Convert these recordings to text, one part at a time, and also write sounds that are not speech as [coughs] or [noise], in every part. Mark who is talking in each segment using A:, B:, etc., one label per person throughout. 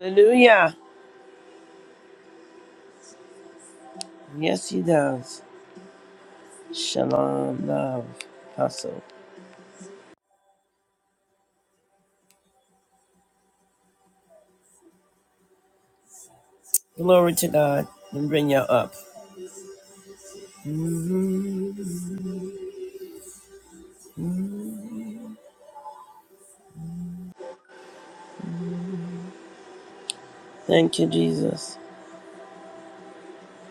A: Hallelujah. Yes, he does. Shalom, love, apostle. Glory to God and bring you up. Mhm. Thank you, Jesus.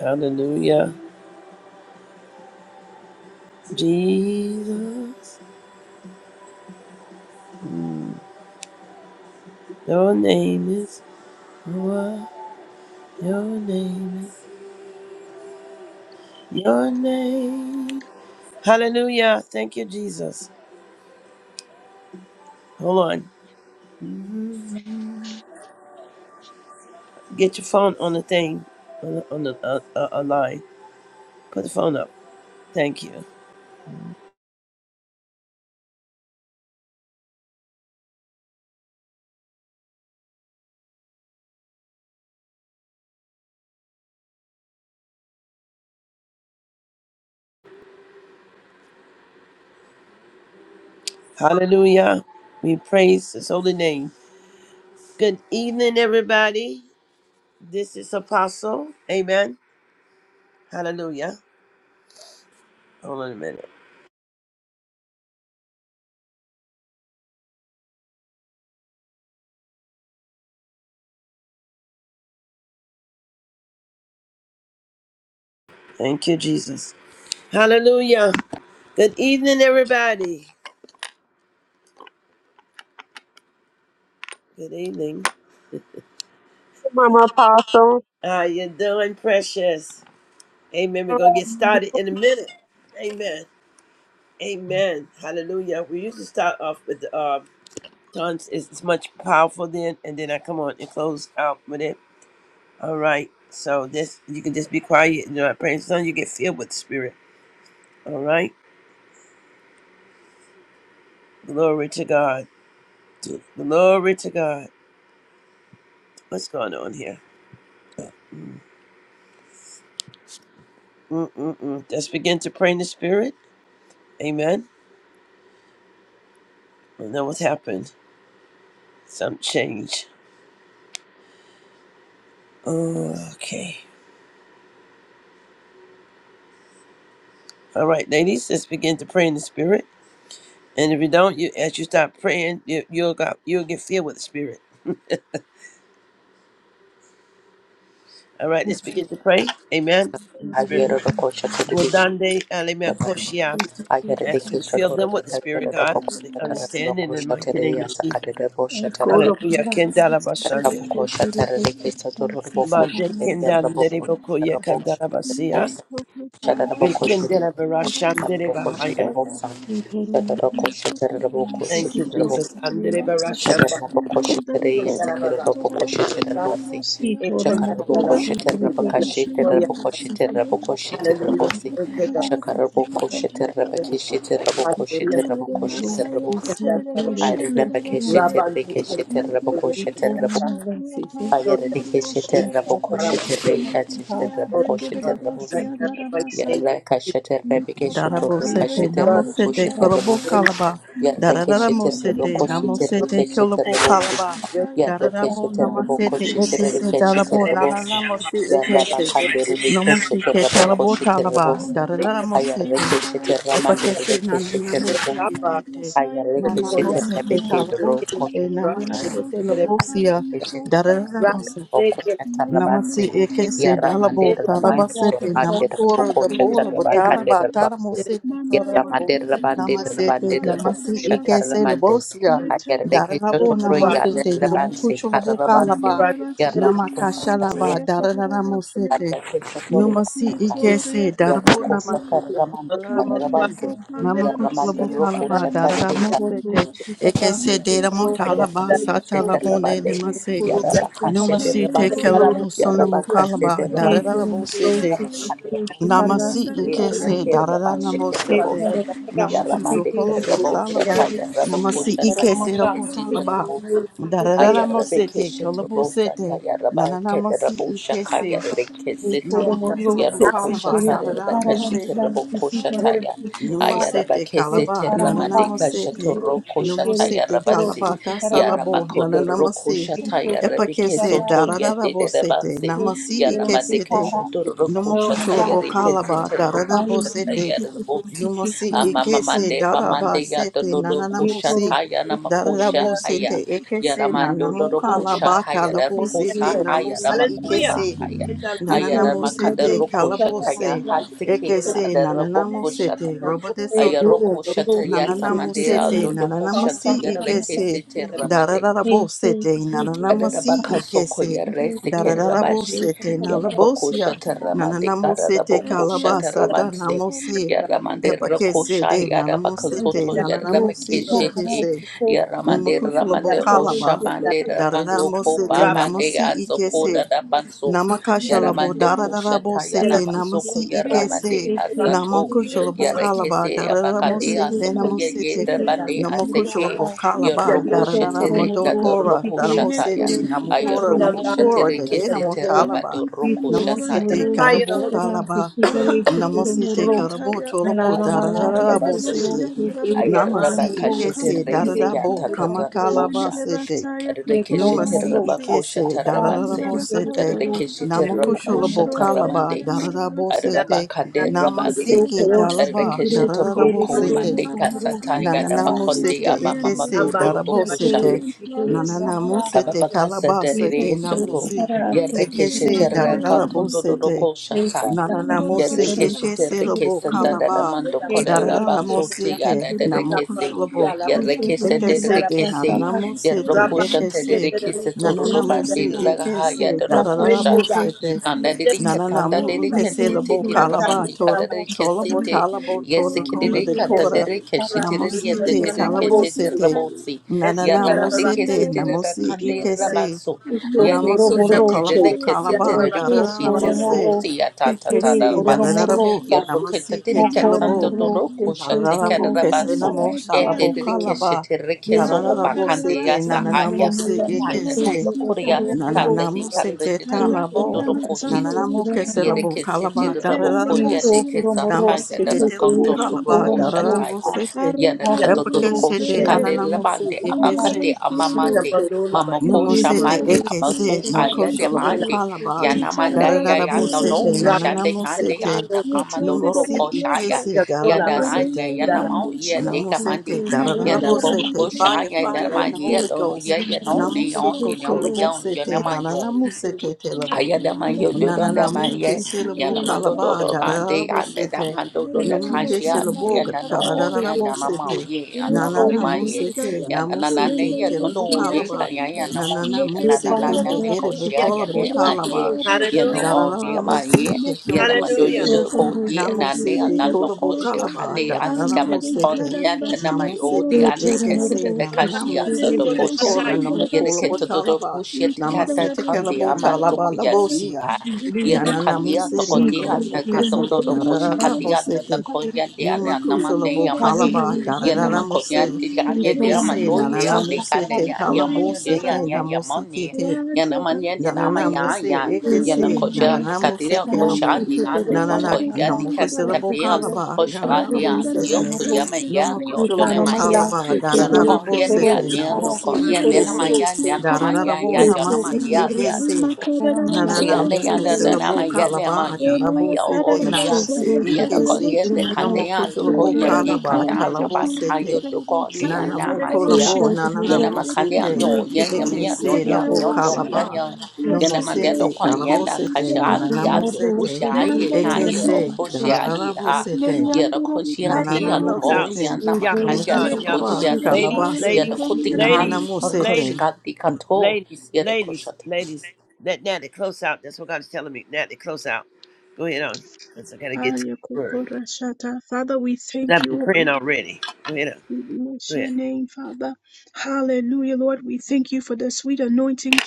A: Hallelujah. Jesus, your name is what? Your name is your name. Hallelujah. Thank you, Jesus. Hold on. Mhm. Get your phone on the thing, on the, on the uh, uh, uh, line. Put the phone up. Thank you. Hallelujah. We praise his holy name. Good evening, everybody. This is Apostle. Amen. Hallelujah. Hold on a minute. Thank you, Jesus. Hallelujah. Good evening, everybody. Good evening.
B: Mama Apostle.
A: How you doing, precious? Amen. We're gonna get started in a minute. Amen. Amen. Hallelujah. We usually start off with the uh, tongues. It's it's much powerful then, and then I come on and close out with it. All right. So this you can just be quiet and not praise the Son. You get filled with the Spirit. All right. Glory to God. To- Glory to God. What's going on here? Mm-mm-mm. Let's begin to pray in the Spirit. Amen. I know what's happened. Some change. Oh, Okay. All right, ladies. Let's begin to pray in the Spirit. And if you don't, you as you start praying, you, you'll got you'll get filled with the Spirit. All right. Let's begin to pray. Amen. In the Spirit.
C: Iyerada kochadu divi.
A: Rodande Alemekoshia.
C: Iyerade
A: Ask you to fill
C: kishadu
A: them with the
C: rupaka.
A: Spirit,
C: Iyerada
A: God,
C: bokushadu
A: for the
C: rupaka. Iyerada
D: Thank
A: understanding in
D: you.
C: bokushadu
A: mighty name of
C: riyasa
A: Jesus.
C: kade rupaka. Iyerada
A: Hallelujah. Kendala Bashande.
C: bokushadu riyasa kade rupaka.
A: Mande
C: Iyerada bokushadu riyasa kade rupaka.
A: Kendandere
C: Iyerada
A: Bokoya Kandala
C: bokushadu
A: Basia.
C: riyasa kade
A: We
C: rupaka.
A: Kendala Barashandere Bahaya.
C: Iyerada bokushadu riyasa
A: Thank you,
C: kade rupaka.
A: Jesus. Andere Barashamba. Kendala Barashande God.
C: Shakarabokoshetereyesakerabokoshiterebosi.
A: E Kendala Barashande Bokoya Kandala. Hallelujah.
C: Shakarabokosheterebakashiterebokoshiterebokoshiterebosi.
A: Thank you, God. Thank you.
D: Nyanoro masaya
C: Shakarabokosheterebakashiterebokoshiterebokoshiterebosi.
D: kuterera
A: Hallelujah.
D: roshandara
A: Rabandu Kerida,
D: Thank
A: Oya
C: Arebakashiterebekashiterebokoshiterebo-
A: Kitaka, Doda, Kerida, Karama, Kerida, Oh God, right
C: Ayerebakashiterebokoshetereyashiterebokoshiterebosi.
A: now in the mighty name of
C: Yarra
A: Jesus,
C: kashete rebeke shotor
E: Darabosete
C: kashete
A: God,
C: rebo
E: namosete
C: koshete rebo
E: kolobo
C: si.
A: Kerida,
E: kalaba.
C: Yarra keshete rebo
E: Darabosete
A: Ekon,
C: koshete re
E: namosete
C: keshete
E: kolobo
C: rebo si.
E: kalaba.
A: Kerida, Ekon,
C: Yarra
A: Kerida,
E: Darabo
C: keshete rebo
E: namasete
C: koshete re
E: ekese
C: keshete
E: darabo
C: rebo si.
E: nananamosi
C: Yarra
E: ekese.
A: Ekon,
C: bakande
A: Kerida,
C: re
E: Namosi ke
C: rebo
E: talabo
C: koshete
E: talaba.
C: rebo si.
A: Ekon,
C: Ayarre
E: Darabosete.
C: keshete ramande
E: Epatese
C: re keshete
E: nananamosi
C: si.
A: Rapa,
E: etete.
C: Ayareke shete
A: Koya,
E: Nanamosete
C: rebeke de
E: kalabo
C: ro
A: Ekon,
E: sete
C: koche
A: Rapa,
C: tarabansi.
E: namanasete
A: Kerida,
E: lobosia.
C: Ayareke shete rabande
A: Rapa,
D: you.
C: de ro
A: Kerida,
C: koche
E: Namasi
C: tarabansi.
E: ekese
D: Mandara
A: Ekon,
C: Yaramande
E: dalabo
C: de
A: Kerida,
C: rabansi de
E: talabasete
C: rabande de ro
E: namakoro
C: koche
E: dabola
A: in
C: tarabaka
E: botala
C: de
E: ba
C: rabansi.
E: talamosete korabo
C: Yaramande de rabande de rabande
E: namasete
A: the
C: de
A: mighty name
C: ro
E: namasi
C: koche
A: of Jesus,
E: ekese
C: taramande.
E: labosia
A: hallelujah.
C: Ayareke
A: It
C: shete
E: darabo
C: ro
A: comes out of
C: yane
E: namasete
A: us.
C: rabansi
E: namukusho labo
C: karabansi.
E: kalaba
A: Ladies,
C: Yarabako
E: namakasha
C: satariye.
E: laba dararamosete
C: Ayareke shete ro
E: numasi
C: yane kaya.
E: ekese darabo
C: Yaroko
E: namasete
C: sataramansi
E: dararamosete
C: karabansi.
E: namakusho
C: Yarramande
E: labo
C: roko
E: kalaba darana
C: satariye
E: mosete. ekese deramo talaba satalamone
C: Yarabakashete
E: namase
C: Yarabakashete
E: Numasite
D: Neriendo
C: Rabanse,
E: kelabu
D: cuatro,
E: sonamu
D: mi
C: Yarabakashete
E: kalaba
D: cuatro de
C: Rabanse,
E: dararabo
D: Rusia
E: sete
D: que
C: Yarabakande Roku
E: namasi
D: Neriendo
C: Sakaria
E: ikese
D: Rabacaya,
C: Sakere Raban
D: cuatro
E: dararabo
C: Shikere
D: de
E: sete
C: Rabosi,
D: Rusia,
E: namushuto
C: Yaramande Kere
E: kolabo
C: Raboshata,
E: salaba namasi
C: Yarabakoshata,
E: ikese rabo talaba
C: Yarikeshete
E: dararabo
C: Ayara
E: sete
C: bekeshete
E: kolabo
C: rosa
E: sete
C: tayara ba kedera
E: nananamasi
C: bosha
E: ikese
C: kayara bekesete
E: namakushulabu
C: yarro kosha
E: kalaba
C: tarera
E: dararabo
C: rabo kosha taya ayara
E: Numosete
C: bekesete
E: kalaba
C: ramande kashato
E: nananamasete
C: ro kosha
E: numusete
C: tayara batsi
E: kalabata
C: yara
E: salabo
C: bakodoro ro
E: nananamasi
C: kosha tayara
E: epakese
C: bekesoto yedere
E: daradabosete
C: batsi
E: namasi
C: yara mande
E: ikesete
D: Thank
C: kashato ro
D: you.
C: kosha
E: numukushulabo
C: tayara
E: kalaba
C: kesete ro
D: Thank
C: kosha
E: daradabosete
C: tayara bosi
E: numasi ikese
C: mande bamande
E: darabasete
C: yadoro kosha
E: nananamusi
C: tayana makosha
E: daradabosete
C: haya
E: ekese
C: Yaramando Dorokosha
E: nanamukalabata
C: Haya
E: labosete
C: Rabakosa Haya
E: namusi
C: Ramakusa
E: ikese
C: Haya Ayana Makanda
E: Nananamosete,
C: Rokosha Taya
E: Calabose,
C: Hasike
E: Ekese,
C: Adarabokosha
E: Nananamosete, Robo de
C: Aya
E: Soto,
C: Rokosha Taya Samandea
E: Nananamosete,
C: Dodokosha Taya
E: Nananamosi, Ikese,
C: Rekesite
E: Dararabosete, Nananamosi,
C: Adadabakasoko
E: Ikese,
C: yaresekerabashe
E: Dararabosete, Nalabosia,
D: you.
C: yarabakoshatarabande
E: Nananamosete,
D: It's the only
E: Calabasa,
D: thing that
C: kararabakoshatarabanse
D: can make
E: namosi
D: me feel
C: yaramande
D: emotional.
E: Epakese,
C: rakosha
E: de
D: You
E: Nanamosete,
D: make
C: yarabakasoto
D: me feel
E: Nananamosi,
C: yarabakeshete
D: emotional.
E: Ekese,
D: You
C: yaramande
D: make
E: Numukushula
D: me feel
C: ramande ramande
D: emotional.
E: Bokalaba,
D: You
C: oshamande rabandoko
E: Dararabosete,
D: make
C: bambande
D: me
E: Namosi,
D: feel
C: yasoko
E: Ikese,
D: emotional.
C: dadabanso
D: Maybe I'm
E: Namakashalabo
C: yaramande
D: the listener.
C: koshata
E: Darabo Sete
C: yanamansoko
E: Namasi
D: Your parents
C: ramande
E: Ikese
D: in the cold
C: hasato
D: and the rain
E: Namakushalabo
D: feel.
E: Kalaba
C: yarekese
D: You
E: Daramo
C: yabakande
D: take
E: Sete
D: me
C: asoko
E: Denamo
D: to the
C: yeye
E: Sete
D: sun that
C: dabande
D: I'm feel.
C: aseke
E: Namakushalabo
D: You carry
E: Kalaba
D: me
C: Yeroko
D: to the
E: Darada
D: other
C: shetere
D: side.
E: Modokora
C: kadoroko
E: Danamo
D: Let
C: shataya.
D: me
E: Sete
D: under the bus
E: Namukora
D: keep
C: Ayeroko
D: me in
E: Namukora
C: shetere
D: fire.
E: Dedenamo
C: kesete
D: Not
E: Talaba
C: rabado
D: keep me
C: roko
D: under the
E: Namo
D: bus
C: shataya.
E: Sete
D: like a
E: Karabo
D: couple.
E: Talaba
D: I wrote the
E: Namo
D: lyrics
E: Sete
D: in
E: Karabo
D: fire.
E: Tolabo
C: Rabako
D: Thank
E: Darabo
C: shadarabaso.
E: Sete Namasi
C: Ayarabaka
E: Ikese
C: shetere
E: Darada Bo
C: seyata
E: Kamatalaba
C: tatarabosha.
E: Sete
C: Reke
E: Numa
C: shetere
E: si
C: rabako
E: ike se darada
C: shatarabanse.
E: bosete.
C: Reke shetere rabako
E: Namukushula bokalaba
C: shataramande.
E: darada bosete.
C: Arabakande
E: Nama si
C: rabanse.
E: ke talaba
C: Reke shetere
E: darada
C: roko
E: bosete.
C: mande kasataya.
E: Nananamu
C: Rabakonde
E: sete ike
C: amamamando
E: se
C: dorbokusha.
E: darabosete. Nananamu sete
C: Ababaka said
E: kalaba
C: that it
E: sete
C: is Soto.
E: namusi. Ike se
C: Yerrekeshetere
E: darada
C: katundo
E: bosete.
C: doko shataya.
E: Nananamu se ike se
C: Yerrekeshetere
E: lobo
C: kesanda
E: kalaba.
C: daramando korera
E: Darada
D: you.
C: basote
E: mosike
C: yada
D: Thank
C: derekese.
E: namukushula
D: you.
C: Yerrekese
E: Ekese de
C: derekese.
E: nananamu sete
C: Yerrokoshante
E: ekese
C: derekese toro
E: nananamu se
C: robande ragaha
E: ekese
C: yada rokosha.
E: dararabo sete
C: Yikanda
E: nananamu
C: derekatanda
E: ukese
C: derekente
E: labo
C: titi
E: kalaba
C: ramandi
E: toro
C: kada
E: tolabo
C: derekese te.
E: talabo tolo
C: Yesikede
E: kola de
C: derekanta
E: kora
C: derekeshete yada
E: namusite kalabo
C: derekese
E: sete
C: rabosi.
E: nananamu
C: Yaramande
E: sete
C: kesete da
E: namusi
C: kande
E: ekese
C: rabanso. Yate
E: namasushu
C: kesete
E: kalabo
C: da kesete
E: kalaba
C: da
E: dararamo
C: kesete
E: se
C: rosi atata da
E: ekese
C: rabanse.
E: dararabo namusi
C: Yaroketa de
E: ketelabo
C: katsando doro kosha te
E: Dararabokese
C: karabanso.
E: namo
C: Ete de
E: shalabokalaba.
C: kesete rekeso obakande
E: Dararabosete
C: yasahaya.
E: nananamose
C: Haya
E: ekese.
C: haya koreasi kande
D: Indelebesikayatosi,
C: di
E: Nananamose
C: kande de kando
E: ketalabo.
C: doro koshiti.
E: Nananamokese
D: Arakuramasamodelikiata,
C: Yere
E: labokalaba.
C: kesete da boko
E: Dararabo.
C: yade
D: Matendelebesiata,
E: Namose
C: kesataya da kanto
E: ketelabokalaba.
C: doro
D: Matindelebekayata,
E: Darararamosete.
C: Yana katotoko
E: Epokesete
C: shikale
D: Arakadirebekederebe,
E: nananamose
C: labande
E: ekese.
C: abakante
D: Indelebesindeba,
C: amamande mamoko
E: Namosete
C: shamande
E: ekese.
C: abasu
E: Nokosho
C: ayade
D: Nilamberebesikayatidelebesia,
C: bande
E: labokalaba.
C: yanamanda ya yana
E: Dararabosete
C: no
D: Ichandarabakayatoebe,
C: jande kande
E: nananamosete.
C: yanda kamandororo
E: Nomosi
C: ko
D: Yetendelebekiyata,
C: shaya
E: ikese
C: yanda ranya
E: dalabosete.
C: yana mau ya
D: Arakendelebeshia,
C: de
E: Namosete,
C: kamande yanda poko
E: Darabosete, fire,
C: shaya yana
E: fire
C: ma
E: in the
C: ya
D: Makandelebesayatidelebeshia,
E: Holy
C: do ya
E: Ghost.
C: ya no ni on ni
E: Namosuko,
C: no mi yon
E: Kolobosete,
C: yana
D: Arikiyatayasikidebataya, Thank
E: Nananamosekete,
C: Ayadamanyo
E: Na na
C: dodonda
E: na mu ke
C: manye,
E: silabo
C: Yanamando
E: kalaba
C: dodo
E: da da da da
C: kande,
E: bo
C: ande
E: sete.
C: damando doda
E: No mu ke
C: kashia,
E: silabo da
C: yanano
E: da da
C: o
E: da da bo
C: yanamamo
E: sete.
C: ye,
E: Na na
C: anono
E: na mu
C: maye,
E: sete na mu sete
C: yananane ye,
E: kelabo
C: nono ye,
E: kalaba. Na
C: kayanamo
E: na na
C: ye,
E: mu seke
C: nananana
E: te ere bo
C: nekoshia,
E: kalabo
C: yane my ye
E: talaba.
C: yano
E: Da da
C: o
E: da
C: de
E: da mo
C: maye,
E: sete kelabo
C: yanamajo
E: sete.
C: yudo ko ye,
E: Na mu
C: nane, and
E: sete
C: nanto
E: kalabo
C: koshe
E: kalaba
C: kane,
E: da da da da bo
C: atsikamatikon,
E: sete. Na mu
C: yanamayo de
E: sete
C: ane
E: eke se
C: kete de
E: na na na mu
C: kashia, dodo
E: sete
C: kosha.
E: dekora na mu
C: Yere ke
E: kalabo
C: todo do
E: talaba.
C: kushia tikata
E: Namasite
C: kandi
E: kelabo
C: ama
E: talaba
C: tukuya
D: you.
E: labosia.
C: siha.
D: Rise, O God, Lord,
E: Na
C: Yere
E: na na
C: kandia
D: upon
E: musiri
C: tokotia na
E: okolobo
C: kandondo
E: kesete
C: do
E: da da
C: kusha
E: da da
C: kandia na da
E: bosete.
C: koya dia na
E: Numa kushala
C: namane
E: bo
D: the
C: yamani.
E: kalaba da da
C: Yena
E: da da
C: makonya
E: musiri.
C: dianye dia
E: Ekese
C: mayo
E: na na
C: yea
E: na
C: ne kane
E: musete
C: yan
E: kalabo
C: yamanyo dia yan
E: sete na
C: yan yamani.
E: musiki
C: Yena manye dia nama ya
E: Nananamose
C: ya. Yena
E: ekese,
C: kocha
D: earth,
E: nananamose
C: tikatia
D: Yeni
C: kosha
E: kelabo,
C: ndi ane
D: yatağı
E: nanana
C: makoya
D: kopan
E: namokusilabo
D: darabası,
C: dikatikatia ndo
E: kalaba,
C: kosha ndi
D: yerinden
C: ane yo
E: garanabosete,
D: darabası
C: kuyama ya
D: kokura,
C: yo
E: nomokuchulabo
C: donema
E: kalaba,
C: you know
D: yekeriye
C: con yen yeah,
E: daranabosete,
D: kuyruğu,
C: ni no con
E: namosi
C: yen
D: yan
C: ne man, ma
E: ekese,
C: ya
D: darabası
C: ya man, ma
D: yatırıyor
C: ya
E: daranabo
C: ya cho na ma
D: kuyruğu,
E: namasi
C: ya
E: ekese,
D: makarada ben sayı
C: Riyande yanda dana ma
E: nananamokesilabo
D: kuyruğu,
C: yande ma
E: kalaba,
C: yi ma
D: Aleluya,
C: ya o
E: darabosete,
C: ya
D: cararabosa,
E: namosi
D: ya
C: ya da ko
E: ekese,
C: yende
D: cararabosia.
C: kande ya to ko
E: nomokuchulabo
C: ya ye
E: kalaba,
C: kande
D: Yandarabakaya,
C: anda ba
D: socorro,
C: ka
E: talabosete,
C: yo to ko ni
D: cararabosaya,
C: anda
E: nanamo
C: ma ya
E: kolabo,
D: cararabosia.
C: ya na ma kande ya
E: nananamosete,
D: Eterna,
C: yo ya ya ma ya yo
D: cararabosia,
E: ekese
C: ya
E: labo
C: yo yo mi
D: cararabosia.
C: ya
E: kalaba,
C: ya
E: no
C: ya
D: Let's
C: na
E: mo
D: go,
C: ma de do
D: say,
E: sete,
C: ko
D: y
C: ya
E: calabo
C: na ka
E: sete,
C: sha andi ya
E: nananamo
D: copandarabosia.
C: do ko
E: sete,
C: sha
A: lady,
C: ye ha
E: eke
C: ye o
E: se,
C: ko
D: Mandarabocuata,
C: sha
D: asma.
C: ye
E: darararabo
C: ha
E: sete,
C: ya da ko sha te
D: Yandarabakata,
A: daddy,
C: ya ta
E: nananamo
A: close
C: o
A: out.
C: ya
D: robinsi.
E: sete,
C: na ma
A: Y'all
E: no
C: ka
A: can,
C: ya
A: uh,
C: to ko
A: y'all,
E: mokushalaba,
C: sha te
A: ladies,
D: Nekandarabosaya,
C: ya
E: calabase,
C: da
A: ladies,
C: ko tin kan ti
A: ladies,
E: nananamo
D: copandarabosia.
C: ko sha
E: sete.
A: ladies,
C: ka ti ka
A: ladies, ladies,
C: to
A: ladies. Let Natalie close out. That's what God's telling me. Natalie, close out. Go ahead on. Because I gotta get to
D: Aya,
A: the word.
D: cocorashata. Father, we
A: 'Cause
D: thank
A: I've been
D: you, O
A: praying
D: God.
A: already. Go ahead on.
D: We
A: Go
D: bless your
A: ahead.
D: name, Father. Hallelujah, Lord. We thank you for the sweet anointing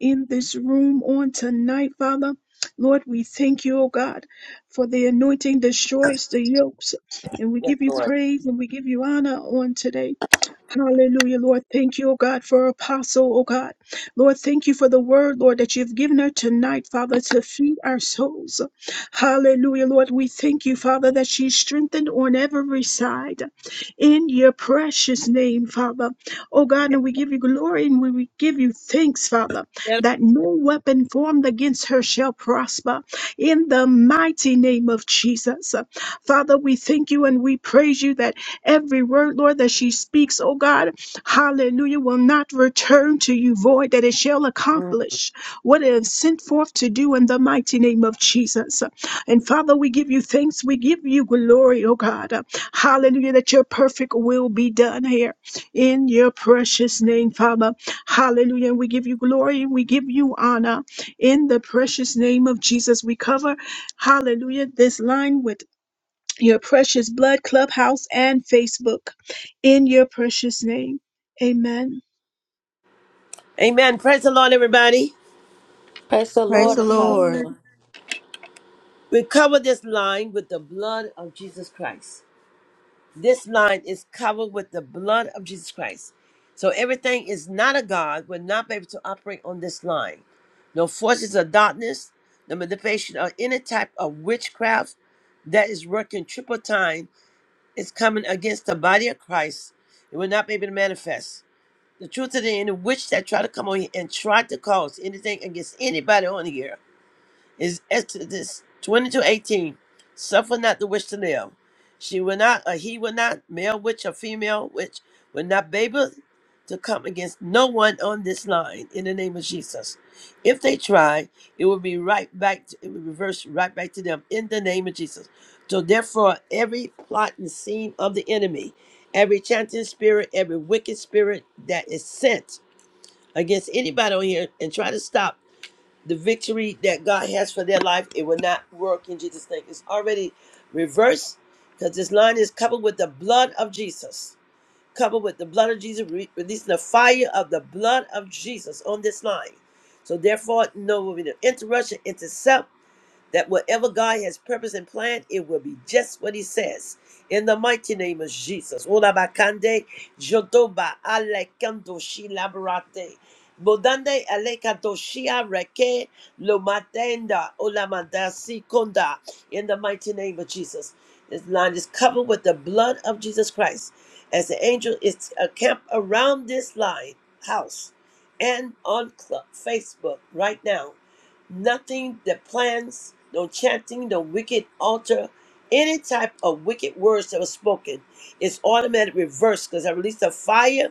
D: in this room on tonight, Father. Lord, we thank you, oh God, for the anointing destroys the yokes. And we give you praise and we give you honor on today. Hallelujah, Lord. Thank you, oh God, for Apostle, oh God. Lord, thank you for the word, Lord, that you've given her tonight, Father, to feed our souls. Hallelujah, Lord. We thank you, Father, that she's strengthened on every side. In your precious name, Father. Oh God, and we give you glory and we we give you thanks, Father, that no weapon formed against her shall prosper. In the mighty name of Jesus. Father, we thank you and we praise you that. Every word, Lord, that she speaks, oh God, hallelujah, will not return to you void, that it shall
A: Mm.
D: accomplish what it is sent forth to do in the mighty name of Jesus. And Father, we give you thanks. We give you glory, oh God. Hallelujah, that your perfect will be done here in your precious name, Father. Hallelujah. And we give you glory and we give you honor in the precious name of Jesus. We cover, hallelujah, this line with your precious blood, Clubhouse, and Facebook. In your precious name. Amen.
A: Amen. Praise the Lord, everybody.
C: Praise the
E: Praise
C: Lord,
D: Praise
E: the
D: the
E: Lord.
D: Lord.
C: Apostle.
A: We cover this line with the blood of Jesus Christ. This line is covered with the blood of Jesus Christ. So everything is not a God will not be able to operate on this line. No forces of darkness, no manipulation or any type of witchcraft that is working triple time is coming against the body of Christ. It will not be able to manifest. The truth of the any witch that try to come on here and try to cause anything against anybody on here is Exodus 22 18. Suffer not the witch to live. She will not, or he will not, male witch or female witch, will not be able to come against no one on this line in the name of Jesus. If they try, it will be right back, to, it will reverse right back to them in the name of Jesus. So, therefore, every plot and scheme of the enemy, every chanting spirit, every wicked spirit that is sent against anybody on here and try to stop the victory that God has for their life, it will not work in Jesus' name. It's already reversed because this line is covered with the blood of Jesus. Covered with the blood of Jesus, re- releasing the fire of the blood of Jesus on this line. So therefore, no will be no interruption, intercept that whatever God has purposed and planned, it will be just what He says. In the mighty name of Jesus. Olabakande, Jodoba, Alekandoshi Labarate. Bodande alekadoshia reke lomatenda olamandasi konda in the mighty name of Jesus. This line is covered with the blood of Jesus Christ. As the angel is camped around this line house and on Cl- Facebook right now nothing that plans, no chanting, no wicked altar, any type of wicked words that were spoken is automatic reverse because I released the fire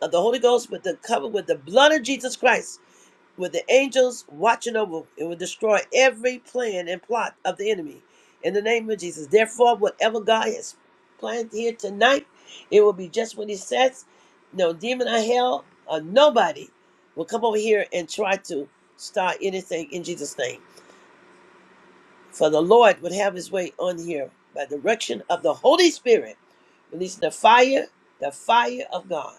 A: of the Holy Ghost with the cover with the blood of Jesus Christ with the angels watching over it will destroy every plan and plot of the enemy in the name of jesus therefore whatever god has planned here tonight it will be just what he says no demon or hell or nobody will come over here and try to start anything in jesus name for the lord would have his way on here by direction of the holy spirit releasing the fire the fire of god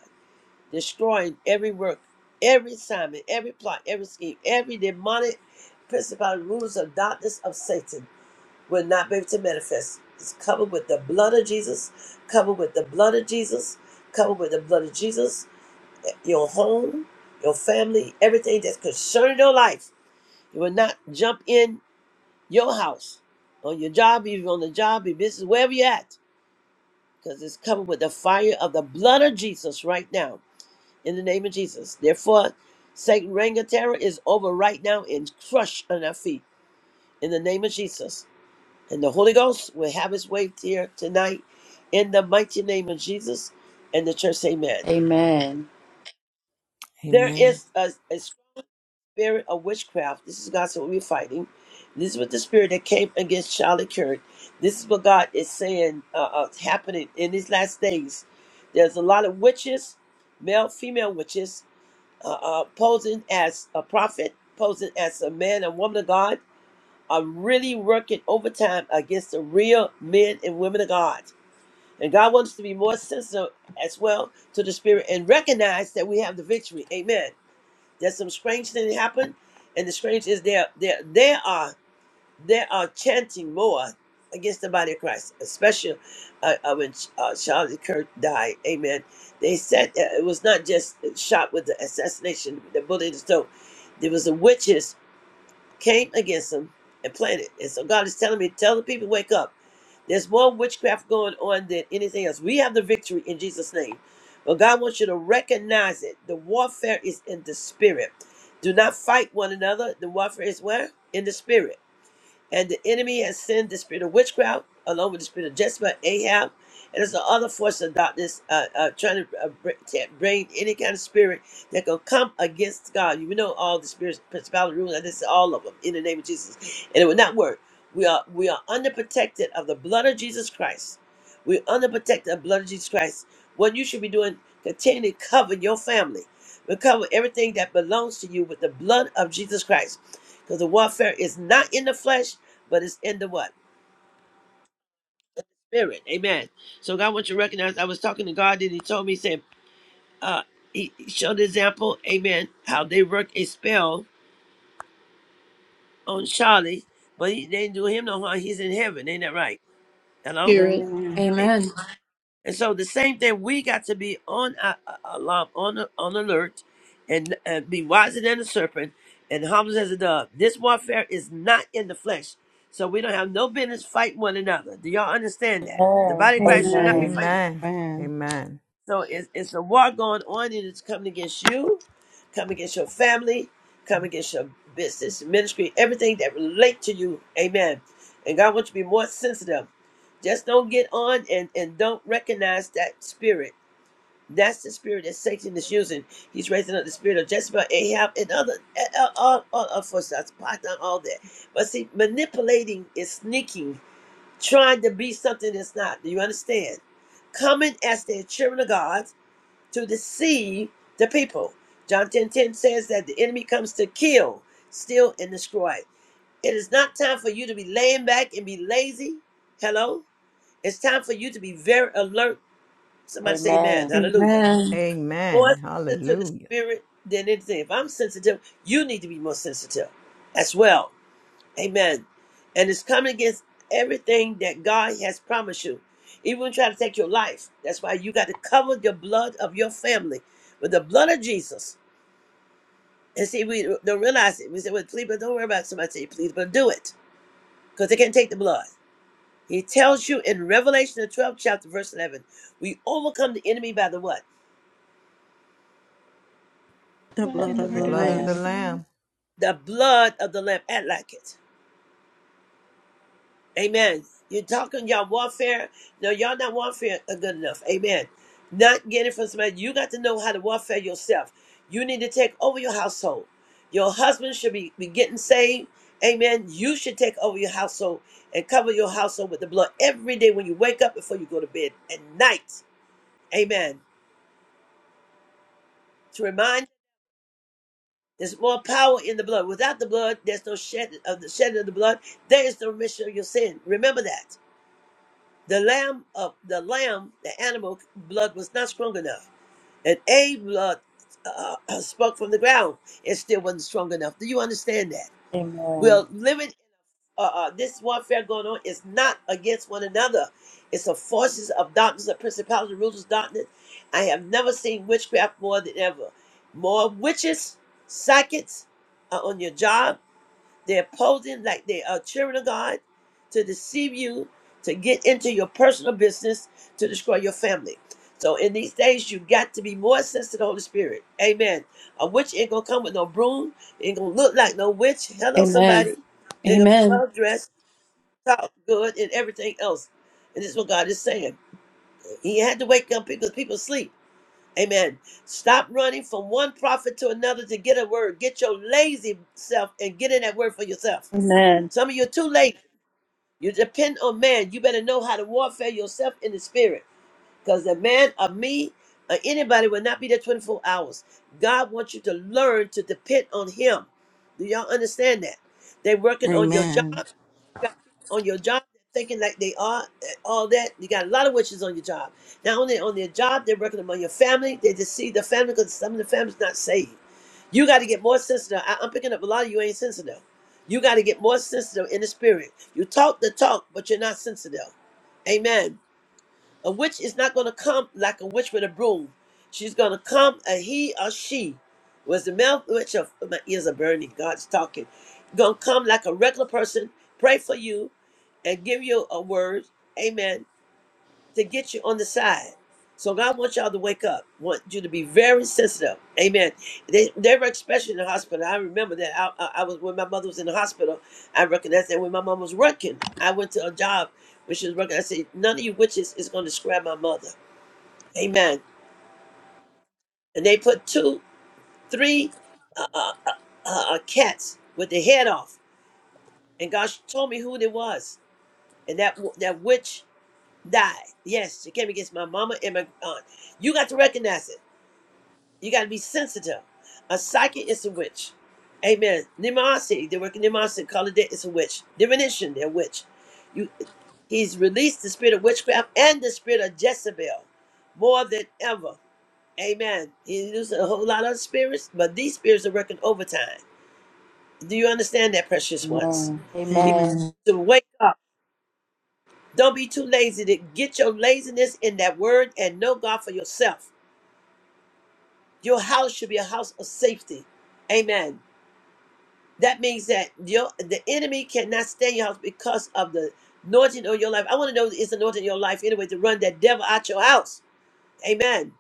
A: destroying every work, every assignment, every plot, every scheme, every demonic principality, rulers of darkness of Satan will not be able to manifest. It's covered with the blood of Jesus, covered with the blood of Jesus, covered with the blood of Jesus, your home, your family, everything that's concerning your life. You will not jump in your house, on your job, even on the job, your business, wherever you're at, because it's covered with the fire of the blood of Jesus right now in the name of Jesus. Therefore, Satan reign of terror is over right now and crushed on our feet in the name of Jesus. And the Holy Ghost will have his way here tonight in the mighty name of Jesus and the church. Amen.
C: Amen.
A: There
F: Amen.
A: is a, a spirit of witchcraft. This is God's what we're fighting. This is what the spirit that came against Charlie Kirk. This is what God is saying uh, uh, happening in these last days. There's a lot of witches, male, female witches, uh, uh, posing as a prophet, posing as a man and woman of God, are really working overtime against the real men and women of God. And God wants us to be more sensitive as well to the Spirit and recognize that we have the victory. Amen. There's some strange thing that happened, and the strange is there. There, there are. They are chanting more against the body of Christ, especially uh, uh, when uh, Charlie Kirk died. Amen. They said that it was not just shot with the assassination, the bullet and stone. There was a witches came against him and planted. And so God is telling me, tell the people, wake up. There's more witchcraft going on than anything else. We have the victory in Jesus' name. But God wants you to recognize it. The warfare is in the spirit. Do not fight one another. The warfare is where? In the spirit. And the enemy has sent the spirit of witchcraft, along with the spirit of Jezebel, Ahab, and there's another force of darkness uh, uh, trying to uh, br- to bring any kind of spirit that can come against God. You know all the spirits, principality, rulers, and this is all of them in the name of Jesus, and it will not work. We are we are under protected of the blood of Jesus Christ. We're under protected of the blood of Jesus Christ. What you should be doing, continue to cover your family, recover everything that belongs to you with the blood of Jesus Christ. Because the warfare is not in the flesh, but it's in the what? Spirit. Amen. So God wants you to recognize I was talking to God and he told me, he said, uh, he he showed the example, amen, how they worked a spell on Charlie, but he, they didn't do him no harm. He's in heaven. Ain't that right? Hello?
E: Amen.
A: And so the same thing, we got to be on a- a- alarm, on a- on alert, and, and be wiser than a serpent and humble as a dove. This warfare is not in the flesh, so we don't have no business fighting one another. Do y'all understand that? The
C: Amen.
A: body of Christ should not be
C: Amen.
A: fighting.
F: Amen.
E: Amen.
F: Amen.
A: So it's, it's a war going on, and it's coming against you, coming against your family, coming against your business, ministry, everything that relate to you. Amen. And God wants you to be more sensitive. Just don't get on and, and don't recognize that spirit that's the spirit that Satan is using. He's raising up the spirit of Jezebel, Ahab, and other, all, all, all of us, that's part of all that. But see, manipulating is sneaking, trying to be something that's not. Do you understand? Coming as the children of God to deceive the people. John 10 10 says that the enemy comes to kill, steal, and destroy. It is not time for you to be laying back and be lazy. Hello? It's time for you to be very alert. Somebody say amen.
C: Amen.
A: Hallelujah more
F: Amen.
A: sensitive to the
F: Hallelujah.
A: spirit than anything. If I'm sensitive, you need to be more sensitive as well. Amen. And it's coming against everything that God has promised you. Even trying to take your life. That's why you got to cover the blood of your family with the blood of Jesus. And see, we don't realize it. We say, well, please, but don't worry about it. Somebody say, please, but do it. Because they can't take the blood. He tells you in Revelation, the 12th chapter, verse 11, we overcome the enemy by the what?
E: The
D: Blood
E: blood
C: Brother
E: of
D: and
F: The
E: the
D: order
F: blood of
C: Lorraine.
F: the
E: Lamb.
D: just saying.
F: Lamb.
A: The blood of the Lamb, act like it. Amen. You're talking y'all warfare. No, y'all not warfare are good enough. Amen. Not getting from somebody. You got to know how to warfare yourself. You need to take over your household. Your husband should be, be getting saved. Amen. You should take over your household and cover your household with the blood every day when you wake up before you go to bed at night. Amen. To remind there's more power in the blood. Without the blood, there's no shed of the shedding of the blood. There is no remission of your sin. Remember that. The lamb of the lamb, the animal blood was not strong enough. And A blood uh, [clears throat] spoke from the ground. It still wasn't strong enough. Do you understand that?
C: Amen.
A: We're living. Uh, uh, this warfare going on is not against one another. It's the forces of darkness, the principalities, rulers of darkness. I have never seen witchcraft more than ever. More witches, psychics are on your job they're posing like they are children of God to deceive you, to get into your personal business, to destroy your family. So in these days, you got to be more sensitive to the Holy Spirit. Amen. A witch ain't gonna come with no broom, ain't gonna look like no witch. Hello,
G: Amen.
A: somebody. They're gonna be
G: Amen.
A: well dressed, talk good, and everything else. And this is what God is saying. He had to wake up because people sleep. Amen. Stop running from one prophet to another to get a word. Get your lazy self and get in that word for yourself.
G: Amen.
A: Some of you are too late. You depend on man. You better know how to warfare yourself in the spirit. Because the man or me or anybody will not be there 24 hours. God wants you to learn to depend on him. Do y'all understand that? They're working on your
E: Amen.
A: job. You got people on your job that thinking like they are eh, all that. You got a lot of witches on your job. Not only on their job, they're working among your family. They deceive the family because some of the family's not saved. You got to get more sensitive. I, I'm picking up a lot of you ain't sensitive. You got to get more sensitive in the spirit. You talk the talk, but you're not sensitive. Amen. A witch is not going to come like a witch with a broom. She's going to come a he or she. Was the male witch of my ears are burning. God's talking. Gonna come like a regular person, pray for you, and give you a word, amen, to get you on the side. So God wants y'all to wake up, want you to be very sensitive. Amen. They, they were especially in the hospital. I remember that. I, I, I was when my mother was in the hospital. I recognized that when my mom was working, I went to a job when she was working. I said, none of you witches is going to scrap my mother. Amen. And they put two, three uh, uh, uh, uh, cats with their head off. And God told me who they was. And that, that witch died. Yes, she came against my mama and my aunt. You got to recognize it. You got to be sensitive. A psychic is a witch. Amen. Nimasi, they work in Nimasi, call it that, it's a witch. Divination, they're a witch. You, he's released the spirit of witchcraft and the spirit of Jezebel more than ever. Amen. He used a whole lot of spirits, but these spirits are working overtime. Do you understand that, precious ones?
C: Amen.
A: He
C: Amen.
E: Amen.
A: wants to wake up. Don't be too lazy to get your laziness in that word and know God for yourself. Your house should be a house of safety. Amen. That means that your the enemy cannot stay in your house because of the anointing of your life. I want to know is the anointing in your life anyway to run that devil out your house. Amen.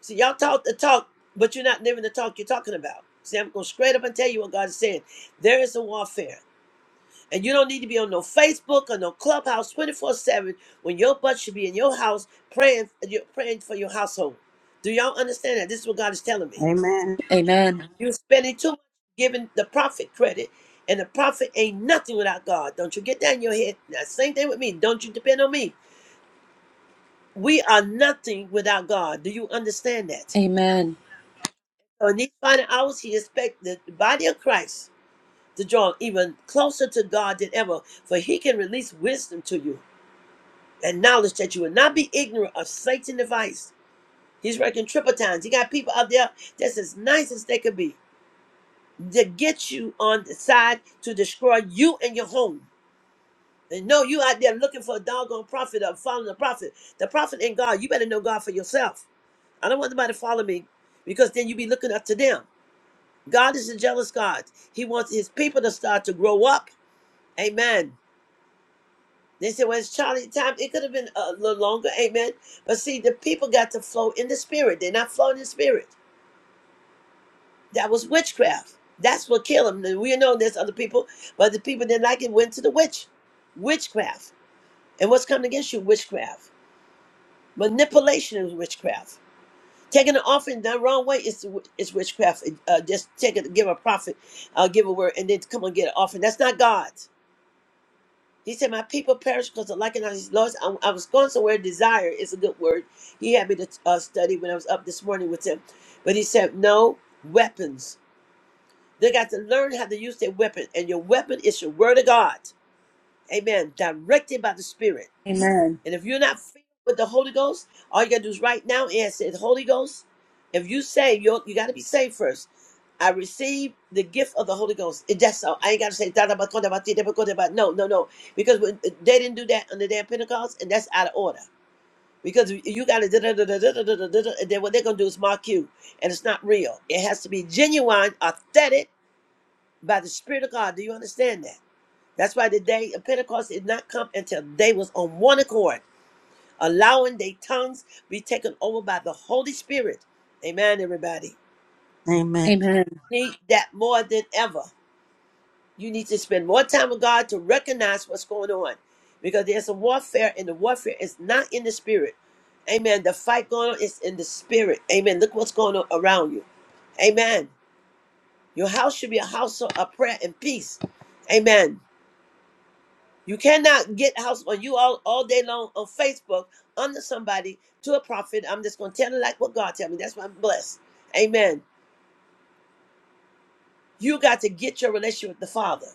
A: See, y'all talk the talk, but you're not living the talk you're talking about. See, I'm going straight up and tell you what God is saying. There is a warfare. And you don't need to be on no Facebook or no Clubhouse 24 7 when your butt should be in your house praying, you're praying for your household. Do y'all understand that? This is what God is telling me.
E: Amen.
G: Amen.
A: You're spending too much giving the prophet credit, and the prophet ain't nothing without God. Don't you get that in your head. Now, same thing with me. Don't you depend on me. We are nothing without God. Do you understand that?
G: Amen.
A: So in these final hours, he expects the body of Christ to draw even closer to God than ever, for he can release wisdom to you. and knowledge that you will not be ignorant of Satan's device. He's working triple times. He got people out there that's as nice as they could be to get you on the side to destroy you and your home. And no, you out there looking for a doggone prophet or following the prophet. The prophet ain't God. You better know God for yourself. I don't want nobody to follow me because then you be looking up to them. God is a jealous God. He wants his people to start to grow up. Amen They said, well, it's Charlie time. It could have been a little longer, amen. But see, the people got to flow in the spirit. They're not flowing in the spirit. That was witchcraft. That's what killed them. We know there's other people, but the people that like it went to the witch. Witchcraft. And what's coming against you? Witchcraft. Manipulation is witchcraft. Taking an offering the wrong way is, is witchcraft. Uh, just take it, give a prophet, uh, give a word, and then come and get an offering. That's not God. He said, My people perish because of lacking of these laws. I, I was going somewhere. Desire is a good word. He had me to uh, study when I was up this morning with him. But he said, No weapons. They got to learn how to use their weapon. And your weapon is your word of God. Amen. Directed by the Spirit.
G: Amen.
A: And if you're not filled with the Holy Ghost, all you got to do is right now and say, Holy Ghost, if you say, you you got to be saved first. I receive the gift of the Holy Ghost. It, that's all. I ain't got to say, "Da, da, ba, ko, da, ba, ti, da, ba, ko, da, ba." no, no, no. Because when, uh, they didn't do that on the day of Pentecost, and that's out of order. Because you got to, da, da, da, da, da, da, da, da, da, and then what they're going to do is mark you. And it's not real. It has to be genuine, authentic by the Spirit of God. Do you understand that? That's why the day of Pentecost did not come until they was on one accord, allowing their tongues be taken over by the Holy Spirit. Amen, everybody.
E: Amen.
G: Amen.
A: Need that more than ever. You need to spend more time with God to recognize what's going on. Because there's a warfare, and the warfare is not in the spirit. Amen. The fight going on is in the spirit. Amen. Look what's going on around you. Amen. Your house should be a house of of prayer and peace. Amen. You cannot get house on you all, all day long on Facebook under somebody to a prophet. I'm just gonna tell it like what God tell me. That's why I'm blessed. Amen. You got to get your relationship with the Father.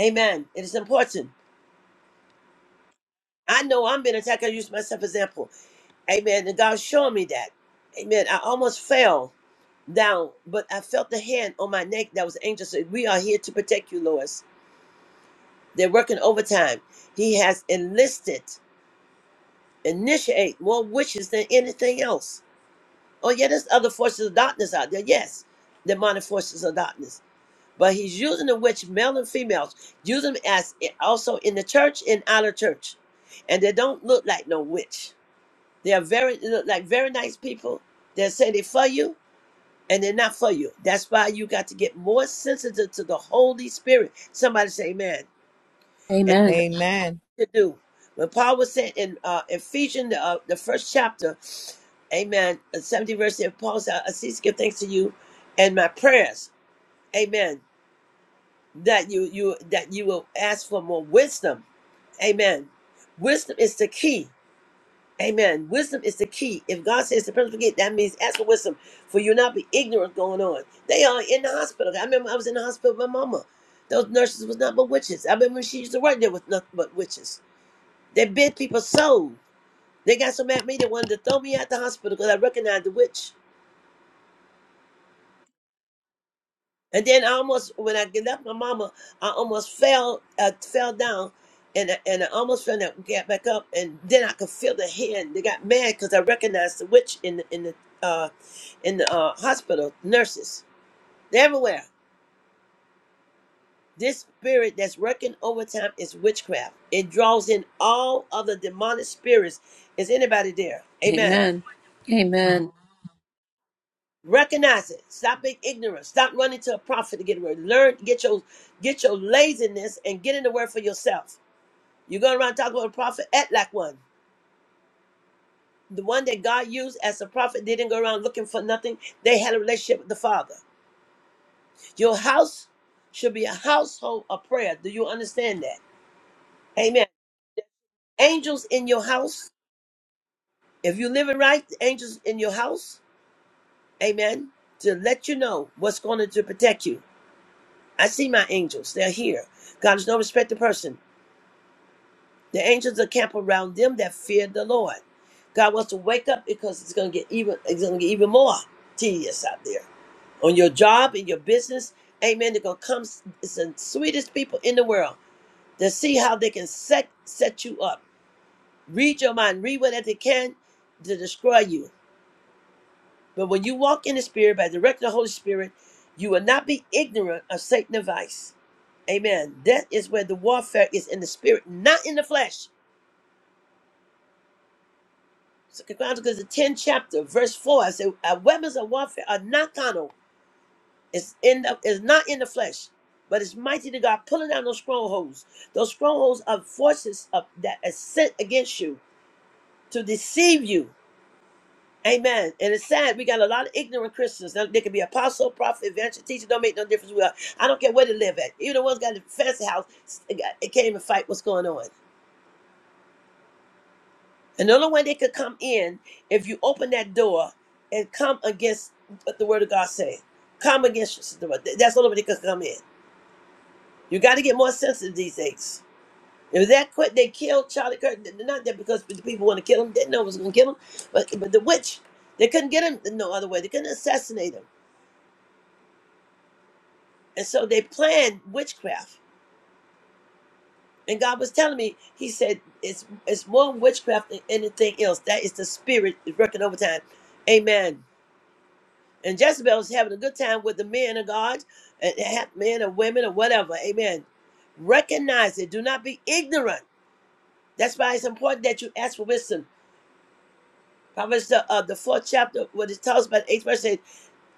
A: Amen. It is important. I know I'm being attacked. I use myself as example. Amen. And God showed me that. Amen. I almost fell down, but I felt the hand on my neck that was the angel said, We are here to protect you, Lois. They're working overtime. He has enlisted, initiate more witches than anything else. Oh, yeah, there's other forces of darkness out there. Yes, demonic forces of darkness. But he's using the witch, male and females, use them as also in the church and out of church. And they don't look like no witch. They are very look like very nice people. They're saying they for you and they're not for you. That's why you got to get more sensitive to the Holy Spirit. Somebody say, "Amen." And
G: Amen.
F: Amen.
A: to do when Paul was saying in uh, Ephesians, uh, the first chapter, Amen, uh, seventy verse. If Paul said, "I cease to give thanks to you, and my prayers, Amen, that you you that you will ask for more wisdom, Amen." Wisdom is the key. Amen. Wisdom is the key. If God says to pray, forget, that means ask for wisdom, for you'll not be ignorant going on. They are in the hospital. I remember I was in the hospital with my mama. Those nurses was not but witches. I remember she used to work there with nothing but witches. They bit people's soul. They got so mad at me they wanted to throw me out the hospital because I recognized the witch. And then I almost, when I get left my mama, I almost fell, I fell down, and I, and I almost fell down, get back up, and then I could feel the hand. They got mad because I recognized the witch in the in the uh, in the uh, hospital nurses. They're everywhere. This spirit that's working overtime is witchcraft. It draws in all other demonic spirits. Is anybody there? Amen.
G: Amen. Amen.
A: Recognize it. Stop being ignorant. Stop running to a prophet to get a word. Learn. Get your get your laziness and get in the word for yourself. You go around talking about a prophet, act like one. The one that God used as a prophet didn't go around looking for nothing. They had a relationship with the Father. Your house should be a household of prayer. Do you understand that? Amen. Angels in your house. If you're living right, the angels in your house. Amen. To let you know what's going to, to protect you. I see my angels. They're here. God is no respected person. The angels are camped around them that fear the Lord. God wants to wake up because it's going to get even. It's going to get even more tedious out there. on your job, in your business. Amen. They're gonna come it's the sweetest people in the world to see how they can set set you up. Read your mind, read whatever they can to destroy you. But when you walk in the spirit by the direction of the Holy Spirit, you will not be ignorant of Satan's advice. Amen. That is where the warfare is in the spirit, not in the flesh. Second Chronicles, the 10th chapter, verse 4. I said, Our weapons of warfare are not carnal It's in the, it's not in the flesh, but it's mighty to God pulling down those strongholds. Those strongholds are forces of, that are sent against you to deceive you. Amen. And it's sad we got a lot of ignorant Christians. Now, they could be apostle, prophet, evangelist, teacher. Don't make no difference. We are. I don't care where they live at. Even the ones got a fancy house, they got- it can't even fight what's going on. And the only way they could come in if you open that door and come against what the word of God say. Come against the word. That's the only way they could come in. You got to get more sensitive these days. It was that quick they killed Charlie Kirk. N- Not that because the people want to kill him, didn't know it was going to kill him, but but the witch, they couldn't get him no other way. They couldn't assassinate him, and so they planned witchcraft. And God was telling me, He said, "It's it's more witchcraft than anything else. That is the spirit is working overtime." Amen. And Jezebel was having a good time with the men of God, and they had men or women or whatever. Amen. Recognize it. Do not be ignorant. That's why it's important that you ask for wisdom Proverbs the uh, the fourth chapter, what it tells about the eighth verse says,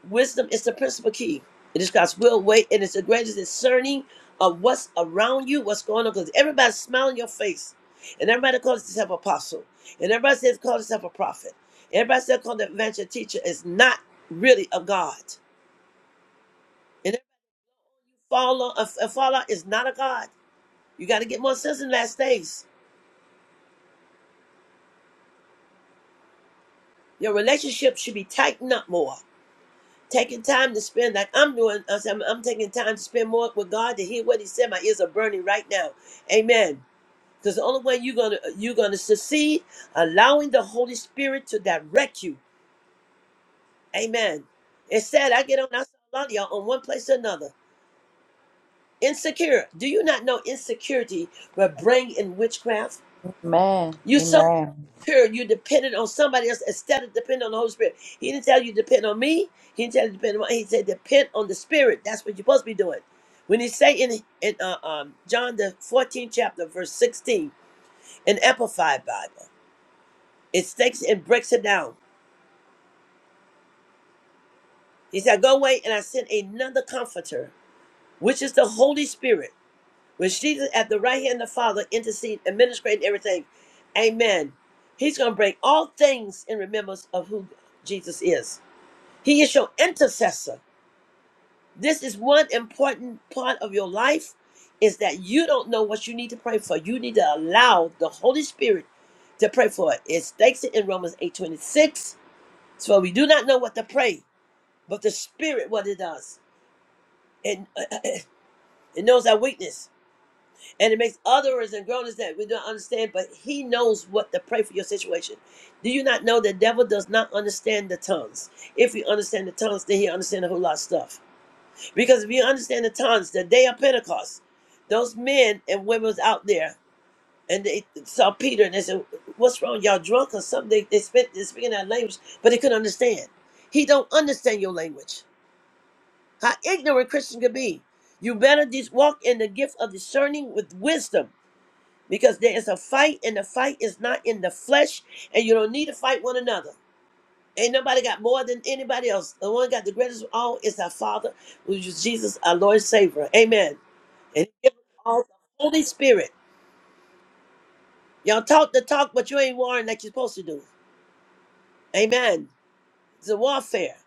A: wisdom is the principal key. It is God's will, way, and it's the greatest discerning of what's around you, what's going on, because everybody's smiling your face. And everybody calls themselves apostle. And everybody says calls themselves a prophet. Everybody says called the adventure teacher is not really a God. And every follower a, a follower is not a God. You got to get more sense in the last days. Your relationship should be tightened up more. taking time to spend like I'm doing. I'm, I'm taking time to spend more with God to hear what He said. My ears are burning right now. Amen. Because the only way you're gonna you're gonna succeed, allowing the Holy Spirit to direct you. Amen. It's sad I get on. I saw a lot of y'all on one place or another. Insecure. Do you not know insecurity will bring in witchcraft?
C: Amen.
A: You're so
C: Amen.
A: insecure. You're dependent on somebody else instead of depending on the Holy Spirit. He didn't tell you depend on me. He didn't tell you depend on. He said depend on the Spirit. That's what you're supposed to be doing. When he say in in uh, um, John the 14th chapter verse 16 in Amplified Bible, it takes and breaks it down. He said, "Go away, and I send another Comforter, which is the Holy Spirit, which Jesus at the right hand of the Father intercede, administrate everything." Amen. He's gonna bring all things in remembrance of who Jesus is. He is your intercessor. This is one important part of your life is that you don't know what you need to pray for. You need to allow the Holy Spirit to pray for it. It states it in Romans 8 26. So we do not know what to pray, but the Spirit what it does. And [clears throat] it knows our weakness. And it makes others and groanings that we don't understand, but he knows what to pray for your situation. Do you not know the devil does not understand the tongues? If you understand the tongues, then he understands a whole lot of stuff. Because we understand the times, the day of Pentecost, those men and women was out there and they saw Peter and they said, What's wrong? Y'all drunk or something? They, they spent they speaking that language, but they couldn't understand. He don't understand your language. How ignorant Christian could be. You better just walk in the gift of discerning with wisdom because there is a fight and the fight is not in the flesh and you don't need to fight one another. Ain't nobody got more than anybody else. The one got the greatest of all is our Father, which is Jesus, our Lord and Savior. Amen. And he give us all the Holy Spirit. Y'all talk the talk, but you ain't warring like you're supposed to do. Amen. It's a warfare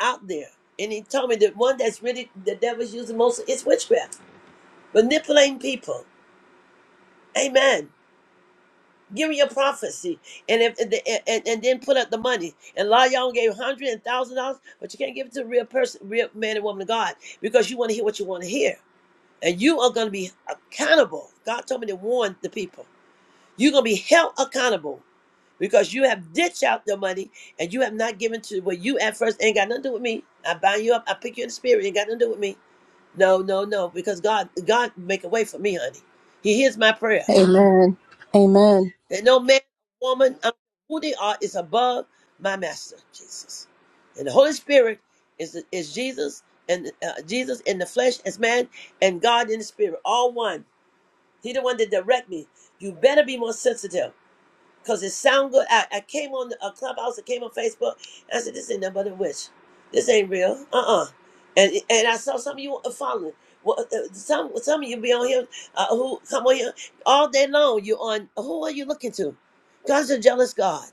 A: out there. And he told me that one that's really the devil's using most is witchcraft, manipulating people. Amen. Give me your prophecy, and if and, and, and then put up the money. And a lot of y'all gave hundred and thousand dollars, but you can't give it to a real person, real man and woman of God, because you want to hear what you want to hear, and you are going to be accountable. God told me to warn the people. You're going to be held accountable because you have ditched out the money and you have not given to what you at first ain't got nothing to do with me. I bind you up. I pick you in the spirit. Ain't got nothing to do with me. No, no, no. Because God, God make a way for me, honey. He hears my prayer.
G: Amen. Amen. Amen.
A: That no man, woman, um, who they are is above my master, Jesus. And the Holy Spirit is is Jesus and uh, Jesus in the flesh as man and God in the spirit, all one. He the one that direct me. You better be more sensitive because it sound good. I, I came on a clubhouse, I came on Facebook, and I said, This ain't nothing but a witch. This ain't real. Uh uh And and I saw some of you uh, following. Well, uh, uh, some some of you be on here uh, who come on here all day long. You on who are you looking to? God's a jealous God.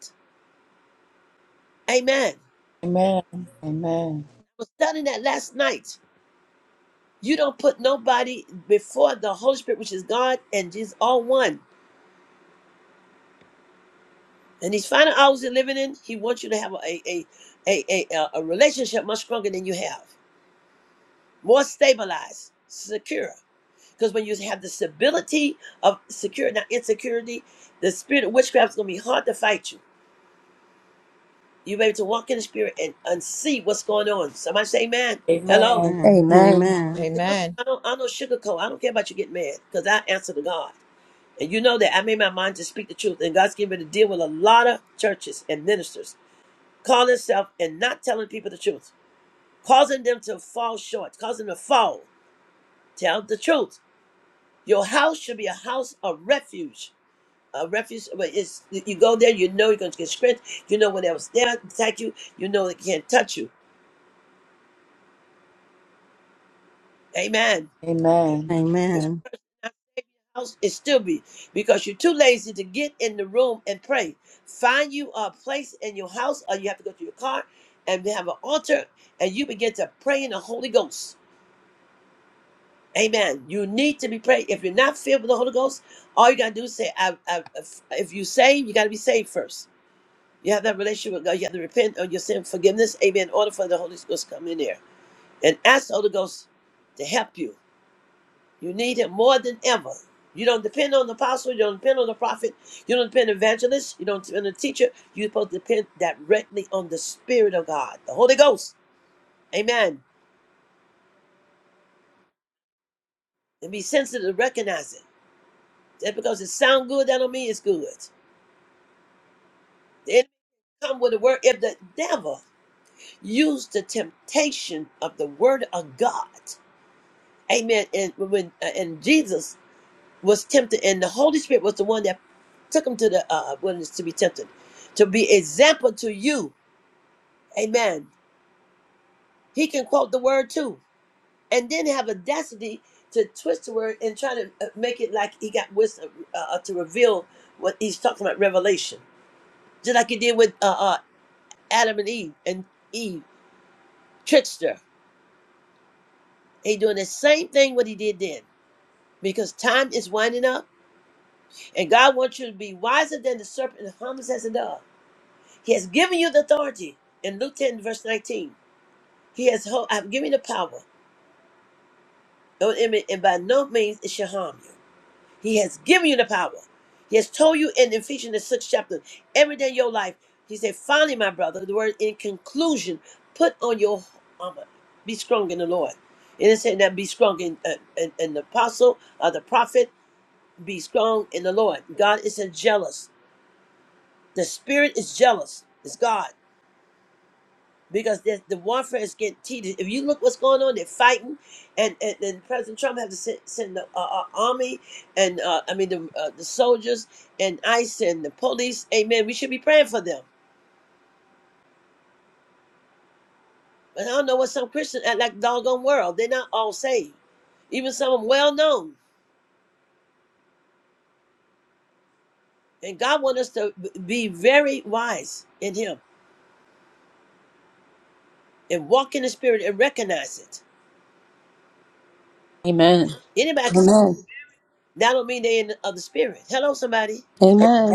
A: Amen. I
C: Amen. Amen.
A: was studying that last night. You don't put nobody before the Holy Spirit, which is God and Jesus, all one. And these final hours you're living in, He wants you to have a a a a, a, a relationship much stronger than you have. more stabilized, secure. Because when you have the stability of security, not insecurity, the spirit of witchcraft is going to be hard to fight you. You're able to walk in the spirit and, and see what's going on. Somebody say, man, hello.
C: Amen.
E: Amen.
G: Amen.
E: Amen.
F: Amen.
A: I don't, I don't sugarcoat. I don't care about you getting mad because I answer to God. And you know that I made my mind to speak the truth. And God's given me to deal with a lot of churches and ministers calling themselves and not telling people the truth, causing them to fall short, causing them to fall. Tell the truth. Your house should be a house of refuge a refuge, but it's you go there, you know you're going to get strength. You know when else there attack you, you know they can't touch you. Amen.
C: Amen.
A: If
E: Amen.
A: house, it still be because you're too lazy to get in the room and pray. Find you a place in your house, or you have to go to your car and they have an altar, and you begin to pray in the Holy Ghost. Amen. You need to be praying. If you're not filled with the Holy Ghost, all you gotta do is say, I, I, "If you say, you gotta be saved first. You have that relationship with God. You have to repent of your sin, forgiveness. Amen. In order for the Holy Ghost to come in there and ask the Holy Ghost to help you. You need Him more than ever. You don't depend on the apostle. You don't depend on the prophet. You don't depend on evangelist. You don't depend on the teacher. You're supposed to depend directly on the Spirit of God, the Holy Ghost. Amen. And be sensitive to recognize it. Just because it sounds good, that don't mean it's good. The enemy come with the word. If the devil used the temptation of the word of God. Amen. And when uh, and Jesus was tempted, and the Holy Spirit was the one that took him to the uh, wilderness to be tempted, to be example to you. Amen. He can quote the word too, and then have audacity to twist the word and try to uh, make it like he got wisdom uh, uh, to reveal what he's talking about revelation, just like he did with uh, uh, Adam and Eve and Eve trickster. He doing the same thing what he did then because time is winding up And God wants you to be wiser than the serpent and harmless as a dove. He has given you the authority. In Luke 10, verse 19, He has, ho- I've given you the power, Don't and and by no means it shall harm you. He has given you the power. He has told you in Ephesians, the sixth chapter, every day of your life. He said, finally, my brother, the word in conclusion, put on your armor. Be strong in the Lord. And it said that be strong in, uh, in, in the apostle or the prophet, be strong in the Lord. God is a jealous. The spirit is jealous. It's God. Because the, the warfare is getting heated. If you look what's going on, they're fighting, and and, and President Trump have to send, send the uh, uh, army and uh, I mean the uh, the soldiers and ICE and the police. Amen. We should be praying for them. But I don't know what some Christians act like the doggone world. They're not all saved. Even some of 'em well known. And God wants us to b- be very wise in Him and walk in the Spirit and recognize it.
G: Amen.
A: Anybody can. That don't mean they in the, of the Spirit. Hello, somebody.
G: Amen.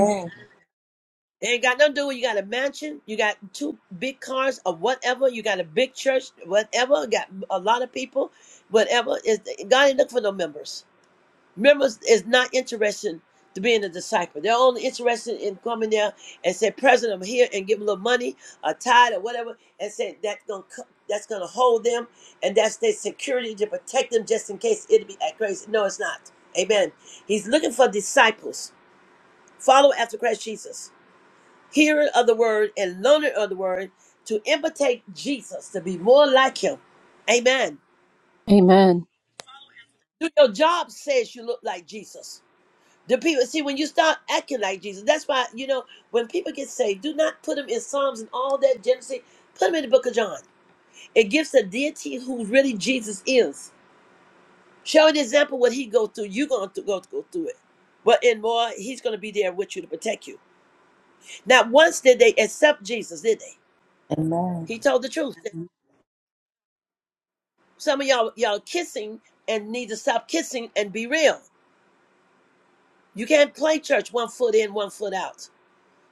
A: It ain't got nothing to do with you got a mansion, you got two big cars or whatever, you got a big church, whatever, got a lot of people, whatever. Is God ain't looking for no members. Members is not interested to being a disciple. They're only interested in coming there and say, President, I'm here and give them a little money, a tithe or whatever, and say that's gonna co- that's gonna hold them and that's their security to protect them just in case it'll be that crazy. No, it's not. Amen. He's looking for disciples. Follow after Christ Jesus hearing of the word and learning of the word to imitate Jesus, to be more like him. Amen.
G: Amen.
A: Do your job says you look like Jesus. The people see when you start acting like Jesus. That's why you know when people get saved, do not put them in Psalms and all that Genesis. Put them in the Book of John. It gives the deity who really Jesus is. Show an example what he go through. You're gonna go go through it, but in more, he's gonna be there with you to protect you. Not once did they accept Jesus, did they?
C: Amen.
A: He told the truth. Some of y'all y'all kissing and need to stop kissing and be real. You can't play church one foot in, one foot out.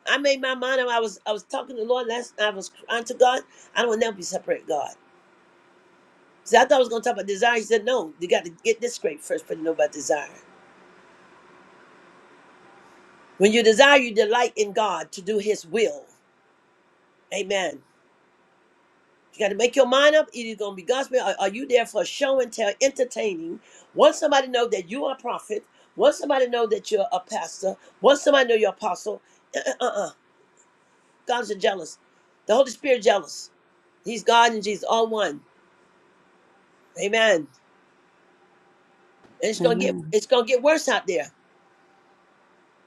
A: I made my mind up. I was I was talking to the Lord last night. I was crying to God. I don't want to never be separate from God. See, I thought I was gonna talk about desire. He said, No, you got to get this straight first before you to know about desire. When you desire, you delight in God to do his will. Amen. You got to make your mind up. It is going to be gospel. Or are you there for show and tell, entertaining? Once somebody know that you are a prophet, once somebody know that you're a pastor, once somebody know you're apostle, [clears throat] uh, uh, uh, God's jealous. The Holy Spirit jealous. He's God and Jesus, all one. Amen. And it's gonna get
E: Amen.
A: it's gonna get worse out there.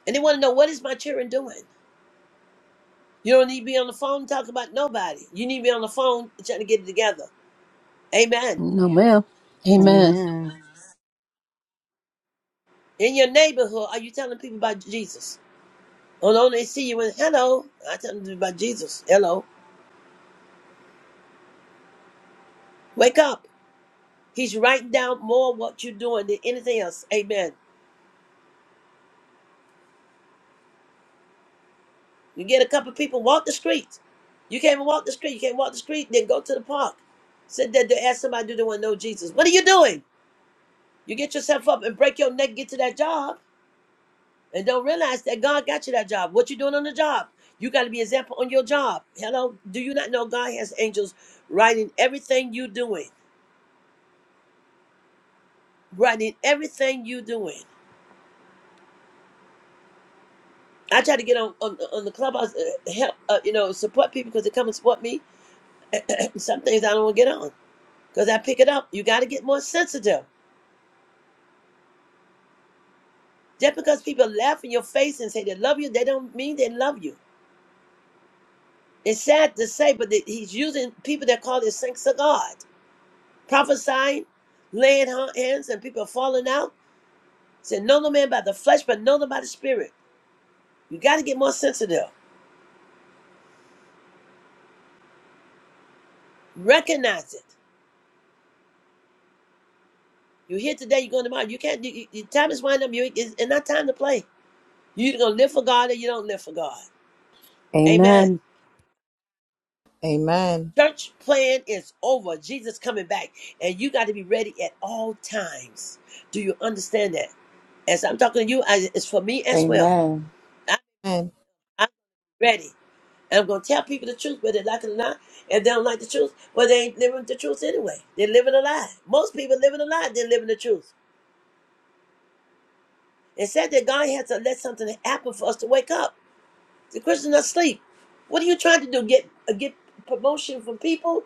A: And they want to know what is my children doing. You don't need to be on the phone talking about nobody. You need to be on the phone trying to get it together. Amen.
G: No mail.
E: Amen.
A: It's
G: amen,
E: Amen.
A: in your neighborhood. Are you telling people about Jesus? Oh no! they see you and hello. I tell them about Jesus. Hello. Wake up. He's writing down more what you're doing than anything else. Amen. You get a couple of people, walk the streets. You can't even walk the street. You can't walk the street, then go to the park. Sit there to ask somebody, do they want to know Jesus? What are you doing? You get yourself up and break your neck, get to that job, and don't realize that God got you that job. What you doing on the job? You got to be example on your job. Hello. Do you not know God has angels writing everything you doing? Writing everything you doing. I try to get on on, on the clubhouse, uh, help uh, you know, support people because they come and support me. [clears throat] Some things I don't want to get on because I pick it up. You got to get more sensitive. Just because people laugh in your face and say they love you, they don't mean they love you. It's sad to say, but that he's using people that call their saints of God, prophesying, laying ha- hands, and people falling out. Say, know no man by the flesh, but know them by the spirit. You got to get more sensitive. Recognize it. You're here today, you're going tomorrow. You can't. You, you, your time is winding up. You, it's, it's not time to play. You're going to live for God or you don't live for God. Amen.
G: Amen.
F: Amen.
A: Church plan is over. Jesus coming back. And you got to be ready at all times. Do you understand that? As I'm talking to you, I, it's for me
C: Amen.
A: as well.
C: Amen.
A: I,
F: Amen.
A: I'm ready. And I'm going to tell people the truth, whether they like it or not. If they don't like the truth, well, they ain't living the truth anyway. They're living a lie. Most people living a lie, they're living the truth. It said that God had to let something happen for us to wake up. The Christians are asleep. What are you trying to do? Get uh, get promotion from people?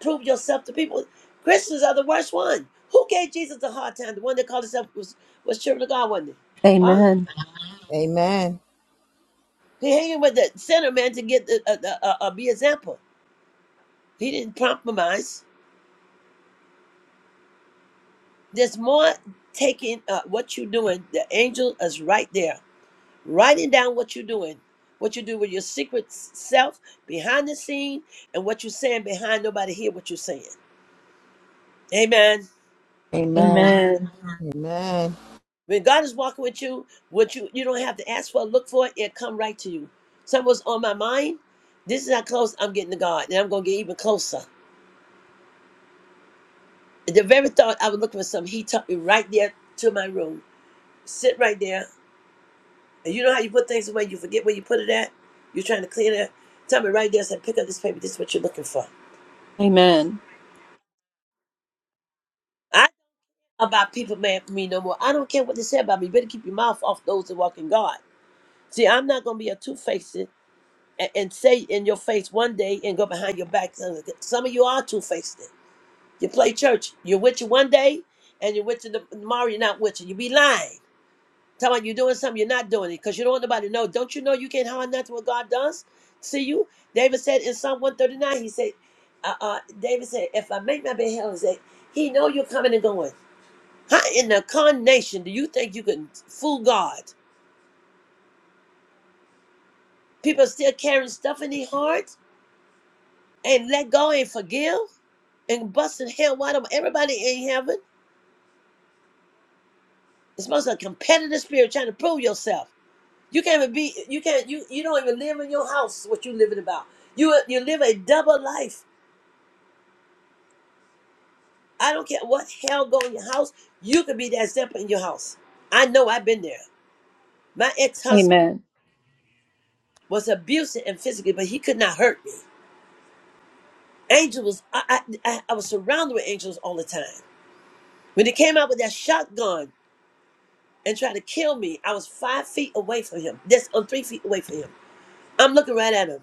A: prove yourself to people. Christians are the worst one. Who gave Jesus a hard time? The one that called himself was was children of God, wasn't it? Huh?
G: Amen.
F: Amen.
A: He hanging with the sinner man to get the, uh, the uh, uh, be example. He didn't compromise. There's more taking uh, what you're doing. The angel is right there, writing down what you're doing, what you do with your secret s- self behind the scene, and what you're saying behind nobody hear what you're saying. Amen.
C: Amen. Amen.
G: Amen.
F: Amen.
A: When God is walking with you, what you you don't have to ask for, or look for it, it come right to you. Something was on my mind. This is how close I'm getting to God, and I'm gonna get even closer. The very thought I was looking for something, He took me right there to my room. Sit right there, and you know how you put things away, you forget where you put it at. You're trying to clean it. up. Tell me right there, said, pick up this paper. This is what you're looking for.
G: Amen.
A: I don't about people mad for me no more. I don't care what they say about me. You better keep your mouth off those that walk in God. See, I'm not gonna be a two faced. and, and say in your face one day and go behind your back. Some some of you are two faced. You play church. You're with you one day and you're with you the- tomorrow. You're not with you. You be lying. Tell me you're doing something. You're not doing it because you don't want nobody to know. Don't you know you can't hide nothing what God does? See you. David said in Psalm 139. He said, uh, uh, David said, if I make my bed hell, he said, he know you're coming and going. How in the carnation do you think you can fool God? People still carrying stuff in their hearts and let go and forgive? and busting hell wide open. Everybody in heaven is supposed to have a competitive spirit trying to prove yourself. You can't even be you can't you you don't even live in your house what you living about. You you live a double life. I don't care what hell go in your house, you could be that example in your house. I know I've been there. My ex-husband
G: Amen. Amen.
A: was abusive and physically, but he could not hurt me. Angels was I I, I I was surrounded with angels all the time. When he came out with that shotgun and tried to kill me, I was five feet away from him. That's on three feet away from him. I'm looking right at him.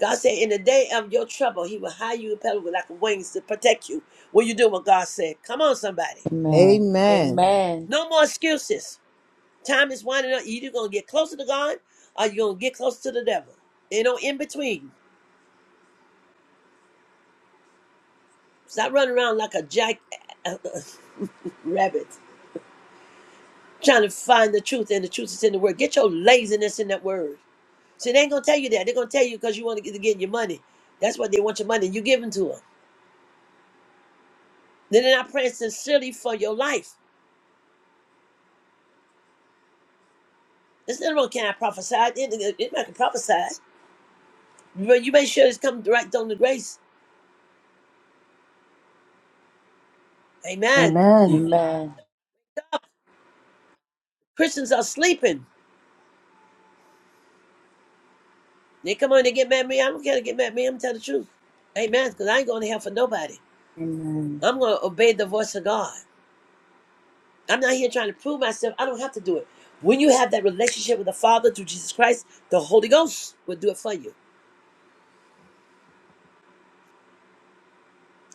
A: God said, In the day of your trouble, he will hide you in pebble like wings to protect you. What you do what God said. Come on, somebody.
F: Amen.
C: Amen.
A: No more excuses. Time is winding up. you Either gonna get closer to God or you're gonna get closer to the devil. You know, in between. Stop running around like a jack [laughs] rabbit, trying to find the truth, and the truth is in the word. Get your laziness in that word. See, they ain't gonna tell you that. They're gonna tell you because you want to get, to get your money. That's what they want your money. You give them to them. Then they're not praying sincerely for your life. There's nothing wrong. Can I prophesy? Anybody can prophesy. But you make sure it's come right on the grace. Amen.
G: Amen.
C: Amen.
A: Christians are sleeping. They come on, they get mad at me. I don't care to get mad at me. I'm going to tell the truth. Amen. Because I ain't going to hell for nobody.
C: Amen.
A: I'm going to obey the voice of God. I'm not here trying to prove myself. I don't have to do it. When you have that relationship with the Father through Jesus Christ, the Holy Ghost will do it for you.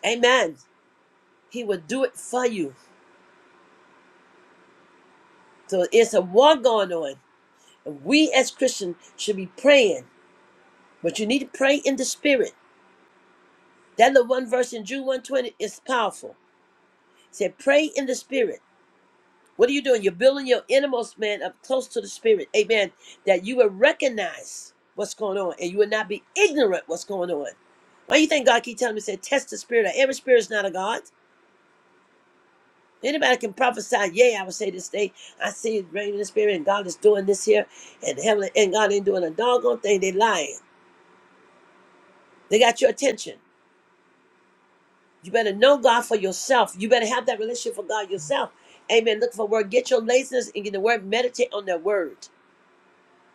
A: Amen. He will do it for you. So it's a war going on. We as Christians should be praying, but you need to pray in the Spirit. That little one verse in Jude 120 is powerful. It said, pray in the spirit. What are you doing? You're building your innermost man up close to the spirit. Amen. That you will recognize what's going on and you will not be ignorant what's going on. Why you think God keep telling me, say, test the spirit? Every spirit is not a God. Anybody can prophesy, yay, I would say this day, I see it raining in the spirit, and God is doing this here, and heaven and God ain't doing a doggone thing. They lying. They got your attention. You better know God for yourself. You better have that relationship for God yourself. Amen. Look for word. Get your laziness and get the word. Meditate on that word.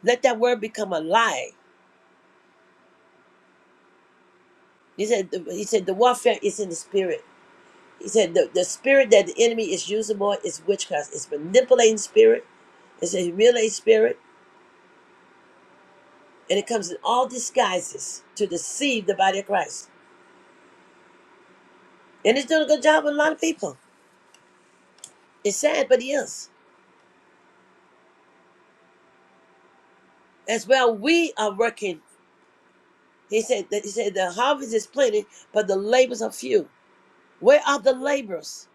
A: Let that word become alive. He said. He said the warfare is in the spirit. He said the, the spirit that the enemy is using more is witchcraft. It's manipulating spirit. It's a humiliating spirit, and it comes in all disguises to deceive the body of Christ. And it's doing a good job with a lot of people. It's sad, but he is. As well, we are working. He said that he said the harvest is plenty, but the labors are few. Where are the laborers?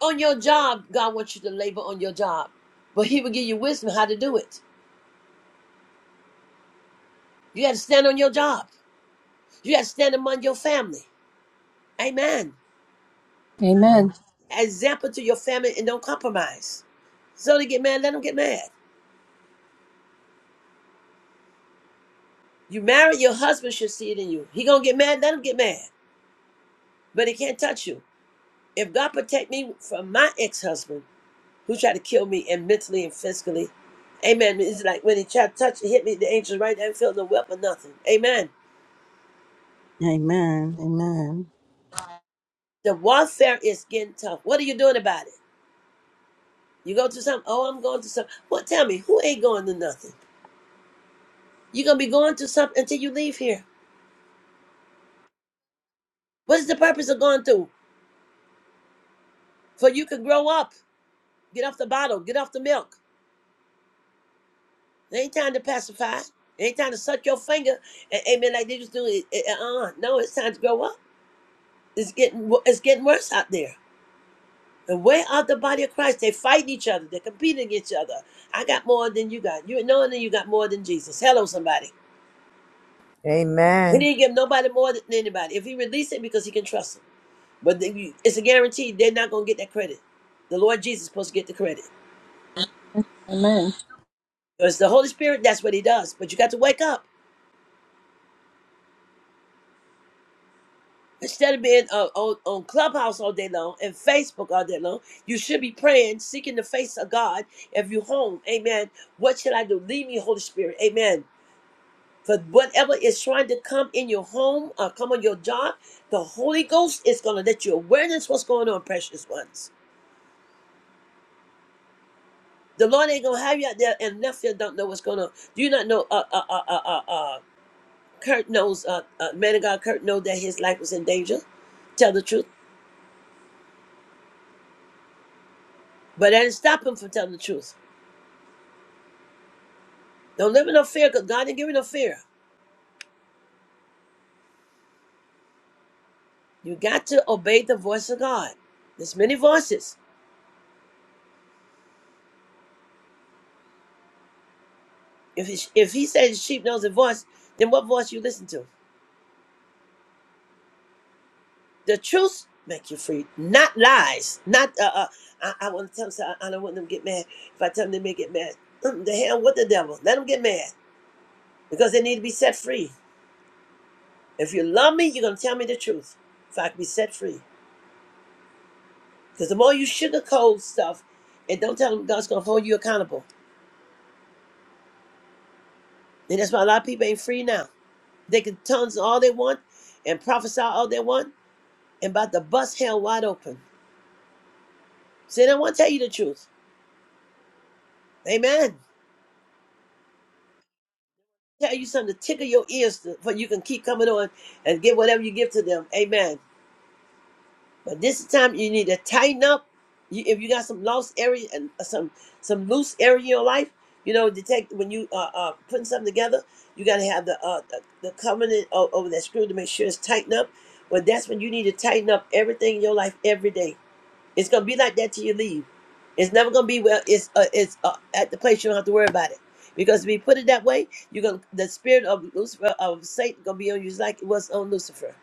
A: On your job, God wants you to labor on your job. But he will give you wisdom how to do it. You gotta stand on your job. You gotta stand among your family. Amen.
G: Amen.
A: Example to your family and don't compromise. So they get mad, let them get mad. You married, your husband should see it in you. He gonna get mad, let him get mad. But he can't touch you. If God protect me from my ex-husband, who tried to kill me and mentally and physically. Amen. It's like when he tried to touch and hit me, the angels right there felt no weapon, nothing. Amen.
E: Amen.
A: The warfare is getting tough. What are you doing about it? You go through something, oh, I'm going through something. Well, tell me, who ain't going to nothing? You're gonna be going through something until you leave here. What is the purpose of going through? For you can grow up, get off the bottle, get off the milk. It ain't time to pacify. It ain't time to suck your finger. And, amen. Like they just do it. Uh, uh, no, it's time to grow up. It's getting wo- it's getting worse out there. And way out the body of Christ, they fight each other. They're competing against each other. I got more than you got. You knowing that you got more than Jesus. Hello, somebody. He
F: Amen.
A: didn't give nobody more than anybody. If he released it, because he can trust him. But the- it's a guarantee they're not going to get that credit. The Lord Jesus is supposed to get the credit.
G: Amen.
A: Because the Holy Spirit, that's what he does. But you got to wake up. Instead of being uh, on, on Clubhouse all day long and Facebook all day long, you should be praying, seeking the face of God. If you home, amen. What should I do? Lead me, Holy Spirit. Amen. For whatever is trying to come in your home or come on your job, the Holy Ghost is going to let you awareness what's going on, precious ones. The Lord ain't going to have you out there and nothing don't know what's going on. Do you not know, uh, uh, uh, uh, uh, uh, Kurt knows, uh, uh, man of God, Kurt knows that his life was in danger. Tell the truth. But that didn't stop him from telling the truth. Don't live in no fear because God didn't give you no fear. You got to obey the voice of God. There's many voices. If he, if he says the sheep knows the voice, then what voice you listen to? the truth make you free, not lies. Not uh, uh I, I want to tell them. so I, I don't want them to get mad. If I tell them, they may get mad. Mm, the hell with the devil. Let them get mad because they need to be set free. If you love me, you're gonna tell me the truth. If I can be set free, because the more you sugarcoat stuff and don't tell them, God's gonna hold you accountable. And that's why a lot of people ain't free now. They can tongues all they want and prophesy all they want and about to bust hell wide open. See, they won't tell you the truth. Amen. tell you something to tickle your ears to, for you can keep coming on and get whatever you give to them. Amen. But this time you need to tighten up. You, if you got some lost area and uh, some some loose area in your life, you know, detect when you uh, uh putting something together, you got to have the uh the, the covenant o- over that screw to make sure it's tightened up. But that's when you need to tighten up everything in your life every day it's gonna be like that till you leave. It's never gonna be well. It's uh, it's uh, at the place you don't have to worry about it because if you put it that way, you're gonna the spirit of Lucifer of Satan gonna be on you just like it was on Lucifer.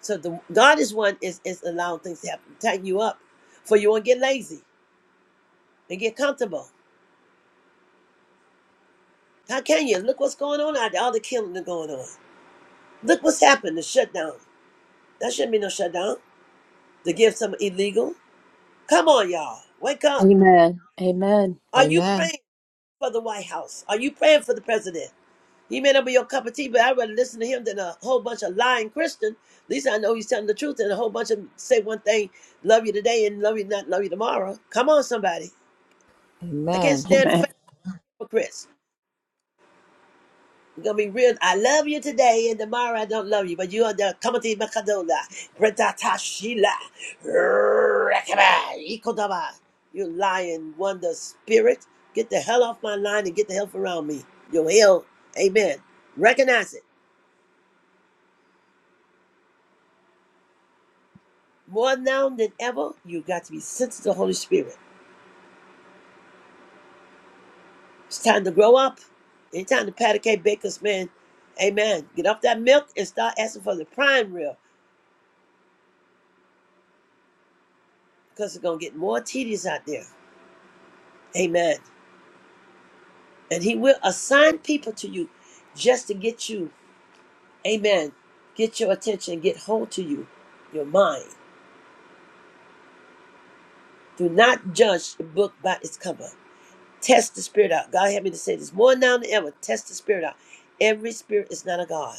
A: So the God is one is is allowing things to happen, tighten you up, for you won't get lazy and get comfortable. How can you look what's going on out there? All the killing that's going on. Look what's happened. The shutdown. That shouldn't be no shutdown. To give some illegal. Come on, y'all, wake
G: Amen.
A: up.
G: Amen.
A: Are you
F: Amen.
A: praying for the White House? Are you praying for the president? He may not be your cup of tea, but I'd rather listen to him than a whole bunch of lying Christian. At least I know he's telling the truth and a whole bunch of them say one thing, love you today and love you not love you tomorrow. Come on, somebody. I can't
F: Amen.
A: stand fake hypocrites. We're gonna be real. I love you today and tomorrow I don't love you, but you are the Kamati Makadola, Bretata Rakaba, Ikodaba. You lying wonder spirit. Get the hell off my line and get the hell around me. Your hell, amen. Recognize it. More now than ever, you got to be sensitive to the Holy Spirit. It's time to grow up. It's time to pat a cake bakers, man. Amen. Get off that milk and start asking for the prime rib because it's going to get more tedious out there. Amen. And he will assign people to you just to get you, amen, get your attention, get hold to you, your mind. Do not judge the book by its cover. Test the spirit out. God help me to say this more now than ever. Test the spirit out. Every spirit is not a God.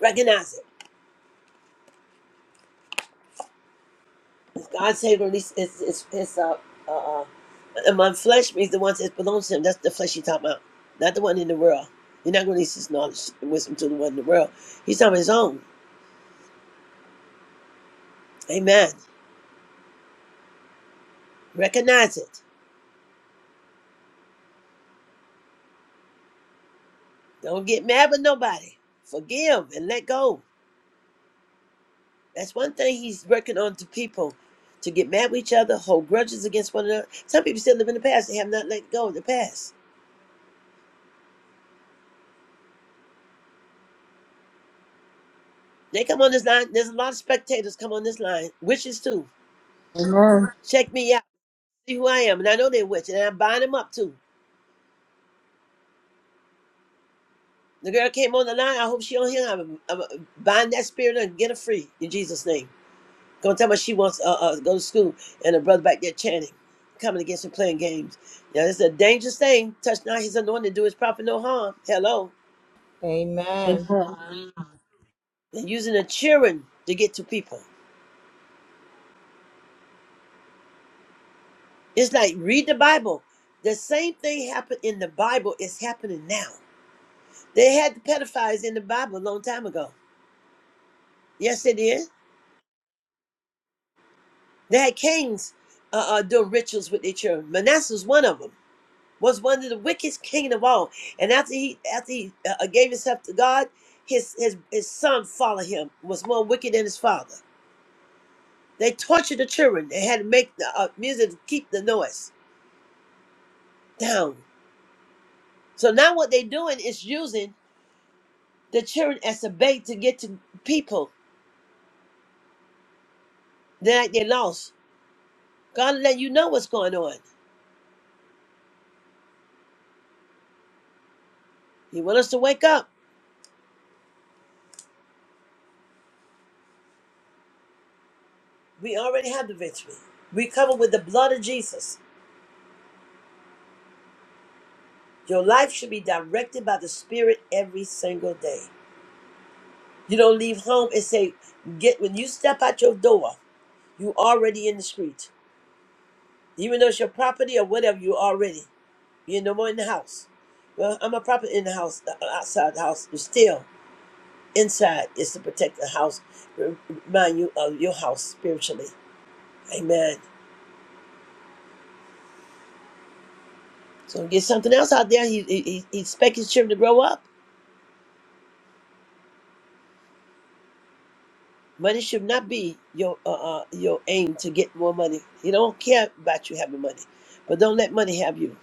A: Recognize it. God saved or is it's it's it's uh uh uh, among flesh means the ones that belongs to him. That's the flesh he's talking about, not the one in the world. You're not gonna release his knowledge and wisdom to the one in the world. He's talking about his own. Amen. Recognize it. Don't get mad with nobody. Forgive and let go. That's one thing he's working on to people. To get mad with each other, hold grudges against one another. Some people still live in the past. They have not let go of the past. They come on this line. There's a lot of spectators come on this line. Witches too. Check me out. See who I am, and I know they're witch, and I bind them up too. The girl came on the line. I hope she don't hear. I'm, I'm bind that spirit and get her free in Jesus' name. Gonna tell her she wants uh, uh go to school, and her brother back there chanting, coming against her playing games. Now it's a dangerous thing. Touch not his anointed, do his prophet no harm. Hello,
F: Amen.
G: Amen.
F: Amen.
A: and using the children to get to people. It's like read the Bible. The same thing happened in the Bible is happening now. They had the pedophiles in the Bible a long time ago. Yes, it is. They had kings uh, uh, doing rituals with their children. Manasseh was one of them. Was one of the wickedest king of all. And after he after he uh, uh, gave himself to God, his his his son followed him. Was more wicked than his father. They tortured the children. They had to make the uh, music to keep the noise down. So now what they're doing is using the children as a bait to get to people that they lost. God let you know what's going on. He want us to wake up. We already have the victory. We cover with the blood of Jesus. Your life should be directed by the Spirit every single day. You don't leave home and say, "Get when you step out your door, you already in the street, even though it's your property or whatever. You already you're no more in the house. Well, I'm a property in the house, uh, uh, outside the house. You're still inside. is to protect the house, remind you of your house spiritually. Amen. So get something else out there. He he, he he expects his children to grow up. Money should not be your uh, uh, your aim to get more money. He don't care about you having money, but don't let money have you.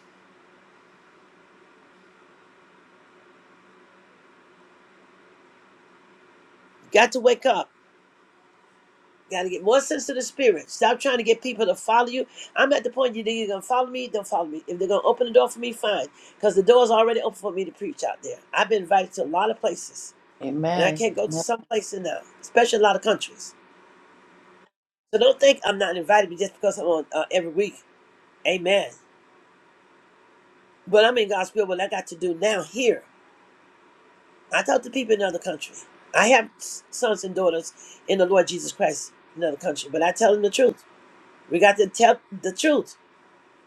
A: Got to wake up. Got to get more sense of the spirit. Stop trying to get people to follow you. I'm at the point you think you are gonna follow me. Don't follow me. If they're gonna open the door for me, fine, because the door's already open for me to preach out there. I've been invited to a lot of places, and I
C: Amen.
A: can't go to some places now, especially a lot of countries. So don't think I'm not invited just because I'm on uh, every week. Amen. But I'm in God's will. What I got to do now here. I talk to people in other country. I have sons and daughters in the Lord Jesus Christ in another country, but I tell them the truth. We got to tell the truth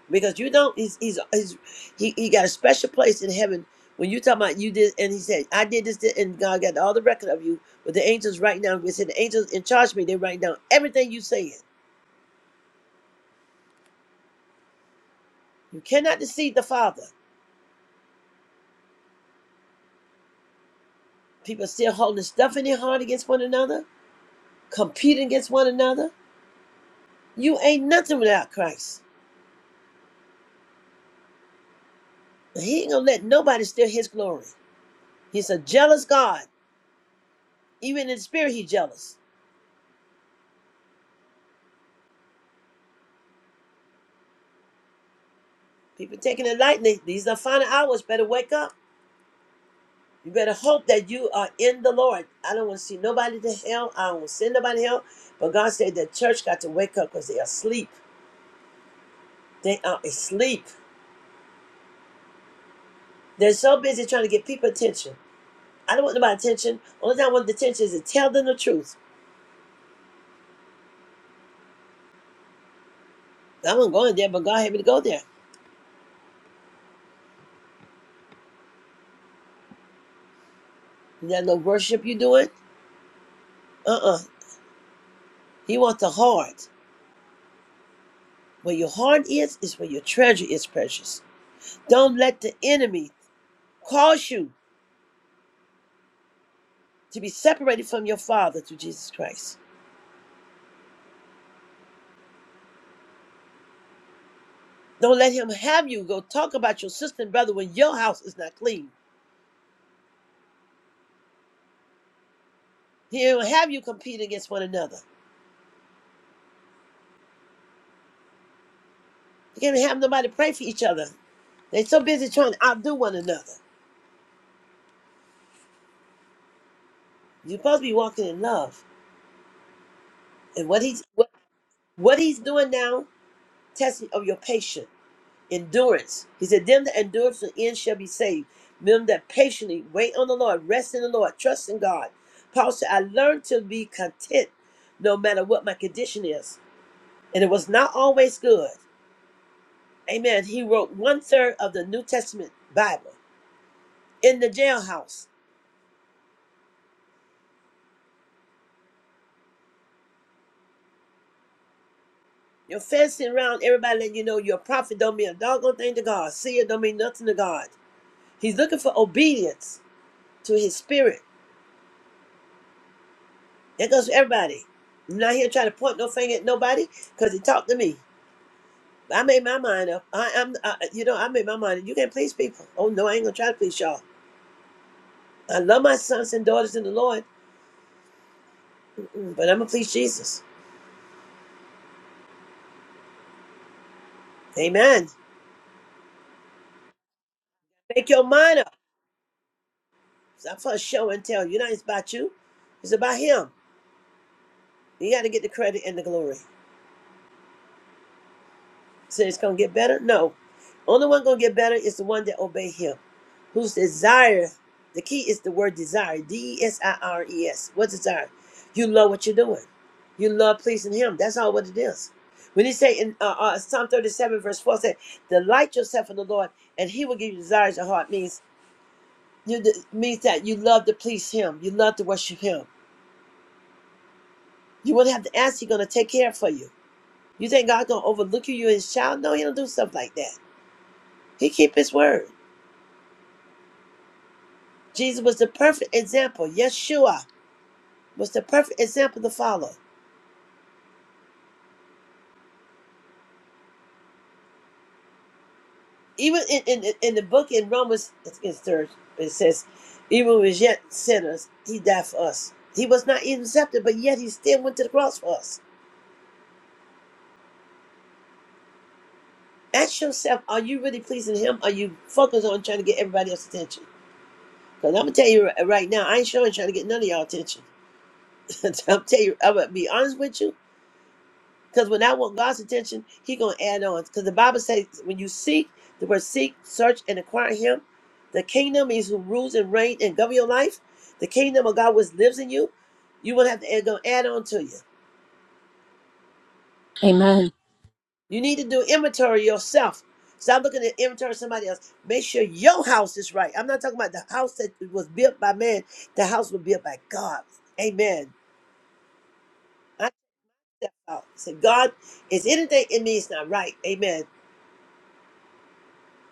A: because you don't. He's he's, he's he, he got a special place in heaven when you talk about you did and he said I did this did, and God got all the record of you. But the angels right now, we said the angels in charge of me. They write down everything you saying. You cannot deceive the Father. People are still holding stuff in their heart against one another, competing against one another. You ain't nothing without Christ. He ain't gonna let nobody steal his glory. He's a jealous God. Even in the spirit, he's jealous. People taking it lightly. These are final hours. Better wake up. You better hope that you are in the Lord. I don't want to see nobody to hell. I don't want to send nobody to hell. But God said the church got to wake up because they are asleep. They are asleep. They're so busy trying to get people attention. I don't want nobody's attention. Only thing I want the attention is to tell them the truth. I wasn't going there, but God had me to go there. You got no worship you doing? Uh-uh. He wants the heart. Where your heart is, is where your treasure is precious. Don't let the enemy cause you to be separated from your Father through Jesus Christ. Don't let him have you go talk about your sister and brother when your house is not clean. He'll have you compete against one another. You can't have nobody pray for each other. They're so busy trying to outdo one another. You're supposed to be walking in love. And what he's what, what he's doing now, testing of your patience. endurance. He said, Them that endure to the end shall be saved. Them that patiently wait on the Lord, rest in the Lord, trust in God. Paul said, I learned to be content no matter what my condition is. And it was not always good. Amen. He wrote one third of the New Testament Bible in the jailhouse. You're fencing around everybody letting you know you're a prophet don't mean a doggone thing to God. Seer don't mean nothing to God. He's looking for obedience to his spirit. That goes for everybody. I'm not here trying to point no finger at nobody because he talked to me. I made my mind up. I, I'm, I, you know, I made my mind up. You can't please people. Oh no, I ain't gonna try to please y'all. I love my sons and daughters in the Lord, mm but I'm gonna please Jesus. Amen. Make your mind up. It's not for a show and tell. You know, it's about you. It's about Him. You got to get the credit and the glory. So it's gonna get better. No, only one gonna get better is the one that obey Him. whose desire, the key is the word desire, D E S I R E S. What desire? You love what you're doing. You love pleasing Him. That's all what it is. When He say in uh, uh, Psalm 37 verse 4 say, "Delight yourself in the Lord, and He will give you desires of your heart." Means you de- means that you love to please Him. You love to worship Him. You wouldn't have to ask. He's gonna take care for you. You think God gonna overlook you? You His child? No, He don't do stuff like that. He keep His word. Jesus was the perfect example. Yeshua was the perfect example to follow. even in, in, in the book in Romans, I think it's third, it says, even was yet sinners, he died for us. He was not even accepted, but yet he still went to the cross for us. Ask yourself, are you really pleasing him? Are you focused on trying to get everybody else's attention? Because I'm going to tell you right now, I ain't sure I'm trying to get none of y'all attention. [laughs] I'm telling you, I'm going to be honest with you. Because when I want God's attention, He gonna add on. Because the Bible says, when you seek, the word seek, search, and acquire Him, the kingdom is who rules and reigns and govern your life. The kingdom of God which lives in you, you will not have to add, gonna add on to you.
G: Amen. Amen.
A: You need to do inventory yourself. Stop looking at inventory of somebody else. Make sure your house is right. I'm not talking about the house that was built by man. The house was built by God. Amen. I took that out. said, God, is anything in me is not right. Amen.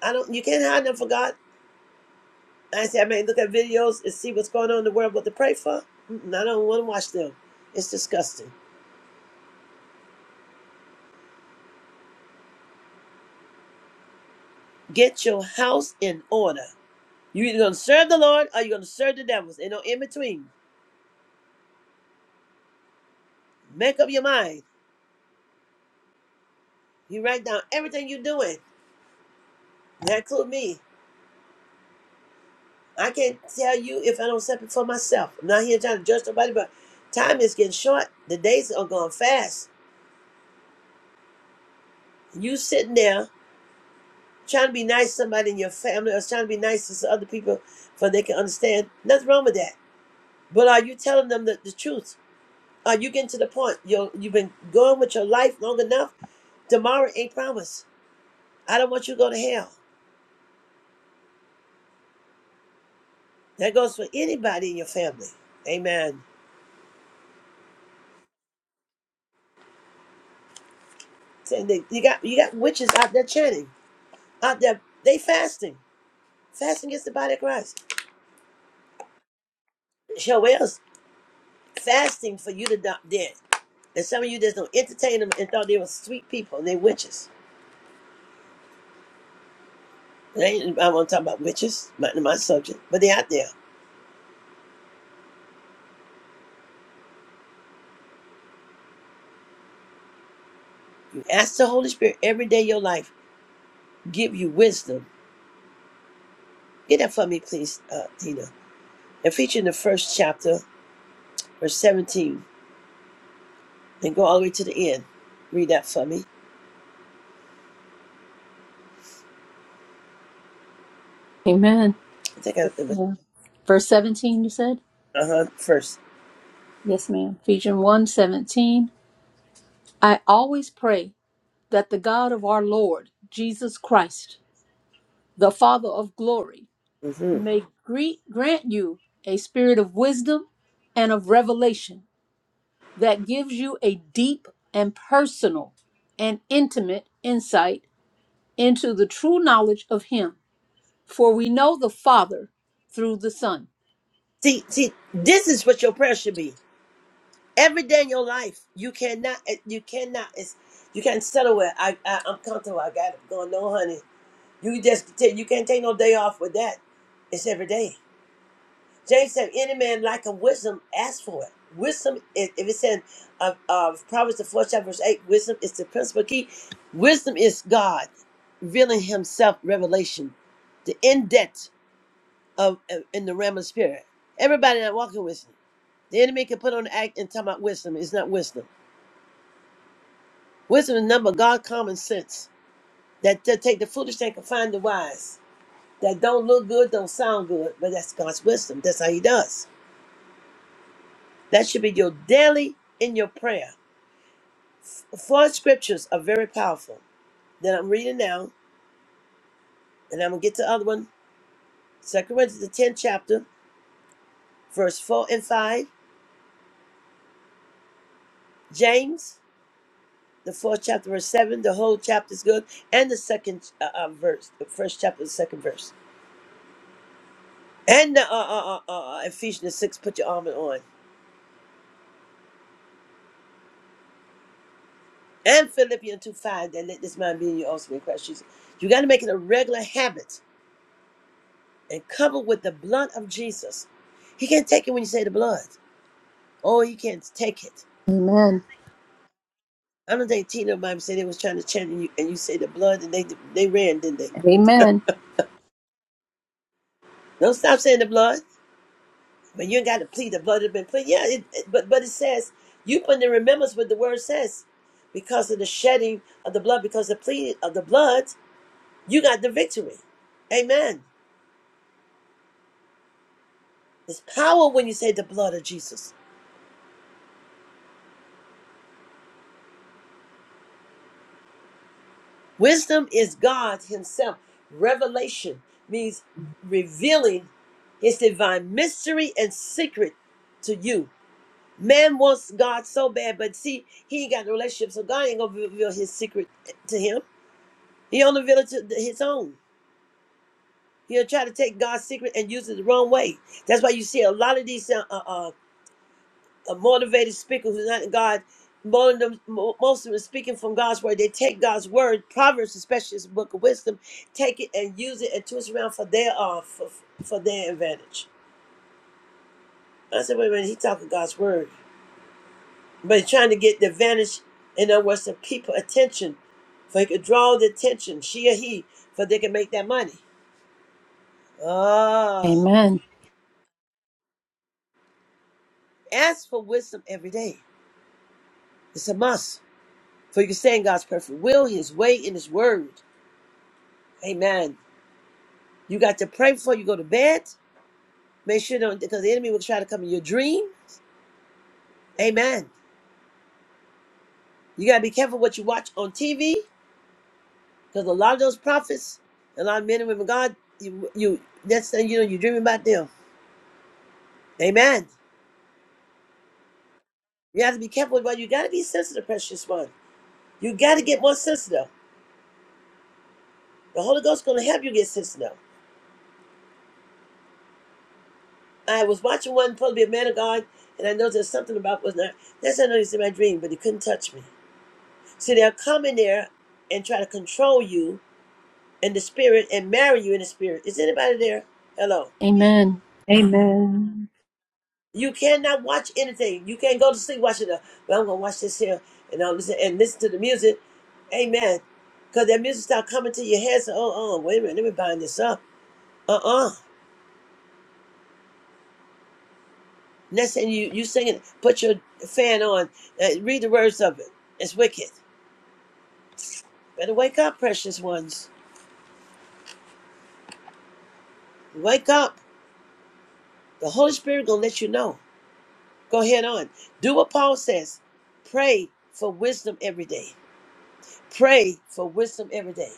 A: I don't. You can't hide them for God. I say I may look at videos and see what's going on in the world, what to pray for. Mm-mm, I don't want to watch them. It's disgusting. Get your house in order. you either going to serve the Lord or you're going to serve the devils. Ain't no in between. Make up your mind. You write down everything you're doing. That includes me. I can't tell you if I don't set it for myself. I'm not here trying to judge nobody, but time is getting short. The days are going fast. You sitting there trying to be nice to somebody in your family or trying to be nice to some other people for they can understand. Nothing wrong with that. But are you telling them the, the truth? Are you getting to the point? You're, you've been going with your life long enough. Tomorrow ain't promised. I don't want you to go to hell. That goes for anybody in your family. Amen. Saying they- You got you got witches out there chanting, out there they fasting, fasting against the body of Christ. Show else fasting for you to not dead. And some of you just don't entertain them and thought they were sweet people and they witches. And I ain't- I won't talk about witches, not in my subject, but they out there. You ask the Holy Spirit every day of your life give you wisdom. Get that for me, please, uh, Tina. And featuring the first chapter, verse 17, and go all the way to the end. Read that for me.
G: Amen.
A: I think I it was,
G: Yeah. Verse 17, you said?
A: uh huh, first.
G: Yes, ma'am. Ephesians one seventeen. I always pray that the God of our Lord Jesus Christ, the Father of glory,
A: Mm-hmm.
G: may greet, grant you a spirit of wisdom and of revelation that gives you a deep and personal and intimate insight into the true knowledge of Him. For we know the Father through the Son.
A: See, see, this is what your prayer should be. Every day in your life, you cannot, eh, you cannot, it's, you can't settle with, I, I, I'm comfortable, I got it going, no, honey. You just, take, you can't take no day off with that. It's every day. James said, any man lack of wisdom, ask for it. Wisdom, is, if it said, uh, uh, Proverbs the 4th chapter, verse 8, wisdom is the principal key. Wisdom is God revealing himself, revelation, the in depth of uh, in the realm of spirit. Everybody not walking wisdom. The enemy can put on the act and talk about wisdom. It's not wisdom. Wisdom is number God common sense. That to take the foolish and confine the wise. That don't look good, don't sound good, but that's God's wisdom. That's how he does. That should be your daily in your prayer. Four scriptures are very powerful that I'm reading now, and I'm gonna get to the other one. Second Corinthians, the 10th chapter, verse 4 and 5. James, the 4th chapter, verse 7. The whole chapter is good. And the second uh, uh, verse, the first chapter, the second verse. And the, uh, uh, uh, uh, Ephesians 6, put your armor on. And Philippians 2, 5, that let this mind be in you also in Christ Jesus. You got to make it a regular habit and cover with the blood of Jesus. He can't take it when you say the blood. Oh, he can't take it.
G: Amen.
A: I don't think Tina Bible said they was trying to chant you, and you say the blood and they they ran, didn't they?
G: Amen.
A: Don't stop saying the blood, but you ain't got to plead the blood has been plead. Yeah, it, it- but but it says you put in remembrance what the word says because of the shedding of the blood, because the plead of the blood, you got the victory. Amen. It's power when you say the blood of Jesus. Wisdom is God Himself. Revelation means revealing His divine mystery and secret to you. Man wants God so bad, but see, he ain't got no relationship, so God ain't gonna reveal his secret to him. He only reveal it to his own. He'll try to take God's secret and use it the wrong way. That's why you see a lot of these uh, uh, uh, uh, motivated speakers who's not in God. More of them, mo- most of them speaking from God's word. They take God's word, Proverbs, especially this book of wisdom, take it and use it and twist it around for their uh, for, for their advantage. I said, wait a minute, he talking God's word. but he's trying to get the advantage in other words the people attention so he could draw the attention she or he so they can make that money ah
G: Amen.
A: ask for wisdom every day it's a must so you can stay in god's perfect will his way and his word amen you got to pray before you go to bed make sure don't because the enemy will try to come in your dream amen you got to be careful what you watch on tv because a lot of those prophets a lot of men and women of god you, you that's the, you know you're dreaming about them amen You have to be careful, but you got to be sensitive, precious one. You got to get more sensitive. The Holy Ghost is going to help you get sensitive. I was watching one supposed to be a man of God, and I know there's something about was not. That's how I know he's in my dream, but he couldn't touch me. See, they'll come in there and try to control you in the spirit and marry you in the spirit. Is anybody there? Hello.
G: Amen.
A: You cannot watch anything. You can't go to sleep watching the. Well, I'm gonna watch this here, and I'll listen and listen to the music. Amen. Because that music start coming to your head. So, oh, oh, wait a minute, let me bind this up. Uh-uh. Next thing you you singing, put your fan on, uh, read the words of it. It's wicked. Better wake up, precious ones. Wake up. The Holy Spirit gonna let you know. Go ahead on. Do what Paul says. Pray for wisdom every day. Pray for wisdom every day.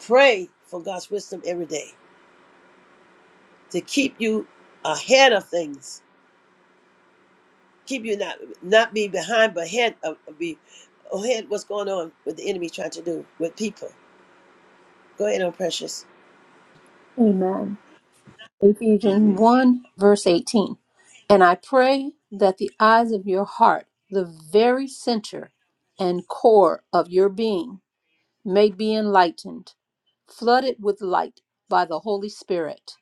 A: Pray for God's wisdom every day to keep you ahead of things. Keep you not not be behind, but ahead of be ahead. What's going on with the enemy trying to do with people? Go ahead on, precious.
G: Amen. Ephesians
A: hmm
G: 1, verse 18. And I pray that the eyes of your heart, the very center and core of your being, may be enlightened, flooded with light by the Holy Spirit,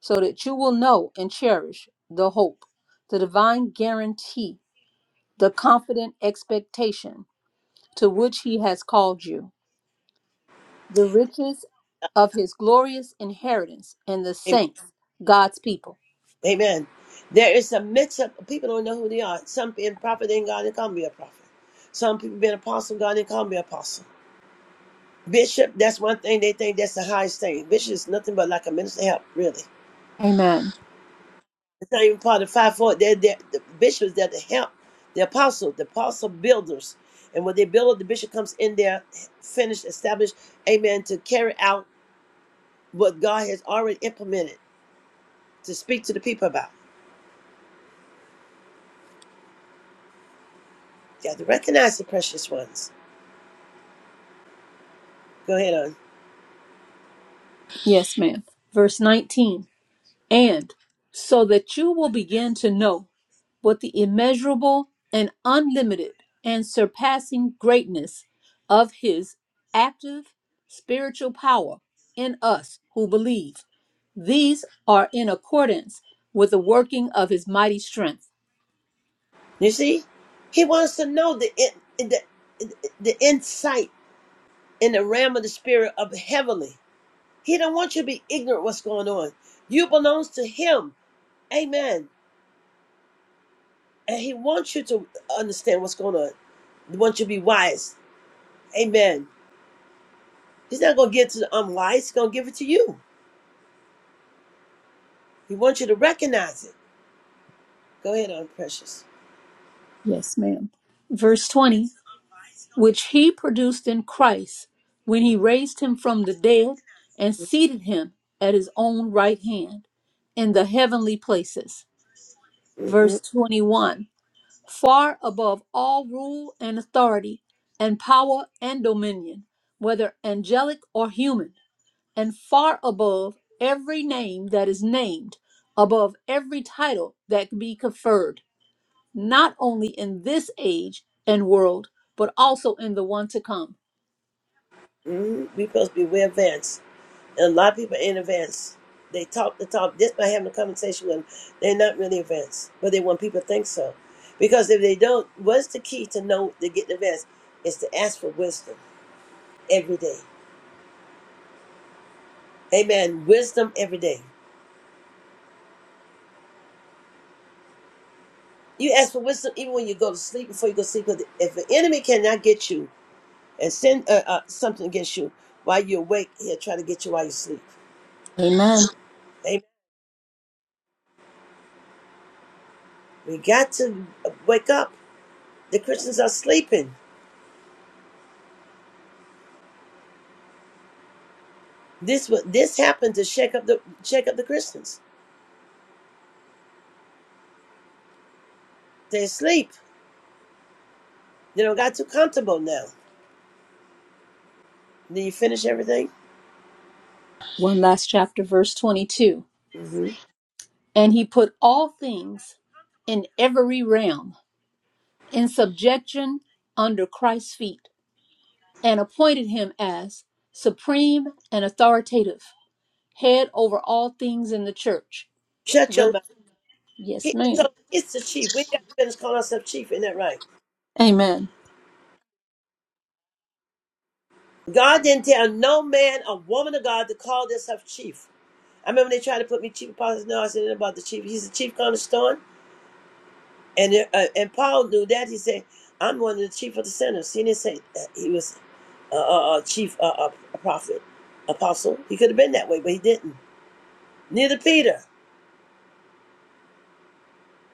G: so that you will know and cherish the hope, the divine guarantee, the confident expectation to which He has called you, the riches of His glorious inheritance in the saints, God's people.
A: Amen. There is a mix up. People don't know who they are. Some being prophet in God, they can't be a prophet. Some people being apostle, God, they can't be apostle. Bishop, that's one thing they think that's the highest thing. Bishop is nothing but like a minister help, really.
G: Amen.
A: It's not even part of the five four. They're, they're the bishops, they're the help, the apostle, the apostle builders. And when they build, the bishop comes in there, finished, established, amen, to carry out what God has already implemented, to speak to the people about. You have to recognize the precious ones. Go ahead,
G: Yes, ma'am. Verse 19. And so that you will begin to know what the immeasurable and unlimited and surpassing greatness of his active spiritual power in us who believe. These are in accordance with the working of his mighty strength.
A: You see, he wants to know the in- the the insight in the realm of the spirit of heavenly. He don't want you to be ignorant what's going on. You belongs to him. Amen. And he wants you to understand what's going on. He wants you to be wise. Amen. He's not gonna give it to the unwise. He's gonna give it to you. He wants you to recognize it. Go ahead on, precious.
G: Yes, ma'am. Verse 20. which he produced in Christ when he raised him from the dead and seated him at his own right hand in the heavenly places. Verse
A: Mm-mm-mm.
G: 21 Far above all rule and authority, and power and dominion, whether angelic or human, and far above every name that is named, above every title that can be conferred, not only in this age and world, but also in the one to come
A: We supposed to be way advanced. a lot of people in advance. They talk the talk just by having a conversation with them. They're not really advanced, but they want people to think so. Because if they don't, what's the key to know to get advanced? Is to ask for wisdom every day. Amen. Wisdom every day. You ask for wisdom even when you go to sleep before you go to sleep. Because if the enemy cannot get you and send uh, uh, something against you while you're awake, he'll try to get you while you sleep.
G: Amen.
A: Amen. We got to wake up. The Christians are sleeping. This wa- this happened to shake up the shake up the Christians. They asleep. They don't got too comfortable now. Did you finish everything?
G: One last chapter, verse 22.
A: hmm
G: And he put all things in every realm in subjection under Christ's feet and appointed him as supreme and authoritative, head over all things in the church.
A: Shut your
G: Ver-
A: mouth.
G: yes,
A: He,
G: ma'am.
A: so he's the chief. We got to finish calling ourselves chief. Isn't that right?
G: Amen.
A: God didn't tell no man or woman of God to call themselves chief. I remember they tried to put me chief apostle. No, I said nothing about the chief. He's the chief cornerstone. And uh, and Paul knew that. He said, "I'm one of the chief of the sinners." He didn't say that he was a, a, a chief, a, a prophet, apostle. He could have been that way, but he didn't. Neither Peter.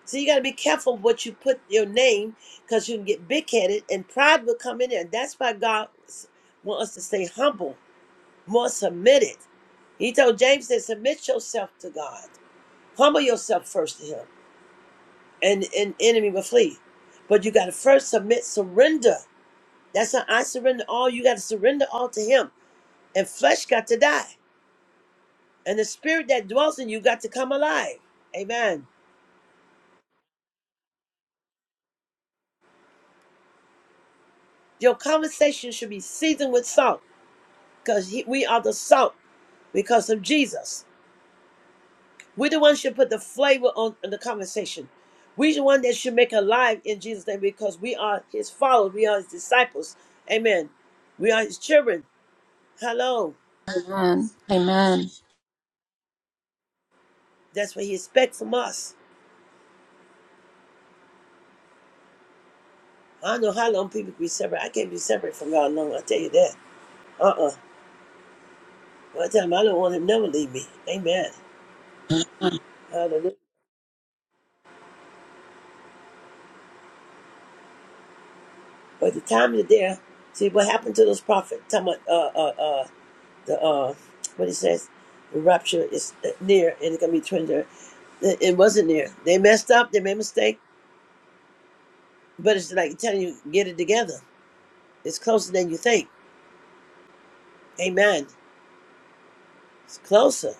A: So you got to be careful what you put your name because you can get big headed and pride will come in there. That's why God s- wants us to stay humble, more submitted. He told James that submit yourself to God, humble yourself first to Him, and an enemy will flee. But you got to first submit, surrender. That's how I surrender all. You got to surrender all to Him, and flesh got to die, and the spirit that dwells in you got to come alive. Amen. Your conversation should be seasoned with salt because we are the salt because of Jesus. We're the ones should put the flavor on, on the conversation. We're the one that should make it alive in Jesus' name because we are his followers. We are his disciples. Amen. We are his children. Hello.
G: Amen. Amen.
A: That's what he expects from us. I don't know how long people can be separate. I can't be separate from God long. i tell you that. Uh-uh. One time I don't want him to never leave me. Amen. Hallelujah. But the time you're there, see what happened to those prophets. Talking about, uh, uh, uh, the uh, what he says, the rapture is near and it's gonna be turned It wasn't near. They messed up. They made a mistake. But it's like telling you, get it together. It's closer than you think. Amen. It's closer.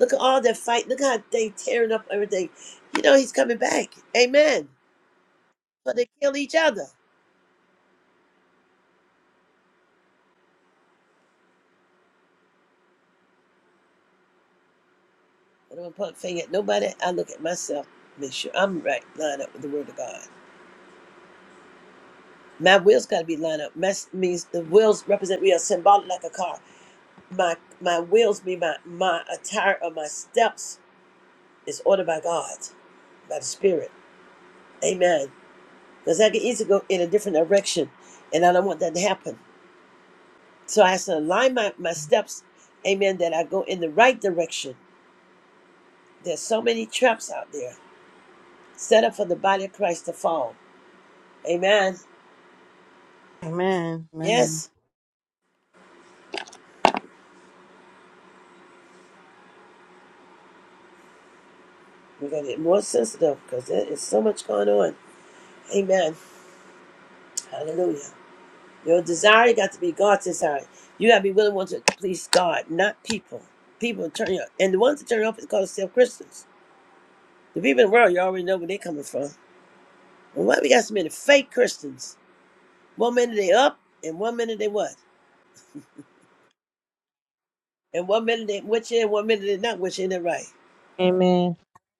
A: Look at all that fight. Look how they tearing up everything. You know he's coming back. Amen. But they kill each other. I don't point a finger at nobody. I look at myself. Make sure I'm right. Line up with the word of God. My will's got to be lined up. My means the wills represent we are symbolic like a car. my my wheels be my my attire of my steps is ordered by God, by the Spirit. Amen. Because I can easily go in a different direction, and I don't want that to happen. So I have to align my, my steps, amen, that I go in the right direction. There's so many traps out there set up for the body of Christ to fall. Amen.
E: Amen. Amen.
A: Yes, we're going to get more sensitive because there is so much going on. Amen. Hallelujah. Your desire got to be God's desire. You got to be willing to please God, not people. People turn you up. And the ones that turn you off is called self Christians. The people in the world, you already know where they're coming from. And why we got so many fake Christians? One minute they up, and one minute they what? And one minute they with you, and one minute they not with you, and they right.
H: Amen.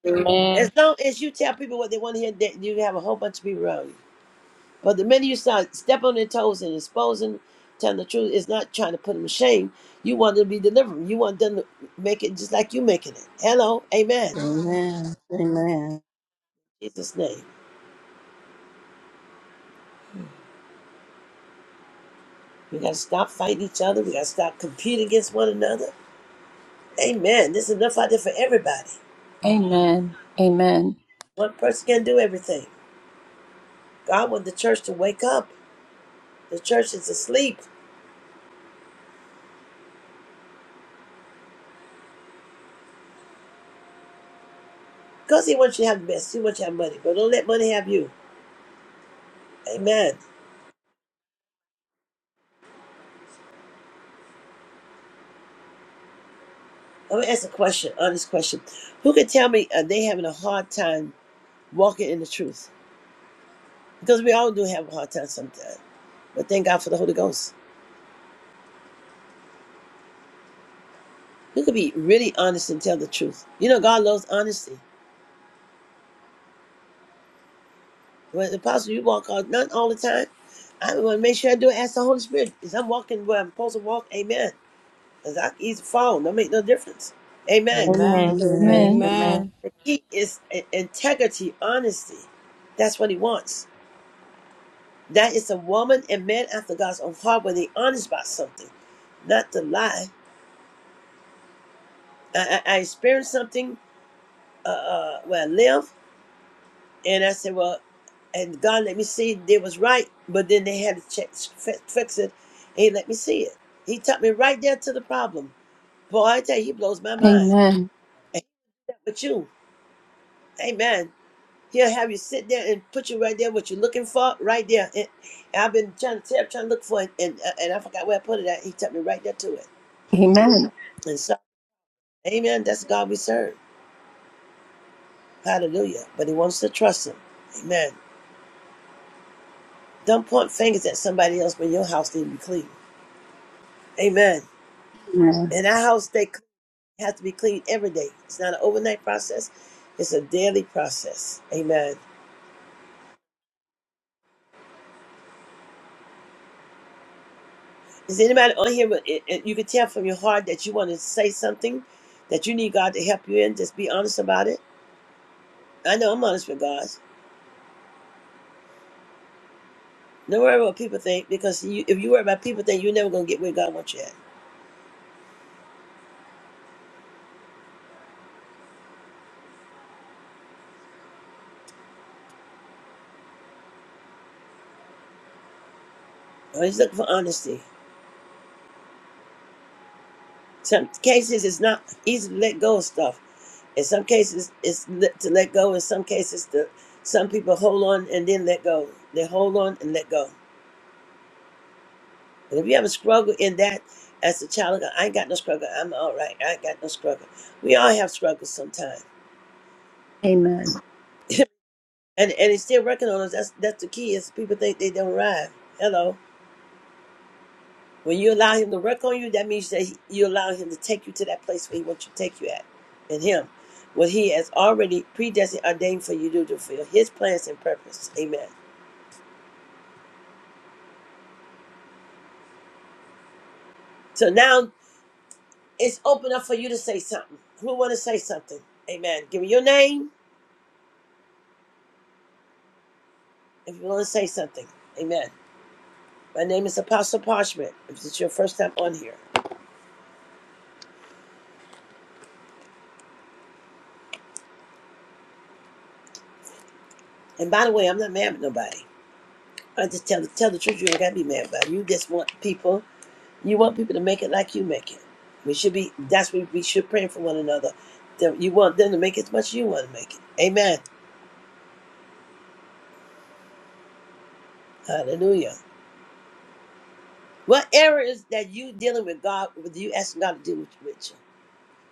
H: Amen.
A: As long as you tell people what they want to hear, that you have a whole bunch of people around you. But the minute you start stepping on their toes and exposing, telling the truth, it's not trying to put them to shame. You want them to be delivered. You want them to make it just like you making it. Hello, amen.
E: Amen. Amen.
A: In Jesus' name. We gotta stop fighting each other. We gotta stop competing against one another. Amen. There's enough out there for everybody.
G: Amen. Amen.
A: One person can't do everything. God wants the church to wake up. The church is asleep. Because he wants you to have the best. He wants you to have money. But don't let money have you. Amen. I'm gonna ask a question, honest question. Who can tell me are they having a hard time walking in the truth. Because we all do have a hard time sometimes. But thank God for the Holy Ghost. You could be really honest and tell the truth. You know, God loves honesty. When the Apostle, you walk out, not all the time. I want to make sure I do it. Ask the Holy Spirit. Is I'm walking where I'm supposed to walk? Amen. Because I can easily fall. Don't make no difference. Amen.
F: Amen.
H: Amen.
E: Amen.
G: Amen.
H: Amen.
F: Amen.
A: The key is integrity, honesty. That's what he wants. That is a woman and man after God's own heart when they honest about something, not to lie. I, I, I experienced something uh, uh, where I live. And I said, well, and God let me see they was right, but then they had to check, fi- fix it. And he let me see it. He took me right there to the problem. Boy, I tell you, he blows my mind.
G: Amen.
A: And with you, amen. He'll have you sit there and put you right there, what you're looking for, right there. And I've been trying to tell, trying to look for it, and, uh, and I forgot where I put it at. He took me right there to it.
G: Amen.
A: And so, amen, that's the God we serve. Hallelujah. But he wants to trust him. Amen. Don't point fingers at somebody else when your house need to be clean. Amen. And our house they cl- has to be cleaned every day. It's not an overnight process. It's a daily process. Amen. Is anybody on here? But it, it- you can tell from your heart that you want to say something that you need God to help you in. Just be honest about it. I know I'm honest with God. Don't worry about what people think because you, if you worry about people think you're never gonna get where God wants you at. I'm just looking for honesty. Some cases it's not easy to let go of stuff. In some cases, it's le- to let go. In some cases, the, some people hold on and then let go. They hold on and let go. And if you have a struggle in that, as a child of God, I ain't got no struggle. I'm all right. I ain't got no struggle. We all have struggles sometimes, and and he's still working on us. That's that's the key. Is people think they don't arrive. Hello. When you allow him to work on you, that means that he, you allow him to take you to that place where he wants you to take you at, in him, what he has already predestined, ordained for you to do to fulfill his plans and purpose. Amen. So now It's open up for you to say something. Who want to say something? Amen. Give me your name if you want to say something. Amen. My name is Apostle Parchment. If it's your first time on here, and by the way, I'm not mad at nobody. I just tell tell the truth. You ain't got to be mad about it. You just want people. You want people to make it like you make it. We should be. That's what we should pray for one another. That You want them to make it as much as you want to make it. Amen. Hallelujah. What areas that you dealing with God, with you asking God to deal with you?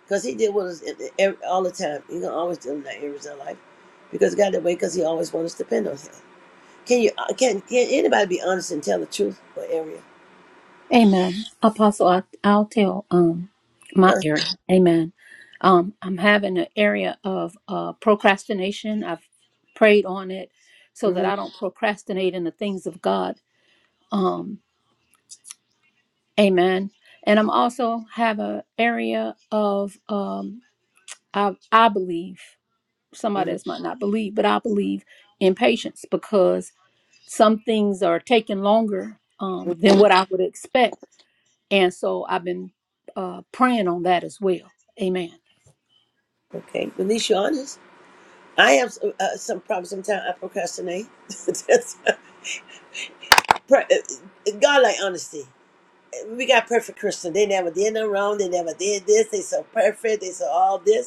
A: Because he did with us every- all the time. He gonna always do that areas of life. Because God that way, because he always wants us to depend on him. Can you uh, can can anybody be honest and tell the truth for area?
G: Amen. Apostle, I, I'll tell um my area. Amen. Um, I'm having an area of uh, procrastination. I've prayed on it so that
A: Mm-hmm,
G: I don't procrastinate in the things of God. Um, amen. And I'm also have an area of um, I, I believe somebody
A: hmm
G: else might not believe, but I believe in patience because some things are taking longer um, than what I would expect And so I've been uh, praying on that as well. Amen.
A: Okay, at least you're honest. I have uh, some problems. Sometimes I procrastinate. [laughs] That's- pro- uh, God like honesty. We got perfect Christians. They never did nothing wrong. They never did this. They so perfect. They so all this.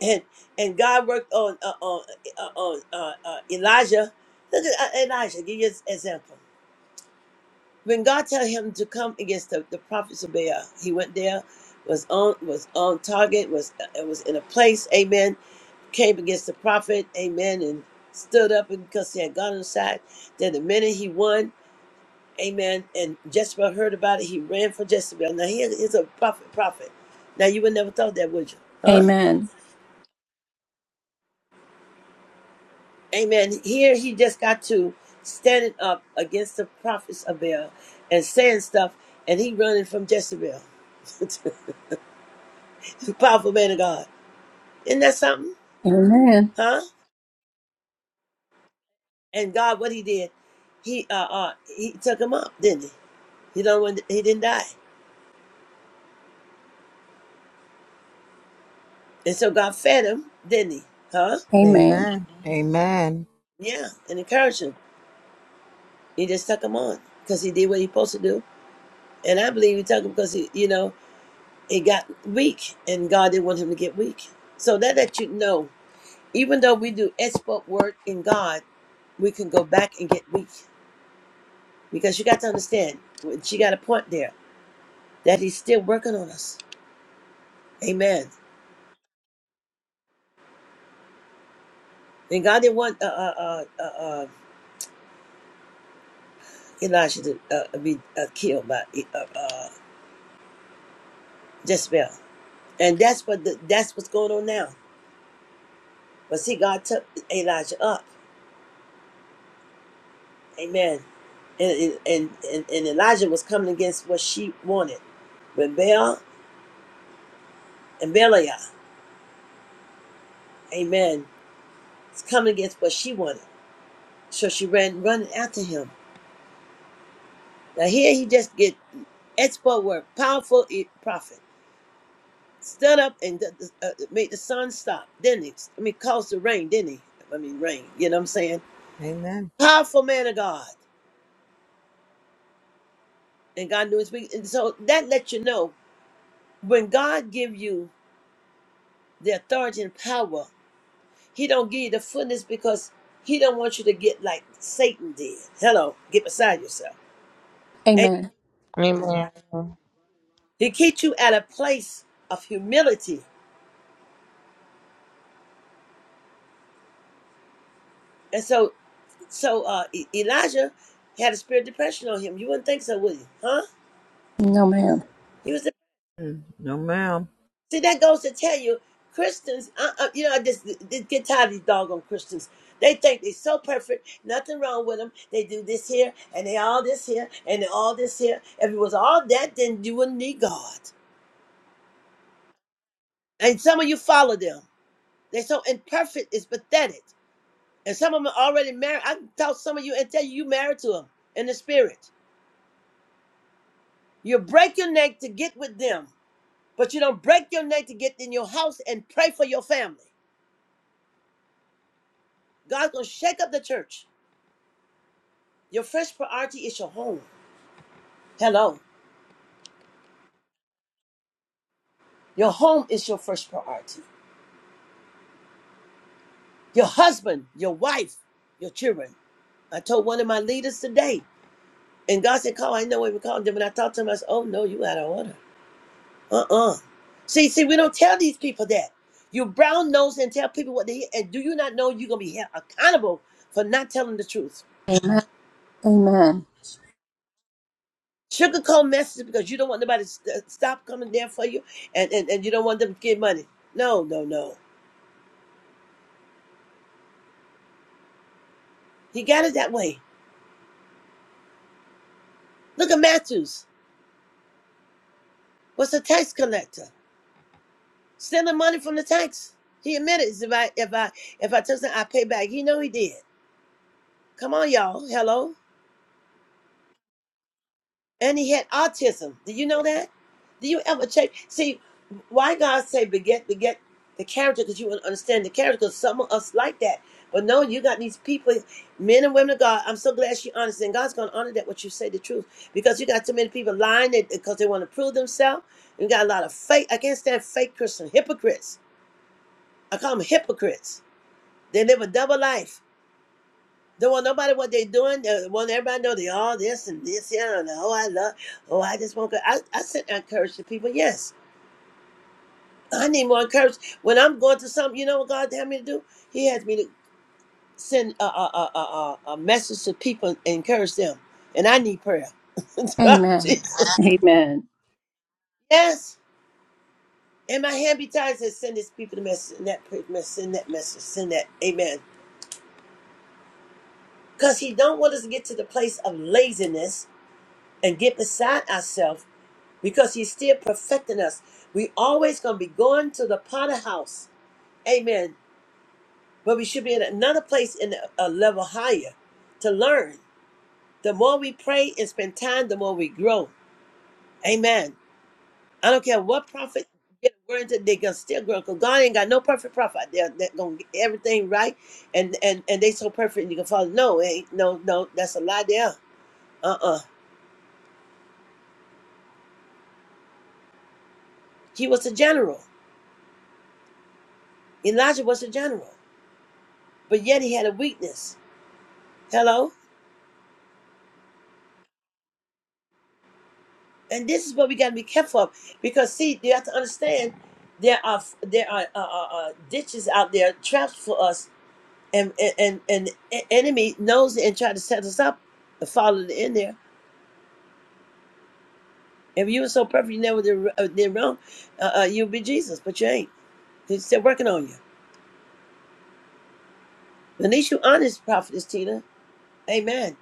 A: and and God worked on uh, on uh, uh, on uh, uh, Elijah. Look at uh, Elijah. Give you an example. When God tell him to come against the, the prophets of Baal, he went there, was on was on target, was uh, was in a place. Amen. Came against the prophet. Amen. And stood up because he had God on his side. Then the minute he won, Amen. And Jezebel heard about it. He ran for Jezebel. Now he is a prophet. Prophet. Now you would never thought that, would you? Huh?
G: Amen.
A: Amen. Here he just got to standing up against the prophets of Baal and saying stuff, and he running from Jezebel. [laughs] Powerful man of God. Isn't that something?
G: Amen.
A: Huh? And God, what he did, he uh, uh he took him up, didn't he? He don't want- he didn't die, and so God fed him, didn't he? Huh?
G: Amen.
F: Amen.
A: Yeah, and encouraged him. He just took him on because he did what he supposed to do, and I believe he took him because he, you know, he got weak, and God didn't want him to get weak. So that let you know even though we do expert work in God, we can go back and get weak. Because you got to understand, she got a point there that he's still working on us. Amen. And God didn't want uh, uh, uh, uh, uh, Elijah to uh, uh, be uh, killed by uh, uh, Jezebel, and that's what the, that's what's going on now. But see, God took Elijah up. Amen. And and, and and Elijah was coming against what she wanted. When Baal and Belial, Amen, is coming against what she wanted. So she ran running after him. Now here he just get expert word, powerful e, prophet. Stood up and uh, made the sun stop, didn't he? I mean, caused the rain, didn't he? I mean, rain. You know what I'm saying?
F: Amen.
A: Powerful man of God, and God knew his weakness. And so that lets you know when God give you the authority and power, He don't give you the fullness because He don't want you to get like Satan did. Hello, get beside yourself. And
G: Amen.
H: Amen.
A: He keeps you at a place of humility. And so So uh, E- Elijah had a spirit of depression on him. You wouldn't think so, would you? Huh?
G: No, ma'am.
A: He was.
F: Mm, No, ma'am.
A: See, that goes to tell you, Christians. Uh, uh, you know, I just, just get tired of these doggone Christians. They think they're so perfect, nothing wrong with them. They do this here, and they all this here, and they all this here. If it was all that, then you wouldn't need God. And some of you follow them. They're so imperfect, it's pathetic. And some of them are already married. I can talk to some of you and tell you you married to them in the spirit. You break your neck to get with them But you don't break your neck to get in your house and pray for your family. God's gonna shake up the church. Your first priority is your home. Hello. Your home is your first priority. Your husband, your wife, your children. I told one of my leaders today, and God said, Call, I know what we called them. And I talked to him, I said, Oh no, you out of order. Uh-uh. See, see, we don't tell these people that. You brown nose and tell people what they hear. and do you not know you're gonna be held accountable for not telling the truth? sugarcoat messages because you don't want nobody to st- stop coming there for you and, and, and you don't want them to get money. No, no, no. He got it that way. Look at Matthews. What's a tax collector? Stealing money from the tax. He admitted if I if I if I took some I pay back. He know he did. Come on, y'all. Hello. and he had autism. Do you know that? Do you ever check? See, why God say beget beget the character? Because you wouldn't understand the character. Because some of us like that, but no, you got these people, men and women of God. I'm so glad she honest, and God's gonna honor that what you say the truth. Because you got too many people lying because they want to prove themselves. You got a lot of fake. I can't stand fake Christians, hypocrites. I call them hypocrites. They live a double life don't want nobody what they doing. They want everybody to know they all this and this. Yeah, I do and oh, I love. Oh, I just want. I I sent that courage to people. Yes, I need more courage when I'm going through something. You know what God had me to do? He has me to send a a a a, a a message to people and encourage them. And I need prayer. [laughs]
G: Amen.
A: Jesus.
G: Amen.
A: Yes. And my hand be tied It says, send this people the message, and that pre- message, send that message, send that. Amen. Because he don't want us to get to the place of laziness and get beside ourselves because he's still perfecting us. We always gonna be going to the potter house, amen. But we should be in another place in a, a level higher to learn. The more we pray and spend time, the more we grow. Amen. I don't care what prophet get a word that they gonna still grow because God ain't got no perfect prophet. They're, they're gonna get everything right and and and they so perfect you can follow. No, it ain't no no that's a lie there. Uh-uh. He was a general. Elijah was a general, but yet he had a weakness. Hello? and this is what we got to be careful of because see you have to understand there are there are uh, uh, uh, ditches out there traps for us and and and the enemy knows it and try to set us up and follow it in there if you were so perfect you never did, uh, did wrong uh, uh, you'd be jesus but you ain't he's still working on you at least you honest prophetess tina amen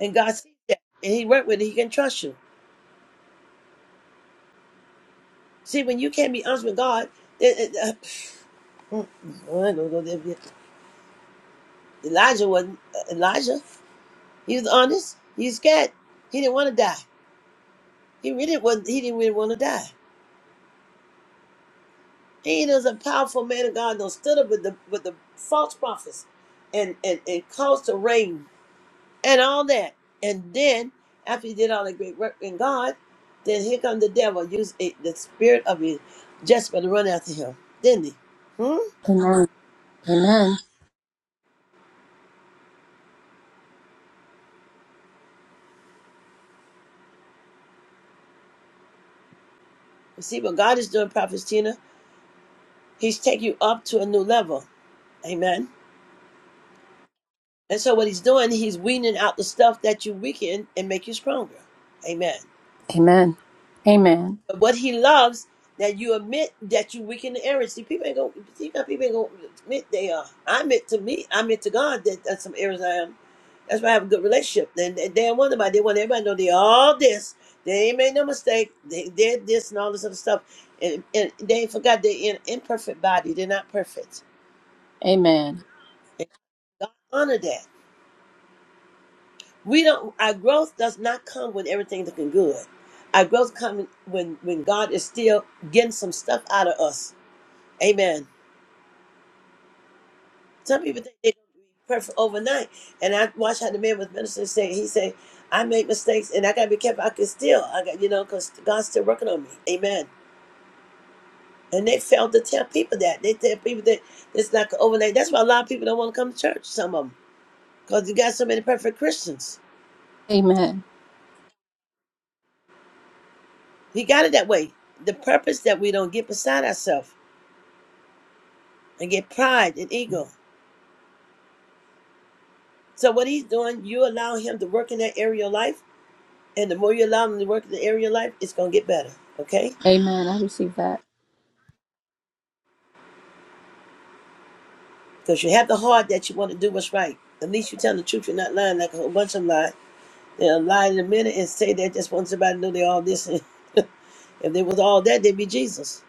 A: and god sees that and he worked with it he can trust you see when you can't be honest with god it, it, uh, [laughs] [clears throat] Elijah wasn't uh, Elijah He was honest. He was scared. He didn't want to die. He really wasn't. He didn't really want to die. He was a powerful man of God. that stood up with the with the false prophets, and and and caused the rain and all that. And then after he did all that great work in God, then here come the devil. Use it, the spirit of his Jezebel to run after him. Didn't he? Hmm.
G: Amen. Amen.
A: You see what God is doing, Prophet Tina. He's taking you up to a new level. Amen. And so what he's doing, he's weaning out the stuff that you weaken and make you stronger. Amen.
G: Amen.
A: But what he loves that you admit that you weaken the areas. See, people ain't gonna see how people ain't going to admit they are. I admit to me, I admit to God that that's some areas I am. That's why I have a good relationship. And they they don't want nobody. They want everybody to know they all this. They ain't made no mistake. They did this and all this other stuff. And, and they forgot they're in imperfect body. They're not perfect.
G: Amen.
A: And God honor that. We don't. Our growth does not come when everything's looking good. Our growth comes when when God is still getting some stuff out of us. Amen. Some people think they're gonna be perfect overnight. And I watched how the man was ministering. Say he said, "I make mistakes, and I gotta be careful. I can still, I got you know, because God's still working on me." Amen. And they fail to tell people that. They tell people that it's like an overnight. That's why a lot of people don't want to come to church. Some of them, because you got so many perfect Christians.
G: Amen. Amen.
A: He got it that way. The purpose that we don't get beside ourselves. and get pride and ego. So what he's doing, you allow him to work in that area of life, and the more you allow him to work in the area of life, it's gonna get better. Okay? Because you have the heart that you want to do what's right. At least you tell the truth. You're not lying like a whole bunch of lies. They'll lie in a minute and say they just want somebody to know they all this. [laughs] if they was all that, they'd be Jesus.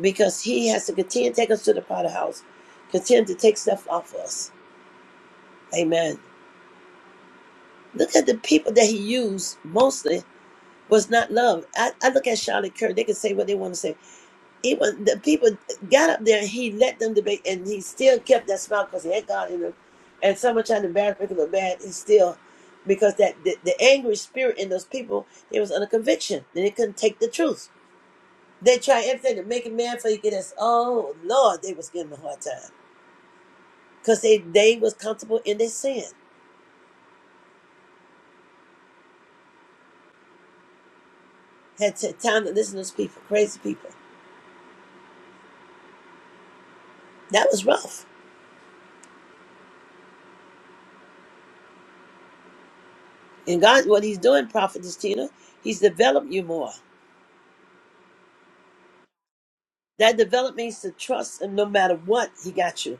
A: Because he has to continue to take us to the potter house, continue to take stuff off of us. Amen. Look at the people that he used mostly was not love. I, I look at Charlotte Kirk. They can say what they want to say it was the people got up there and he let them debate and he still kept that smile because he had God in him. And someone trying to embarrass make him look bad, he still because that the, the angry spirit in those people, it was under conviction. And they couldn't take the truth. They tried everything to make him mad for you get us oh Lord, they was giving him a hard time. Because they, they was comfortable in their sin. Had t- time to listen to those people, crazy people. That was rough. And God what he's doing, Prophetess Tina, he's developed you more. That development means to trust him no matter what he got you.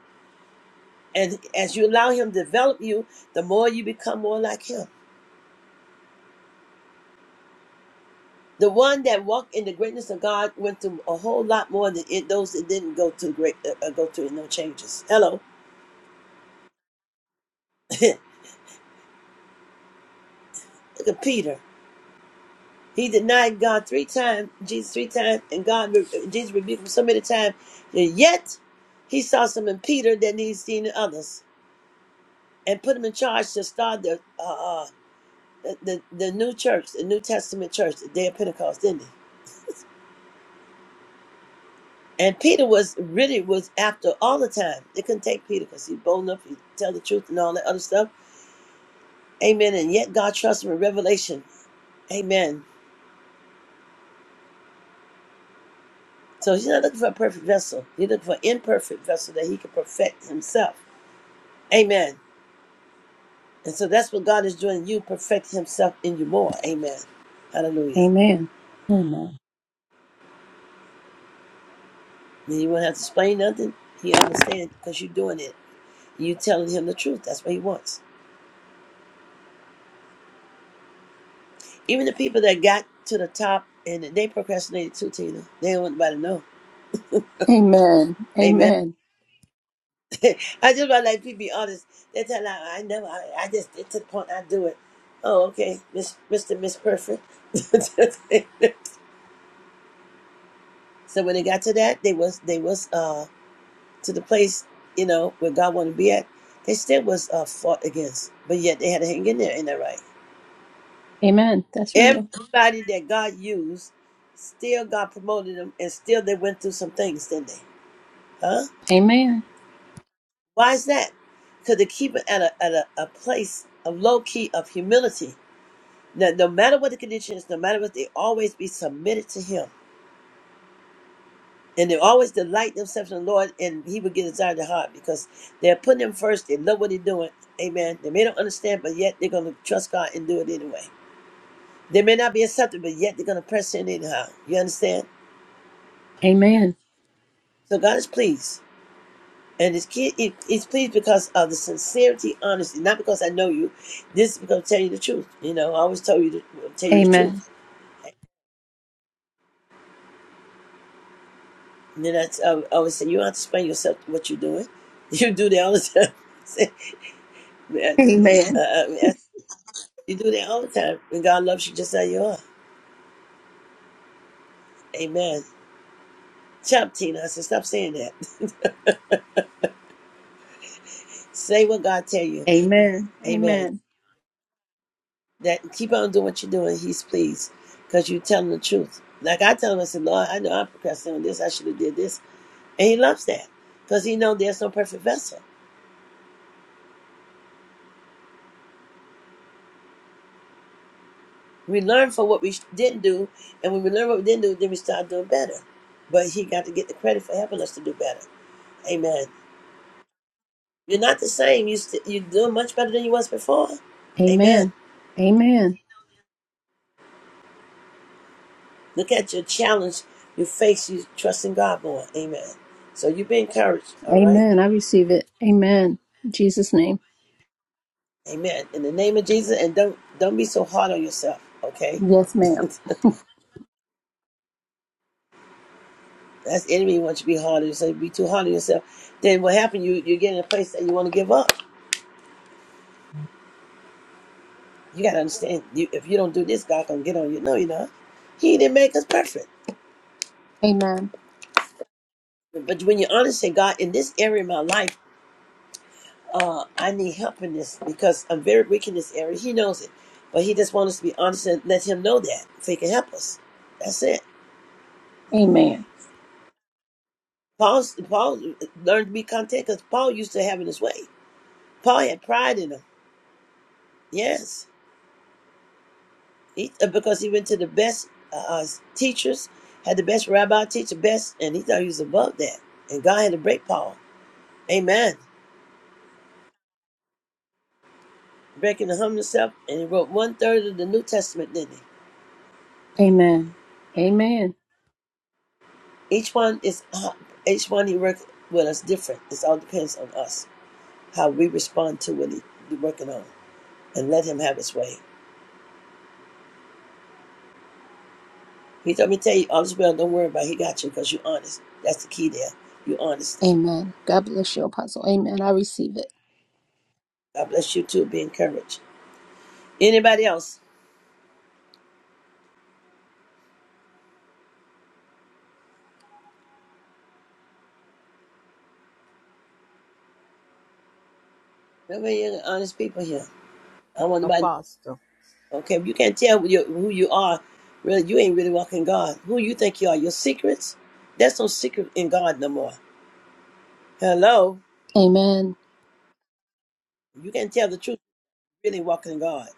A: And as you allow him to develop you, the more you become more like him. The one that walked in the greatness of God went through a whole lot more than it, those that didn't go through great uh, uh, go through no changes. Hello, [laughs] look at Peter. He denied God three times, Jesus three times, and God uh, Jesus rebuked him so many times. And yet, he saw some in Peter that he'd seen in others, and put him in charge to start the uh, uh, the, the, the new church, the New Testament church, the day of Pentecost, didn't they? And Peter was really was after all the time. They couldn't take Peter because he's bold enough, he tell the truth and all that other stuff. Amen. And yet God trusts him in revelation. Amen. So he's not looking for a perfect vessel. He's looking for an imperfect vessel that he can perfect himself. Amen. And so that's what God is doing. in You perfect himself in you more. Amen. Hallelujah.
G: Amen. Amen.
A: Then you won't have to explain nothing. He understands because you're doing it. You telling him the truth. That's what he wants. Even the people that got to the top and they procrastinated too, Tina. They don't want nobody to know.
G: Amen. Amen.
A: Amen.
G: Amen.
A: [laughs] I just want like people be honest. They tell like, I never, I, I just, it's to the point I do it. Oh, okay, Miss, Mr. Miss Perfect. [laughs] so when they got to that, they was, they was, uh, to the place, you know, where God wanted to be at, they still was, uh, fought against. But yet they had to hang in there, ain't that right?
G: Amen. That's real.
A: Everybody that God used, still God promoted them and still they went through some things, didn't they? Huh?
G: Amen.
A: Why is that? Because they keep it at a, at a, a place of low key of humility. Now, no matter what the condition is, no matter what, they always be submitted to Him. And they always delight themselves in the Lord, and He will get inside their heart because they're putting Him first. They love what He's doing. Amen. They may not understand, but yet they're going to trust God and do it anyway. They may not be accepted, but yet they're going to press in anyhow. You understand?
G: Amen.
A: So God is pleased. And it's, kid, it, it's pleased because of the sincerity, honesty, not because I know you. This is because I tell you the truth. You know, I always tell you the, tell you the
G: Amen.
A: truth. And then I I always say, you don't have to explain yourself what you're doing. [laughs] You do that all the time. [laughs] I Say, man, uh,
G: Amen.
A: uh, I- you do that all the time. And God loves you just how you are. Amen. Chop, Tina. I said, stop saying that. [laughs] Say what God tell you.
G: Amen. Amen.
A: Amen. That Keep on doing what you're doing. He's pleased because you're telling the truth. Like I tell him, I said, Lord, I know I procrastinated on this. I should have did this. And he loves that because he knows there's no perfect vessel. We learn from what we didn't do, and when we learn what we didn't do, then we start doing better. But he got to get the credit for helping us to do better. Amen. You're not the same. You st- you're doing much better than you was before. Amen.
G: Amen. Amen.
A: Look at your challenge, you face, you trust in God more. Amen. So you be encouraged. All right.
G: Amen. I receive it. Amen. In Jesus' name.
A: Amen. In the name of Jesus, and don't don't be so hard on yourself. Okay.
G: Yes, ma'am.
A: That's the enemy wants you to be hard on yourself. Be too hard on yourself. Then what happens? You you get in a place that you want to give up You gotta understand. You, if you don't do this, God gonna get on you. No, you know, He didn't make us perfect.
G: Amen.
A: But when you are honest say, God, in this area of my life, uh, I need help in this because I'm very weak in this area. He knows it, but He just wants us to be honest and let Him know that so He can help us. That's it.
G: Amen.
A: Paul, Paul learned to be content because Paul used to have it his way. Paul had pride in him. Yes, he, uh, because he went to the best uh, uh, teachers, had the best rabbi teacher, best, and he thought he was above that. And God had to break Paul. Amen. breaking the hum himself, and he wrote one third of the New Testament, didn't he?
G: Amen. Amen.
A: Each one is uh, each one he worked with us different. It all depends on us how we respond to what he's working on, and let him have his way. He told me to tell you, all is well. Don't worry about. It. He got you because you're honest. That's the key there. Your honesty.
G: Amen. God bless you, Apostle. Amen. I receive it.
A: God bless you too. Be encouraged. Anybody else? Remember, you honest people here. I want nobody.
F: Apostle.
A: Okay, if you can't tell who you, who you are, really, you ain't really walking God. Who you think you are? Your secrets? That's no secret in God no more. Hello.
G: Amen.
A: You can tell the truth. Really walking in God.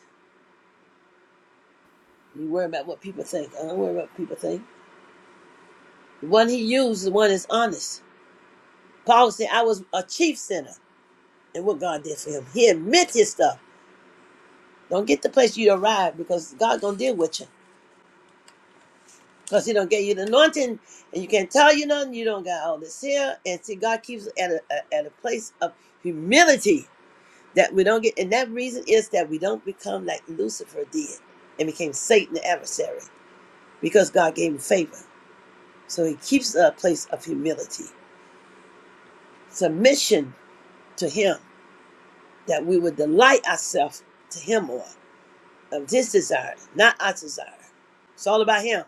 A: You worry about what people think. I don't worry about what people think. The one he used is the one that's honest. Paul said, I was a chief sinner and what God did for him. He admit his stuff. Don't get the place you arrived because God gonna deal with you. Because he don't get you the anointing and you can't tell you nothing. You don't got all this here. And see, God keeps us at a, a- at a place of humility that we don't get. And that reason is that we don't become like Lucifer did and became Satan the adversary because God gave him favor. So he keeps a place of humility, submission to him, that we would delight ourselves to him more of his desire, not our desire. It's all about him.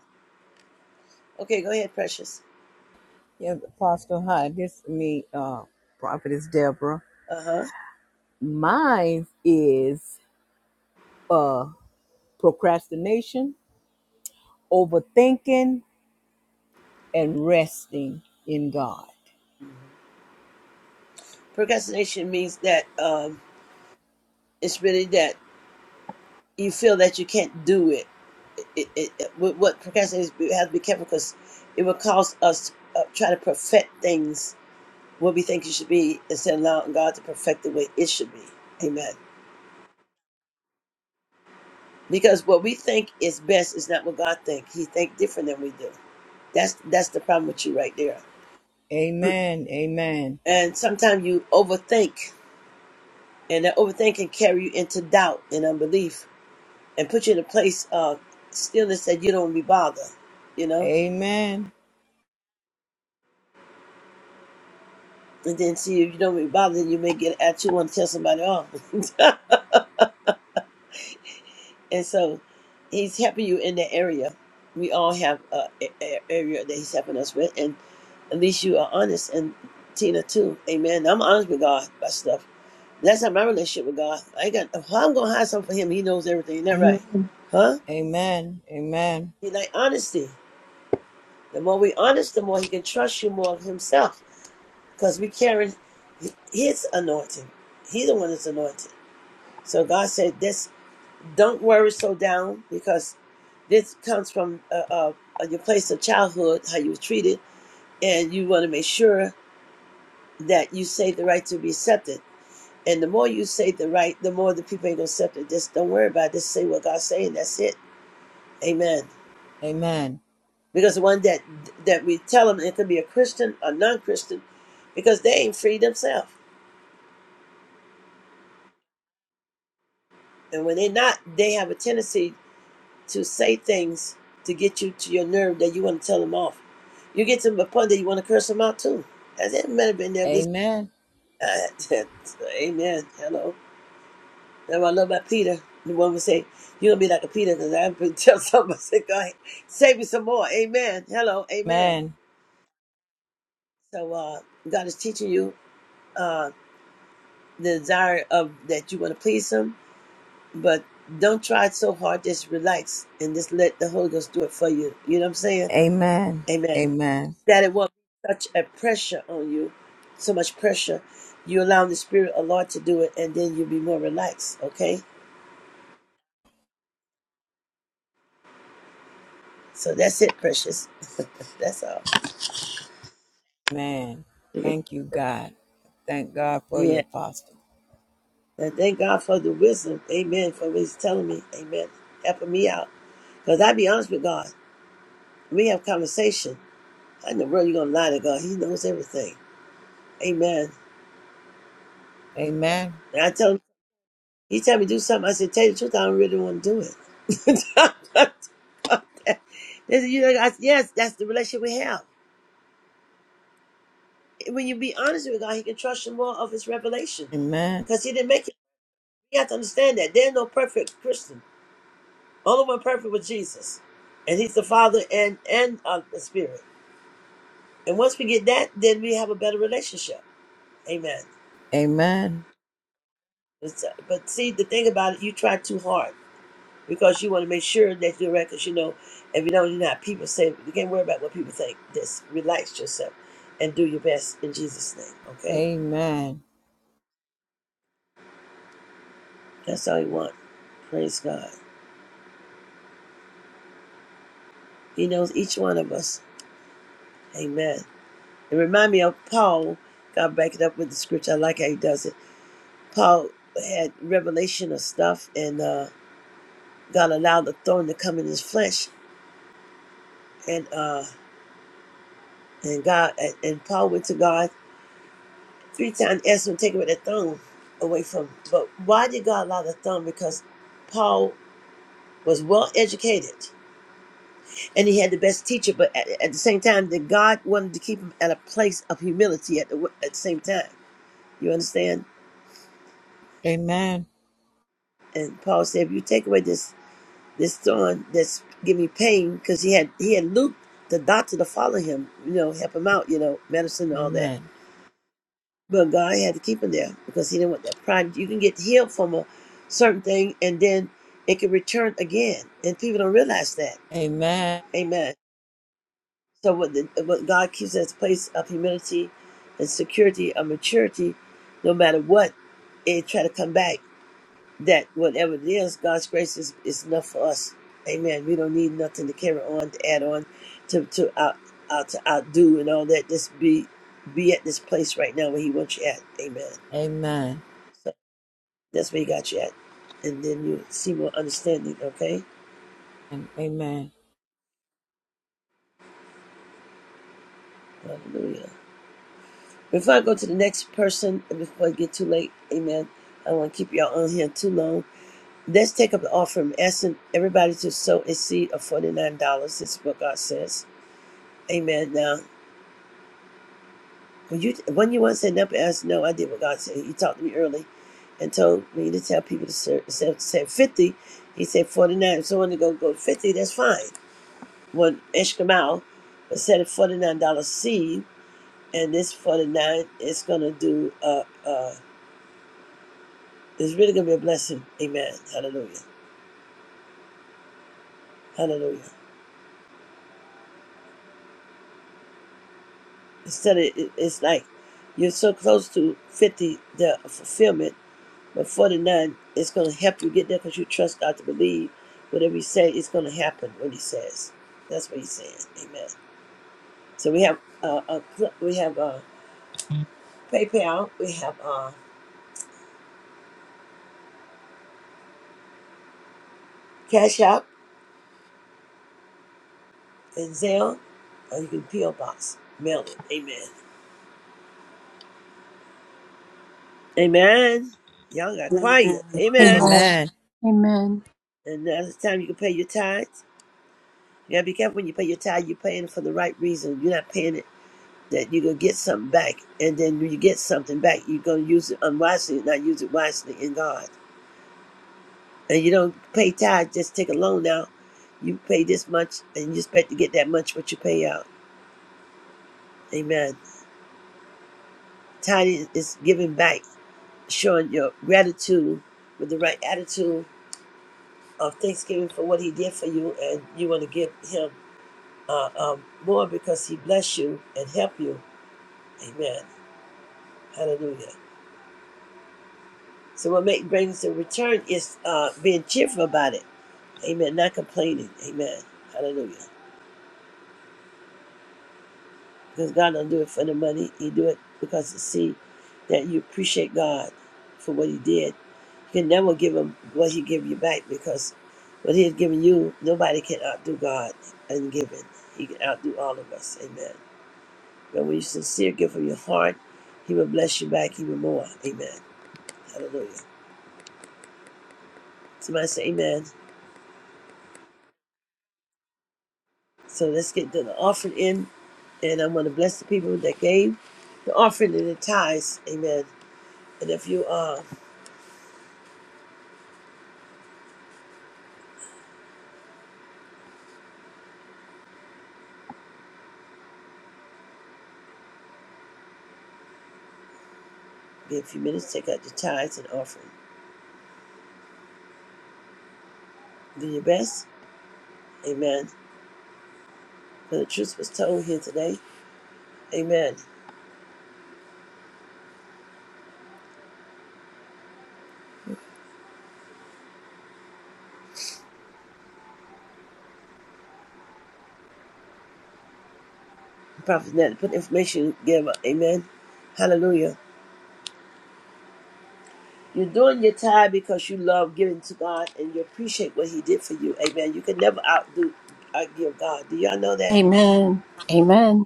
A: Okay, go ahead, precious.
F: Yes, Apostle. Hi, this is me, uh, Prophetess Deborah.
A: Uh huh.
F: Mine is uh, procrastination, overthinking, and resting in God.
A: Procrastination means that um, it's really that you feel that you can't do it. It, it, it what what procrastination is, we have to be careful because it will cause us to uh, try to perfect things what we think it should be instead of allowing God to perfect the way it should be. Amen. Because what we think is best is not what God thinks. He thinks different than we do. That's that's the problem with you right there.
F: Amen. Amen.
A: And sometimes you overthink, and that overthink can carry you into doubt and unbelief, and put you in a place of stillness that you don't wanna be bothered. You know,
F: Amen.
A: and then see if you don't wanna be bothered, then you may get at you want to tell somebody off. [laughs] and so, He's helping you in that area. We all have a, a a- area that He's helping us with, and at least you are honest. And Tina too, Amen. I'm honest with God about stuff That's not my relationship with God. I got. How I'm gonna hide something from Him? He knows everything. Isn't that right?
G: Amen.
A: Huh?
F: Amen. Amen.
A: He like honesty. The more we honest, the more He can trust you more of Himself, because we carry His anointing. He's the one that's anointed. So God said, "This don't worry so down, because this comes from uh, uh, your place of childhood, how you were treated, and you want to make sure that you say the right to be accepted." And the more you say the right, the more the people ain't gonna accept it. Just don't worry about it. Just say what God's saying. That's it Amen.
F: Amen.
A: Because the one that that we tell them it could be a Christian or non-Christian, because they ain't free themselves. And when they're not, they have a tendency to say things to get you to your nerve that you want to tell them off. You get to a point that you want to curse them out too. I said, "Man, have been there. This,
F: Amen.
A: uh, [laughs] Amen. Hello. That's what I love about Peter. The one would say, "You're gonna be like a Peter," because I've been telling [laughs] somebody, I said, "God, save me some more." Amen. Hello. Amen.
F: Amen.
A: So uh, God is teaching you. uh, the desire of that you want to please him, but don't try so hard. Just relax and just let the Holy Ghost do it for you. You know what I'm saying?
F: Amen.
A: Amen.
F: Amen.
A: That it won't be such a pressure on you, so much pressure. You allow the Spirit of the Lord to do it, and then you'll be more relaxed. Okay. So that's it, precious. [laughs] that's all.
F: Amen. Thank you, God. Thank God for your
A: Yeah.
F: apostle.
A: And thank God for the wisdom. Amen. For what he's telling me. Amen. Helping me out. Because I be honest with God. We have conversation. I know, bro, you're going to lie to God. He knows everything. Amen.
F: Amen.
A: And I tell him, he tell me do something. I said, tell you the truth, I don't really want to do it. [laughs] They said, you know, I said, yes, that's the relationship we have. When you be honest with God, He can trust you more of His revelation,
F: Amen.
A: because He didn't make it. You have to understand that there's no perfect Christian. Only one perfect was Jesus, and He's the Father and and uh, the Spirit. And once we get that, then we have a better relationship. Amen.
F: Amen.
A: It's, uh, but see, the thing about it, you try too hard. because you want to make sure that you're right. Because you know, if you don't, you're not. People say you can't worry about what people think. Just relax yourself and do your best in Jesus' name. Okay,
F: Amen.
A: that's all you want. Praise God. He knows each one of us. Amen. It remind me of Paul. God back it up with the scripture. I like how he does it. Paul had revelation of stuff, and uh, God allowed the thorn to come in his flesh, and uh, and God and and Paul went to God Three times Ezra take away the thumb away from. But why did God allow the thumb? Because Paul was well educated and he had the best teacher, but at, at the same time, that God wanted to keep him at a place of humility at the at the same time. You understand?
F: Amen.
A: And Paul said, if you take away this this thorn that's give me pain, because he had he had Luke, the doctor, to follow him, you know, help him out, you know, medicine and all that.
F: Amen.
A: But God had to keep him there because he didn't want that pride. You can get healed from a certain thing and then it can return again. And people don't realize that.
F: Amen.
A: Amen. So what, the, what God keeps us a place of humility and security of maturity, no matter what, it try to come back. That whatever it is, God's grace is, is enough for us. Amen. We don't need nothing to carry on, to add on, to to out, out to outdo and all that. Just be be at this place right now where He wants you at. Amen.
F: Amen. Amen.
A: So That's where you got you at. And then you see more understanding, okay? Hallelujah. Before I go to the next person, and before I get too late, amen, I don't want to keep y'all on here too long. Let's take up the offering, I'm asking everybody to sow a seed of $49. This is what God says. Amen. Now, when you, when you want to stand up and ask, no, I did what God said. He talked to me early and told me to tell people to serve, said, said 50. He said 49. If someone to go, go 50, that's fine. When Ishkamal said a $49 seed and this 49 is going to do uh uh it's really going to be a blessing amen hallelujah hallelujah instead of it, it's like you're so close to 50 the fulfillment but 49 is going to help you get there because you trust god to believe whatever he says, it's going to happen when he says that's what he's saying amen so we have uh, a we have uh paypal we have uh cash app and zelle or you can peel box mail it amen Amen. Y'all got
E: Amen.
A: quiet. Amen.
G: Amen.
F: Amen.
G: Amen.
A: And now's the time you can pay your tithes. You gotta be careful when you pay your tithe, you're paying it for the right reason. You're not paying it that you're gonna get something back. And then when you get something back, you're gonna use it unwisely, not use it wisely in God. And you don't pay tithe, just take a loan out. You pay this much and you expect to get that much what you pay out. Amen. Tithing is giving back, showing your gratitude with the right attitude of thanksgiving for what he did for you and you want to give him uh, um, more because he bless you and help you. Amen. Hallelujah. So what make, brings the return is uh, being cheerful about it. Amen. Not complaining. Amen. Hallelujah. Because God don't do it for the money. He do it because to see that you appreciate God for what he did. You can never give him what he give you back because what he has given you, nobody can outdo God in giving. He can outdo all of us. Amen. But when you sincere give from your heart, he will bless you back even more. Amen. Hallelujah. Somebody say amen. So let's get the offering in. And I'm going to bless the people that gave the offering and the tithes. Amen. And if you uh, give a few minutes, take out the tithes and offering. Do your best. Amen. For the truth was told here today. Amen. Prophet Nat, put information you give up. Amen. Hallelujah. You're doing your tithe because you love giving to God and you appreciate what He did for you. Amen. You can never outdo, outgive God. Do y'all know that?
G: Amen. Amen. Amen.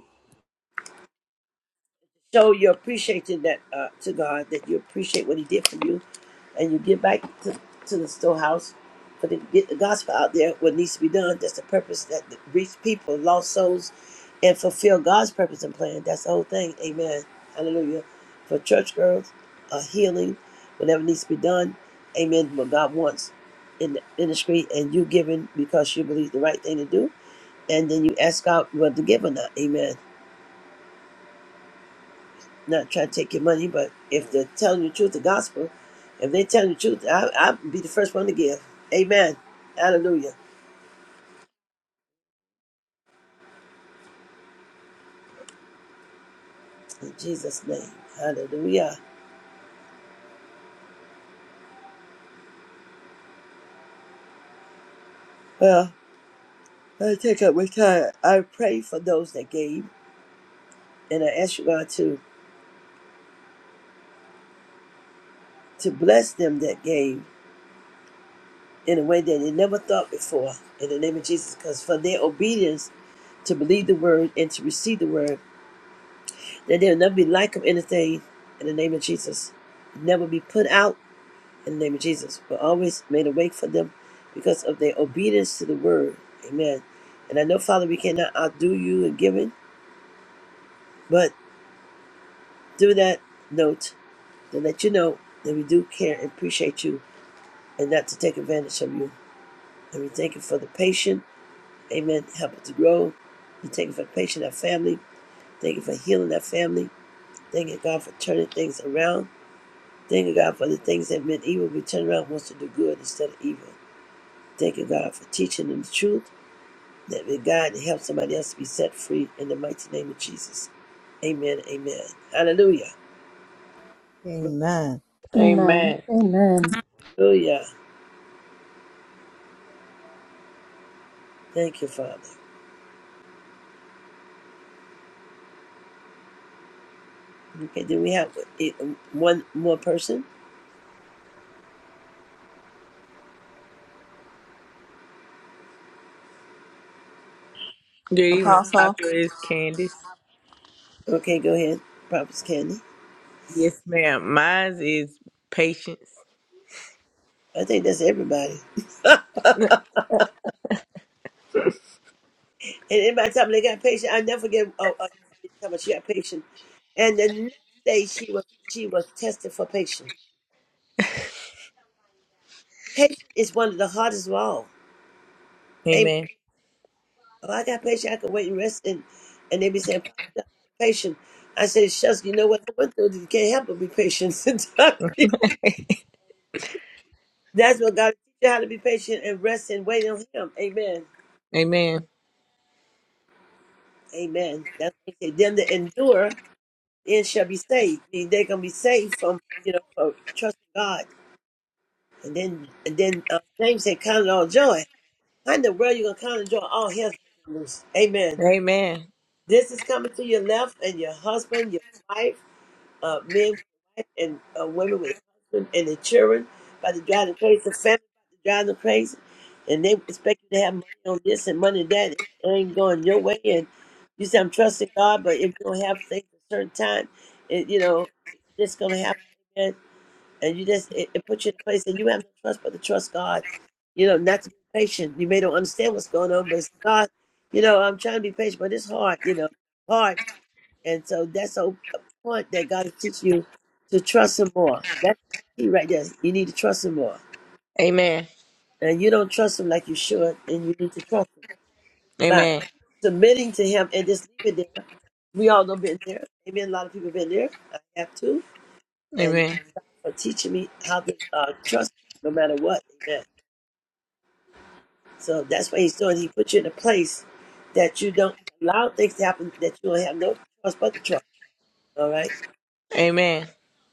A: show your appreciation that uh, to God that you appreciate what He did for you, and you give back to, to the storehouse for to get the gospel out there. What needs to be done. That's the purpose that to reach people, lost souls, and fulfill God's purpose and plan. That's the whole thing. Amen. Hallelujah. For church girls, uh, healing, whatever needs to be done. Amen. What God wants in the ministry, and you giving because you believe the right thing to do, and then you ask God whether to give or not. Amen not try to take your money, but if they're telling you the truth, the gospel, if they're telling you the truth, I, I'll be the first one to give. Amen. Hallelujah. In Jesus' name. Hallelujah. Well, I take up my time. I pray for those that gave, and I ask you, God, to, to bless them that gave in a way that they never thought before, in the name of Jesus, because for their obedience to believe the word and to receive the word, that they'll never be like of anything, in the name of Jesus. Never be put out in the name of Jesus, but always made awake for them because of their obedience to the word. Amen. And I know, Father, we cannot outdo you in giving, but through that note, to let you know that we do care and appreciate you and not to take advantage of you. And we thank you for the patient. Amen. Help it to grow. We thank you for the patient, our family. Thank you for healing our family. Thank you, God, for turning things around. Thank you, God, for the things that meant evil. We turn around and wants to do good instead of evil. Thank you, God, for teaching them the truth that may God help somebody else to be set free in the mighty name of Jesus. Amen. Amen. Hallelujah.
F: Amen.
H: Amen.
G: Amen.
A: Hallelujah. Thank you, Father. Okay, then we have it- one more person.
H: Good evening,
E: Apostle,
H: Pastor. It's Candace.
A: Okay, go ahead, Prophet Candy.
H: Yes, ma'am. Mine is patience.
A: I think that's everybody. And everybody tell me they got patient. I never forget. Oh, uh, she got patient. And the next day she was she was tested for patient. Patient is one of the hardest of all. Amen.
H: Amen.
A: If I got patient. I could wait and rest. And, and they be saying, "Pop, you got a lot of patience. I said, shucks, you know what I went through? You can't help but be patient. [laughs] Sometimes. That's what God teach you how to be patient and rest and wait on Him. Amen.
H: Amen.
A: Amen. That's what he said. Them that endure, then shall be saved. They're going to be saved from, you know, from trusting God. And then, and then uh, James said, count it all joy. How in the world you going to count it joy? All hell's breaking loose. Amen.
H: Amen.
A: This is coming to your left and your husband, your wife uh, men with wife and uh, women with husband and their children about to drive them crazy, the family about to drive them crazy, and they expect you to have money on this and money on that, and it ain't going your way. And you say I'm trusting God, but if you don't have things at a certain time, it, you know this gonna happen. And, and you just it, it puts you in a place, and you have no trust but to trust God. You know, not to be patient. You may don't understand what's going on, but it's God. You know, I'm trying to be patient, but it's hard. You know, hard. And so that's a point that God is teaching you to trust Him more. That's the key right there. You need to trust Him more.
H: Amen.
A: And you don't trust Him like you should, and you need to trust Him by
H: Amen.
A: submitting to Him and just leave it there. We all know been there. Amen. A lot of people been there. I have too. And
H: Amen.
A: for teaching me how to uh, trust Him no matter what. Amen. So that's what He's doing. He put you in a place that you don't allow things to happen that you don't have no choice but to trust. All right.
H: Amen.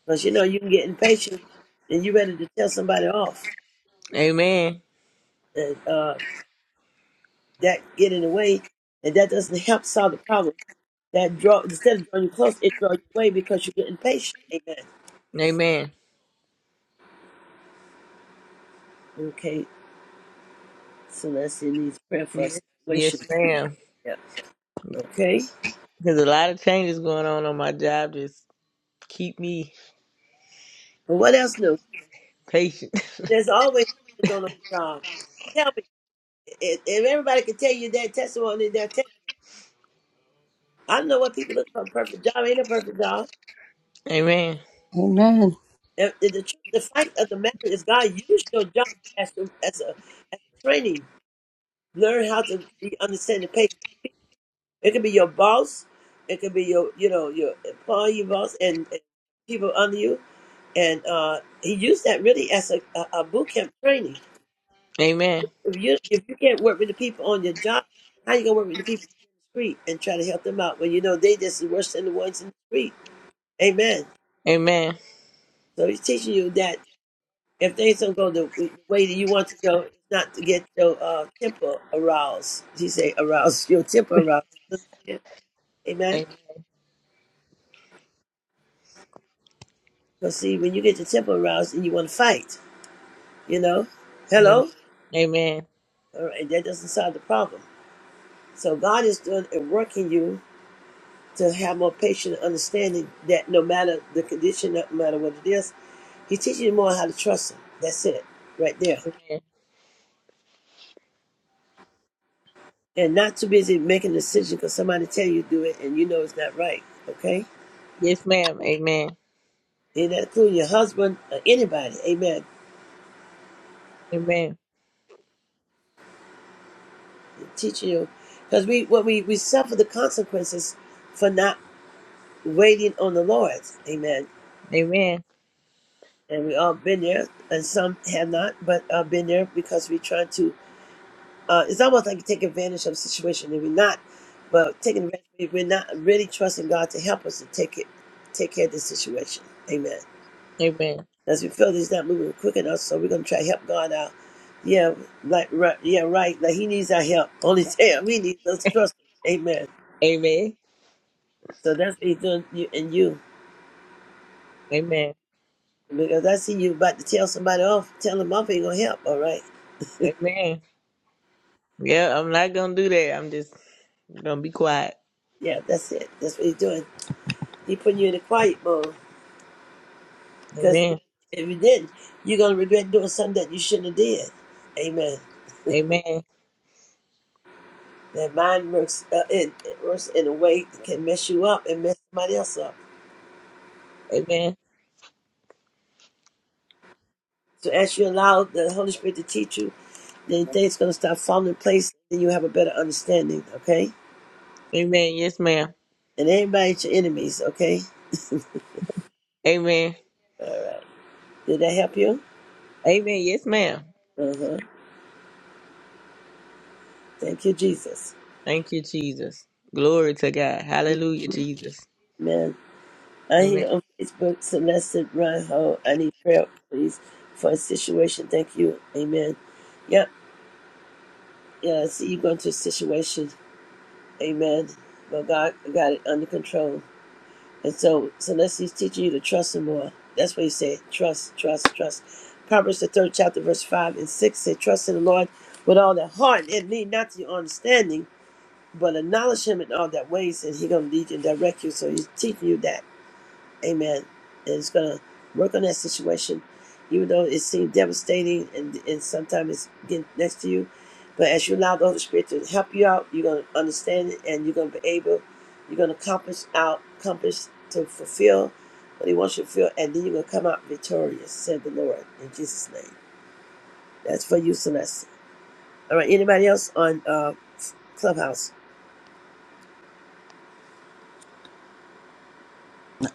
A: Because you know you can get impatient and you're ready to tell somebody off,
H: Amen.
A: and uh, that get in the way, and that doesn't help solve the problem. That draw instead of drawing you close, it draws you away because you get impatient. Amen.
H: Amen.
A: Okay, so that's in these prayer for a
H: Yes,
A: situation.
H: yes ma'am.
A: Yeah. Okay.
H: There's a lot of changes going on on my job. Just keep me
A: But what else new?
H: patient. [laughs]
A: There's always something going on in the job. Tell me if, if everybody could tell you their testimony, their te- I know what people look for a perfect job ain't a perfect job.
H: Amen.
G: Amen.
A: And the, the, tr- the fact of the matter is, God used your job as a, as a as a training. Learn how to be understanding patient. It could be your boss. It could be your you know your employee boss and, and people under you. And uh, he used that really as a, a, a boot camp training.
H: Amen.
A: If you if you can't work with the people on your job, how you gonna work with the people in the street and try to help them out when you know they just worse than the ones in the street? Amen.
H: Amen.
A: So he's teaching you that If things don't go the, the way that you want to go, it's not to get your uh, temper aroused. He say aroused, your temper aroused. You understand? Amen.
H: Amen.
A: Because see, when you get your temper aroused and you want to fight, you know, hello,
H: Amen.
A: all right, that doesn't solve the problem. So God is doing and working you to have more patient understanding that no matter the condition, no matter what it is, He teaches you more how to trust Him. That's it, right there.
H: Amen.
A: And not too busy making a decision because somebody tell you to do it and you know it's not right. Okay.
H: Yes, ma'am. Amen.
A: And that include your husband or anybody. Amen.
H: Amen.
A: Teaching you because we what we, we suffer the consequences for not waiting on the Lord. Amen.
H: Amen.
A: And we all been there, and some have not, but uh, been there because we try to. Uh, it's almost like you take advantage of a situation, and we're not. But taking advantage, we're not really trusting God to help us to take it, take care of the situation. Amen.
H: Amen.
A: As we feel that he's not moving quick enough, so we're gonna try to help God out. Yeah, like right, yeah, right. Like he needs our help. [laughs] Only him. We need us to trust him. Amen.
H: Amen.
A: So that's what he's doing you and you.
H: Amen.
A: Because I see you about to tell somebody off, tell them off ain't gonna help, all right?
H: Amen. Yeah, I'm not gonna do that. I'm just gonna be quiet.
A: Yeah, that's it. That's what he's doing. He putting you in a quiet mode. Because
H: Amen.
A: if you didn't, you're gonna regret doing something that you shouldn't have did. Amen.
H: Amen.
A: That mind works uh, it, it works in a way that can mess you up and mess somebody else up.
H: Amen.
A: So as you allow the Holy Spirit to teach you Then things gonna start falling in place, and you have a better understanding. Okay,
H: Amen. Yes, ma'am.
A: and everybody's your enemies. Okay,
H: Amen.
A: did that help you?
H: Amen. Yes, ma'am.
A: Uh huh. Thank you, Jesus.
H: Thank you, Jesus. Glory to God. Hallelujah, Jesus.
A: Amen. I
H: Amen.
A: hear on Facebook, Celeste Reinhold. I need prayer, please, for a situation. Thank you. Amen. Yep. Yeah, I see you going through a situation. Amen. But God got it under control. And so, so let he's teaching you to trust him more. That's what he said. Trust, trust, trust. Proverbs the third chapter, verse five and six said, Trust in the Lord with all their heart and lean not to your understanding, but acknowledge him in all their ways, and he's gonna lead you and direct you. So he's teaching you that. Amen. And it's going to work on that situation, even though it seems devastating and, and sometimes it's getting next to you. But as you allow the Holy Spirit to help you out, you're going to understand it and you're going to be able, you're going to accomplish out, accomplish to fulfill what He wants you to fulfill. And then you're going to come out victorious, said the Lord, in Jesus' name. That's for you, Celeste. All right. Anybody else on uh, Clubhouse?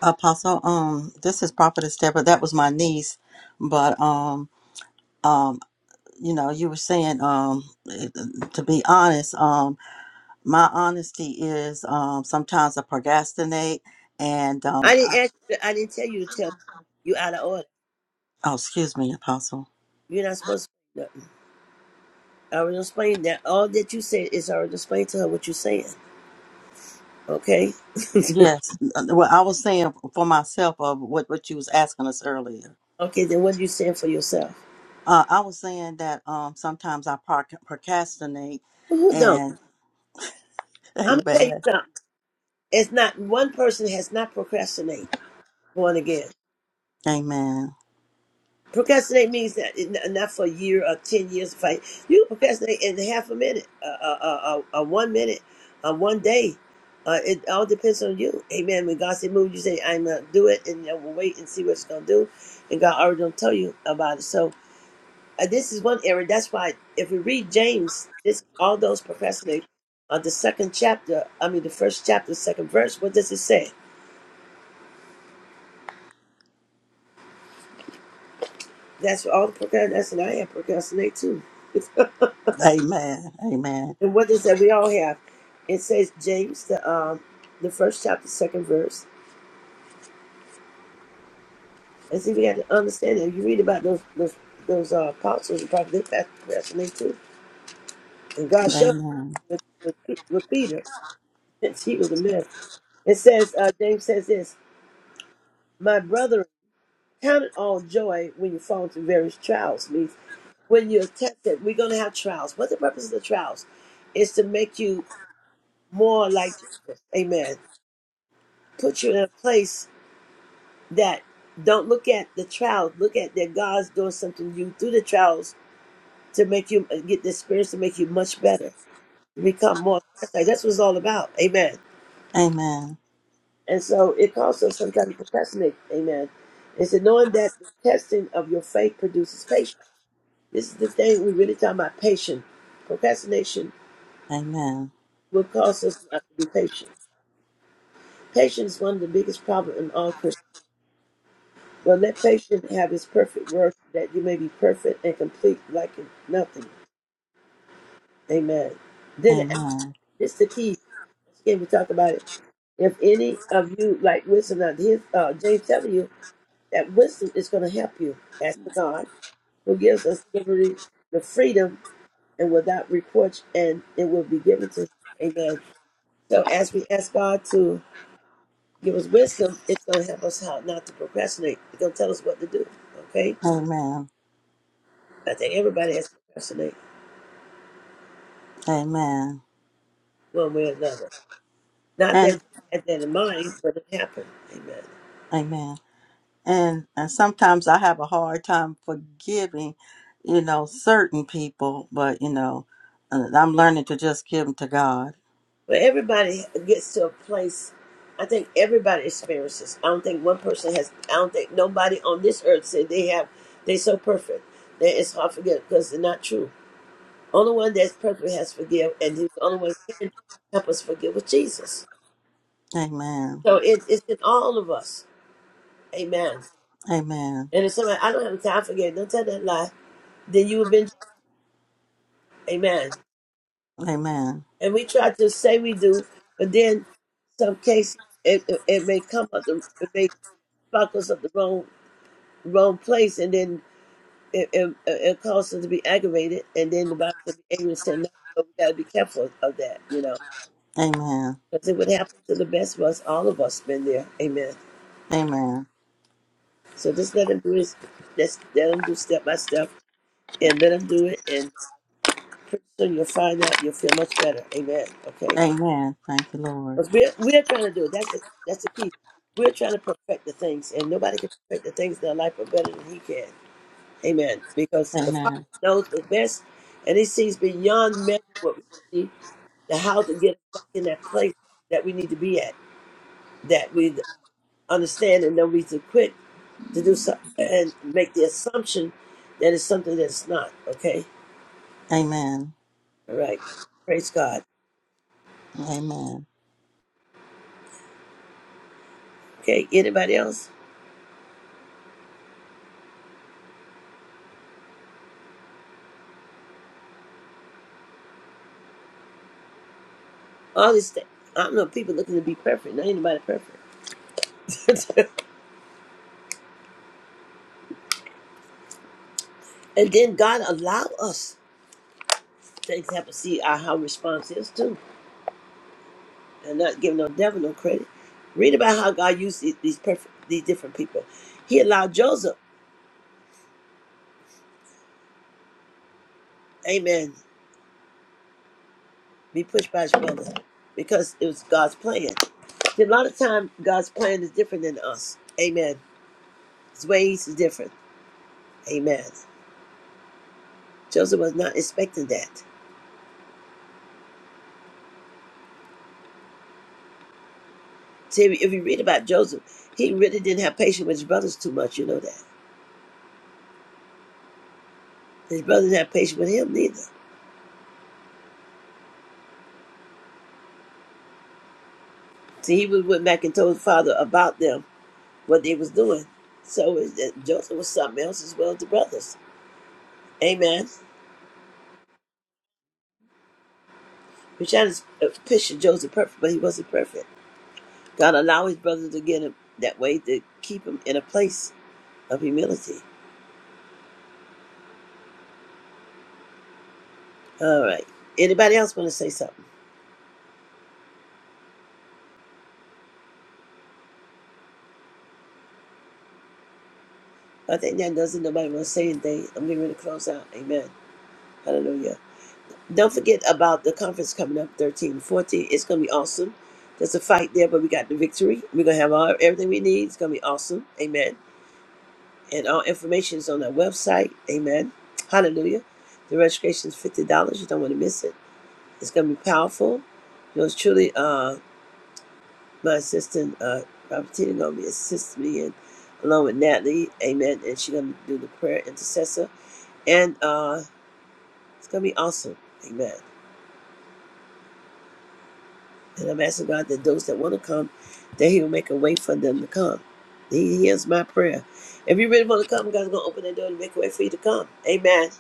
E: Apostle, um, this is Prophetess Deborah. That was my niece, but um, um, you know, you were saying, um, eh, to be honest, um, my honesty is, um, sometimes I procrastinate, and
A: I
E: um,
A: didn't ask you, to, I didn't tell you to tell me. You out of order.
E: oh, excuse me, Apostle.
A: You're not supposed to. No. I already explained that all that you said is already explained to her what you're saying. Okay?
E: Yes, uh, well, I was saying for myself of what what you was asking us earlier.
A: Okay, then what are you saying for yourself?
E: Uh, I was saying that um, sometimes I proc- procrastinate,
A: Well, Who don't?
E: and [laughs]
A: I'm gonna tell
E: Amen.
A: you something. It's not one person has not procrastinate born again.
E: Amen.
A: Procrastinate means that it- not for a year or ten years. Fight. You procrastinate in half a minute, a uh, uh, uh, uh, one minute, uh, one day. Uh, it all depends on you. Amen. When God say move, you say I'm gonna do it, and I will wait and see what it's gonna do. And God already don't tell you about it. So Uh, this is one area. That's why if we read James, this all those procrastinate on the second chapter. I mean, the first chapter, second verse. What does it say? That's what all the procrastination. I have procrastinate too. [laughs]
E: Amen. Amen.
A: and what does that we all have? It says James, the um, the first chapter, second verse. And see, we got to understand that. If you read about those those those uh, apostles and prophets, they procrastinate too. And God showed
E: Amen.
A: with, with, with Peter. [laughs] He was a man. It says, uh, James says this, My brother. Count it all joy when you fall into various trials means when you're tested, we're gonna have trials. What's the purpose of the trials? Is to make you more like Jesus. Amen. Put you in a place that don't look at the trials, look at that God's doing something new through the trials to make you uh, get the experience to make you much better. become more Christ like. That's what it's all about. Amen.
E: Amen.
A: And so it calls us sometimes to procrastinate. Amen. It's knowing that the testing of your faith produces patience. This is the thing we really talking about patience. Procrastination
E: Amen.
A: will cause us not to be patient. Patience is one of the biggest problems in all Christians. But let patience have its perfect work that you may be perfect and complete like nothing. Amen. Then
E: Amen.
A: this is the key. Once again, we talk about it. If any of you like wisdom, now his uh, James telling you that wisdom is going to help you. Ask the God who gives us liberty, the freedom, and without reproach, and it will be given to you. Amen. So as we ask God to give us wisdom, it's going to help us how not to procrastinate. It's going to tell us what to do. Okay.
E: Amen.
A: I think everybody has to procrastinate
E: Amen.
A: one way or another. Not that
E: And
A: you had that in mind, but it happened. Amen.
E: amen. And and sometimes I have a hard time forgiving, you know, certain people, but you know, uh, I'm learning to just give them to God.
A: But everybody gets to a place. I think everybody experiences. I don't think one person has. I don't think nobody on this earth said they have. They're so perfect that it's hard to forgive because they're not true. Only one that's perfect has to forgive, and he's the only one who can help us forgive was Jesus.
E: Amen.
A: So it, it's in all of us. Amen.
E: Amen.
A: And if somebody, I don't have the time for forget, don't tell that lie, then you have been, Jesus. amen.
E: Amen.
A: And we try to say we do, but then some cases it, it, it may come up, the, it may spark us up the wrong wrong place, and then it, it, it causes us to be aggravated, and then the Bible says be angry and sin not. So we got to be careful of that, you know,
E: Amen.
A: because it would happen to the best of us. All of us been there. Amen.
E: Amen.
A: So just let him do his, just let him do step by step, and let him do it, Pretty soon you'll find out you'll feel much better. Amen. Okay.
E: Amen. Thank you, Lord.
A: Because we're, we're trying to do it. That's the, that's the key. We're trying to perfect the things, and nobody can perfect the things in their life are better than He can. Amen. Because the Father
E: Amen.
A: knows what's best, and He sees beyond measure what we see, the how to get us back in that place that we need to be at, that we understand and know we to quit to do something and make the assumption that it's something that's not. Okay.
E: Amen.
A: All right. Praise God.
E: Amen.
A: Okay. Anybody else? all these things. i do not know. people looking to be perfect. Not anybody perfect. [laughs] and then God allow us things happen. See uh, how response is too, and not giving no devil no credit. Read about how God used these, these perfect, these different people. He allowed Joseph, Amen, be pushed by his brother because it was God's plan. See, a lot of time God's plan is different than us. Amen. His ways is different. Amen. Joseph was not expecting that. See, if you read about Joseph, he really didn't have patience with his brothers too much. You know that. His brothers had patience with him neither. See, he was went back and told his father about them, what they was doing. So it, that Joseph was something else as well as the brothers. Amen. We're trying to uh, picture Joseph perfect, but he wasn't perfect. God allowed his brothers to get him that way to keep him in a place of humility. All right. Anybody else want to say something? I think that doesn't nobody want to say anything. I'm getting ready to close out. Amen. Hallelujah. Don't forget about the conference coming up 13 14. It's going to be awesome. There's a fight there, but we got the victory. We're going to have all, everything we need. It's going to be awesome. Amen. And all information is on our website. Amen. Hallelujah. The registration is $50. You don't want to miss it. It's going to be powerful. You know, it's truly uh, my assistant, uh, Robertina, going to be assisting me and along with Natalie. Amen. And she's going to do the prayer intercessor. And uh, it's going to be awesome. Amen. And I'm asking God that those that want to come, that He will make a way for them to come. He hears my prayer. If you really want to come, God's going to open the door and make a way for you to come. Amen.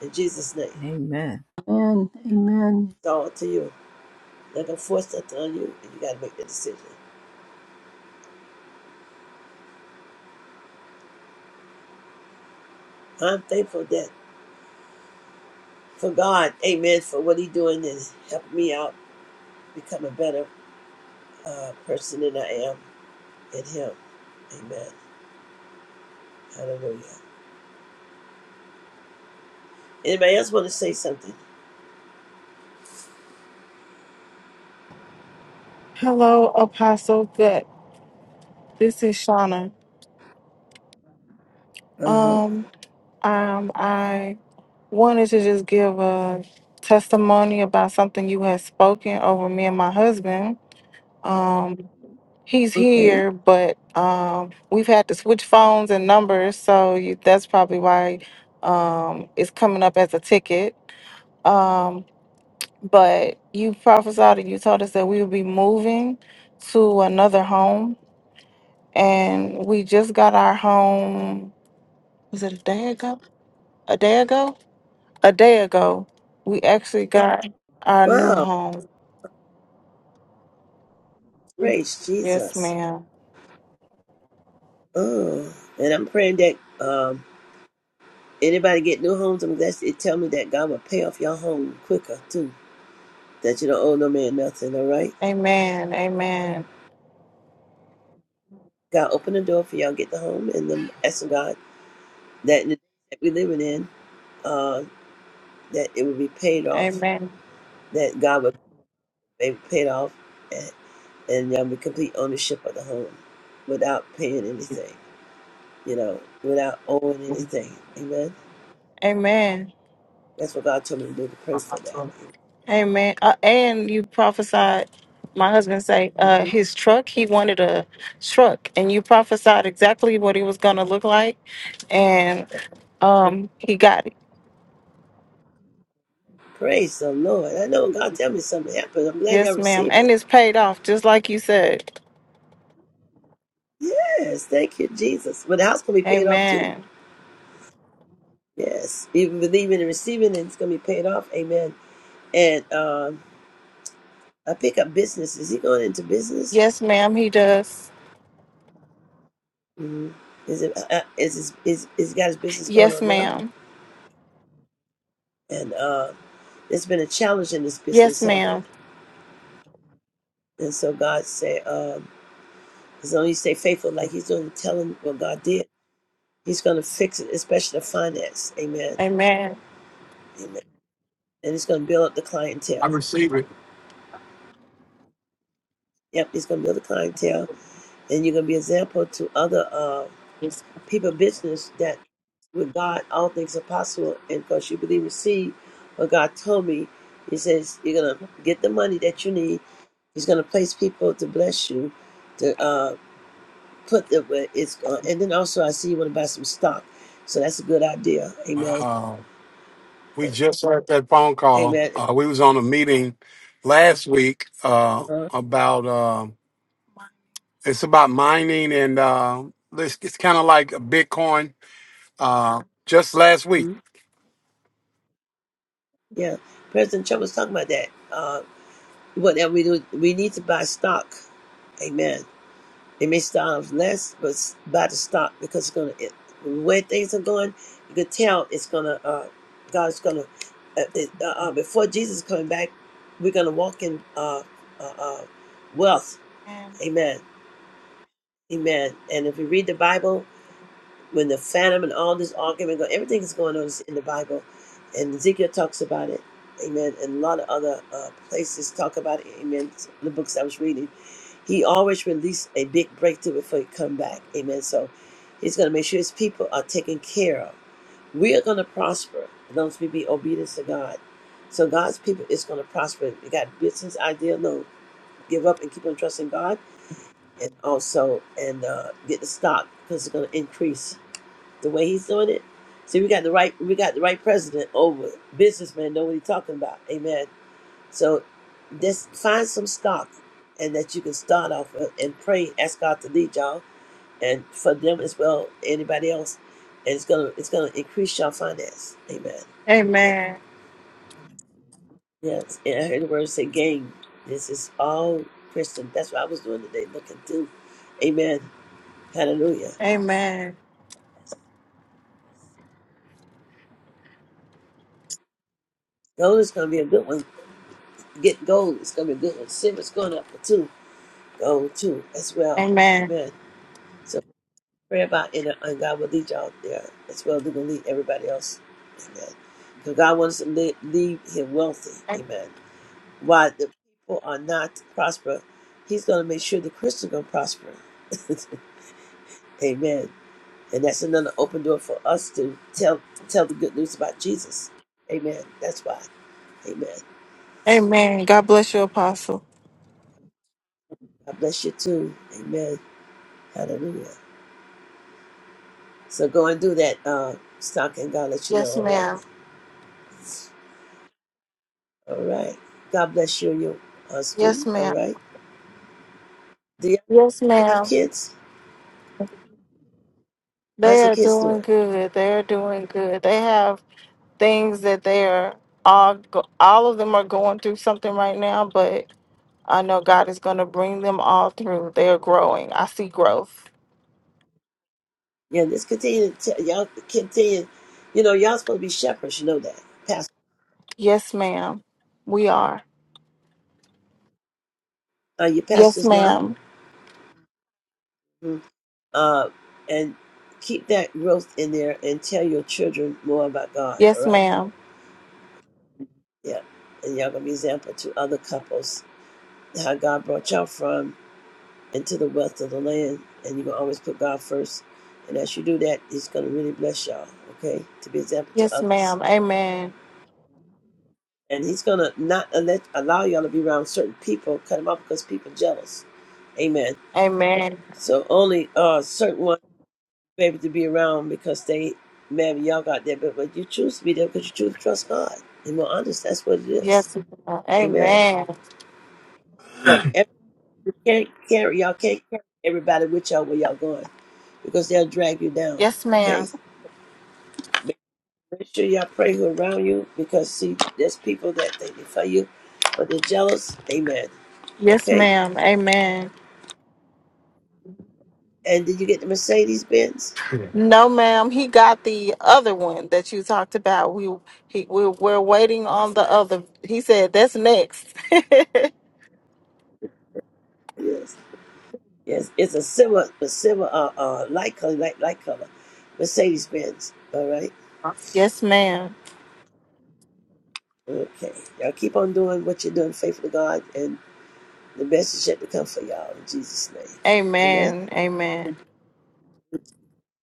A: In Jesus' name.
F: Amen.
G: Amen. Amen.
A: It's all up to you. I'm Not going to force nothing on you, and you got to make the decision. I'm thankful that for God, amen, for what He doing is helping me out become a better uh, person than I am in Him. Amen. Hallelujah. Anybody else want to say something?
I: Hello, Apostle. That this is Shauna.
A: Uh huh.
I: Um, um, I wanted to just give a testimony about something you had spoken over me and my husband. Um, he's
A: Okay.
I: here, but um, we've had to switch phones and numbers, so you, that's probably why um, it's coming up as a ticket. Um, but you prophesied and you told us that we would be moving to another home and we just got our home was it a day ago? A day ago? A day ago, we actually got our new
A: Wow.
I: home.
A: Praise
I: Yes,
A: Jesus.
I: ma'am.
A: Oh, and I'm praying that um, anybody get new homes. I'm that's it. Tell me that God will pay off your home quicker too. That you don't owe no man nothing. All right,
I: Amen. Amen.
A: God open the door for y'all get the home, and then asking God that in the day that we living in, uh, that it will be paid off.
I: Amen.
A: That God will pay paid off, and and y'all be complete ownership of the home, without paying anything. You know, without owing anything. Amen.
I: Amen.
A: That's what God told me to do. To pray for that.
I: Amen. Uh, and you prophesied. My husband say
A: Mhm.
I: uh, his truck. He wanted a truck, and you prophesied exactly what it was gonna look like, and um, he got it.
A: Praise the Lord. I know God tell me something happened. I'm glad y'all
I: Yes, ma'am.
A: received it.
I: And it's paid off, just like you said.
A: Yes, thank you, Jesus. But the house gonna be paid off too.
I: Amen.
A: Yes. Even believing and receiving and it's gonna be paid off. Amen. And um I pick up business. Is he going into business?
I: Yes, ma'am. He does.
A: hmm Is it uh, uh, is his is is he got his business going
I: Yes,
A: on now?
I: ma'am.
A: And uh it's been a challenge in this
I: Yes,
A: business, haven't it?
I: ma'am.
A: And so God said, um, as long as you stay faithful, like he's doing, tell him what God did, he's gonna fix it, especially the finance. Amen.
I: Amen.
A: Amen. and it's going to build up the
I: I
A: clientele.
I: receive it.
A: Yep, it's going to build the clientele, and you're going to be an example to other uh, people, of business that with God all things are possible, and because you believe and receive what God told me, He says you're going to get the money that you need. He's going to place people to bless you, to uh, put the where it's going, and then also I see you want to buy some stock, so that's a good idea. Amen.
I: Uh, we just had that phone call.
A: Amen.
I: Uh, we was on a meeting last week uh,
A: Uh-huh.
I: about uh, it's about mining and uh, it's, it's kind of like Bitcoin. Uh, just last week,
A: Mhm. Yeah, President Trump was talking about that. Uh, Whatever we do, we need to buy stock. Amen. It may start off less, but buy the stock because it's gonna it, where things are going. You can tell it's gonna uh, God's gonna uh, it, uh, uh, before Jesus is coming back. We're gonna walk in uh, uh, uh, wealth.
I: Amen.
A: Amen. Amen. And if you read the Bible, when the phantom and all this argument, go, everything is going on in the Bible, and Ezekiel talks about it. Amen. And a lot of other uh, places talk about it. Amen. The books I was reading he always released a big breakthrough before he come back. Amen. So he's going to make sure his people are taken care of. We are going to prosper. as long as we be obedient to God. So God's people is going to prosper. You got business idea, no, give up and keep on trusting God, and also and uh, get the stock because it's going to increase the way He's doing it. See, we got the right, we got the right president over it. businessman. Know what he's talking about? Amen. So just find some stock and that you can start off with and pray, ask God to lead y'all and for them as well, anybody else. And it's gonna it's gonna increase your finance. Amen. Yes. And I heard the word say game. This is all Christian. That's what I was doing today, looking through. Amen. Hallelujah.
I: Amen.
A: Gold is gonna be a good one. Get gold, it's gonna be a good one. Silver's going up too. Gold too as well.
I: Amen.
A: Amen. So, Pray about inner, and God will lead y'all there as well as He will lead everybody else. Amen. Because God wants to lead, leave Him wealthy. Amen. While the people are not prosper, He's going to make sure the Christians going to prosper. [laughs] Amen. And that's another open door for us to tell tell the good news about Jesus. Amen. That's why. Amen.
I: Amen. God bless you, Apostle.
A: God bless you too. Amen. Hallelujah. So go and do that, uh, stock, and God let you know.
I: Yes,
A: All right.
I: ma'am.
A: All right. God bless you and your
I: Yes,
A: husband. All
I: ma'am.
A: right. Do y'all,
I: Yes,
A: have
I: ma'am.
A: kids? How's
I: They
A: the
I: are
A: kids
I: doing
A: doing?
I: good. They are doing good. They have things that they're all go- all of them are going through something right now, but I know God is going to bring them all through. They are growing. I see growth.
A: Yeah, just continue to tell, y'all continue. You know, y'all supposed to be shepherds. You know that. Past,
I: Yes, ma'am. We are.
A: uh, your
I: Yes,
A: pastors now.
I: ma'am.
A: Mhm. Uh, and keep that growth in there and tell your children more about God. All
I: Yes,
A: right.
I: ma'am.
A: Yeah. And y'all gonna be example to other couples how God brought y'all from into the wealth of the land. And you're gonna always put God first. And as you do that, He's gonna really bless y'all. Okay, to be example to
I: Yes,
A: others.
I: ma'am. Amen.
A: and he's gonna not let, allow y'all to be around certain people, cut him off because people jealous. Amen.
I: Amen.
A: So only uh certain ones be able to be around because they maybe y'all got there, but, but you choose to be there because you choose to trust God. And we're honest, that's what it is.
I: Yes, ma'am.
A: Amen.
I: Amen.
A: But every, can't carry y'all can't carry everybody with y'all where y'all going because they'll drag you down.
I: Yes, ma'am.
A: Okay. Make sure y'all pray who around you because see, there's people that they defy you, but they're jealous. Amen.
I: Yes,
A: Okay.
I: ma'am. Amen.
A: And did you get the Mercedes Benz?
I: No, ma'am. He got the other one that you talked about. We he we we're waiting on the other. He said that's next. [laughs]
A: Yes. Yes. It's a similar, but similar, uh, uh, light color, light, light color. Mercedes Benz. All right.
I: Yes, ma'am.
A: Okay. Y'all keep on doing what you're doing, faithful to God, and the best is yet to come for y'all in Jesus' name. Amen.
I: Amen. Amen.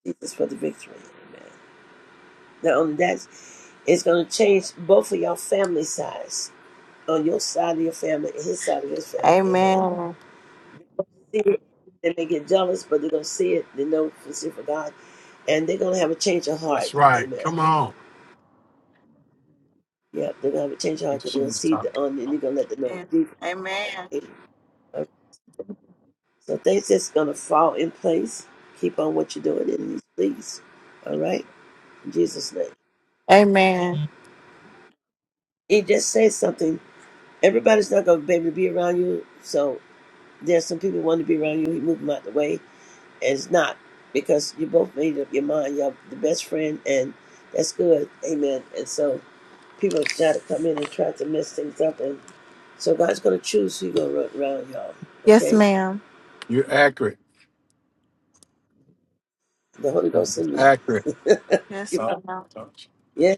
A: Jesus for the victory. Amen. Not only that, it's going to change both of y'all family size on your side of your family and his side of his family. Amen.
I: Amen.
A: See, they may get jealous, but they're going to see it. They know for see for God and they're gonna have a change of heart.
I: That's right.
A: Amen.
I: Come on.
A: Yeah, they're gonna have a change of heart.
I: If
A: because
I: she
A: They're gonna
I: was
A: see the
I: talking.
A: onion. and you're gonna let them know.
I: Yeah.
A: Jesus.
I: Amen.
A: Amen. So things just gonna fall in place. Keep on what you're doing, and please, all right, in Jesus' name.
I: Amen.
A: He just says something. Everybody's not gonna be able to be around you. So there's some people who want to be around you. You move them out the way, and it's not because you both made up your mind. You're the best friend, and that's good. Amen. And so people try to come in and try to mess things up, and. So God's gonna choose who you gonna run around, y'all.
I: Yes,
A: Okay,
I: ma'am. You're accurate.
A: the Holy
I: That
A: Ghost
I: was
A: in me.
I: accurate.
A: [laughs]
I: Yes, Oh, ma'am. touch.
A: yeah,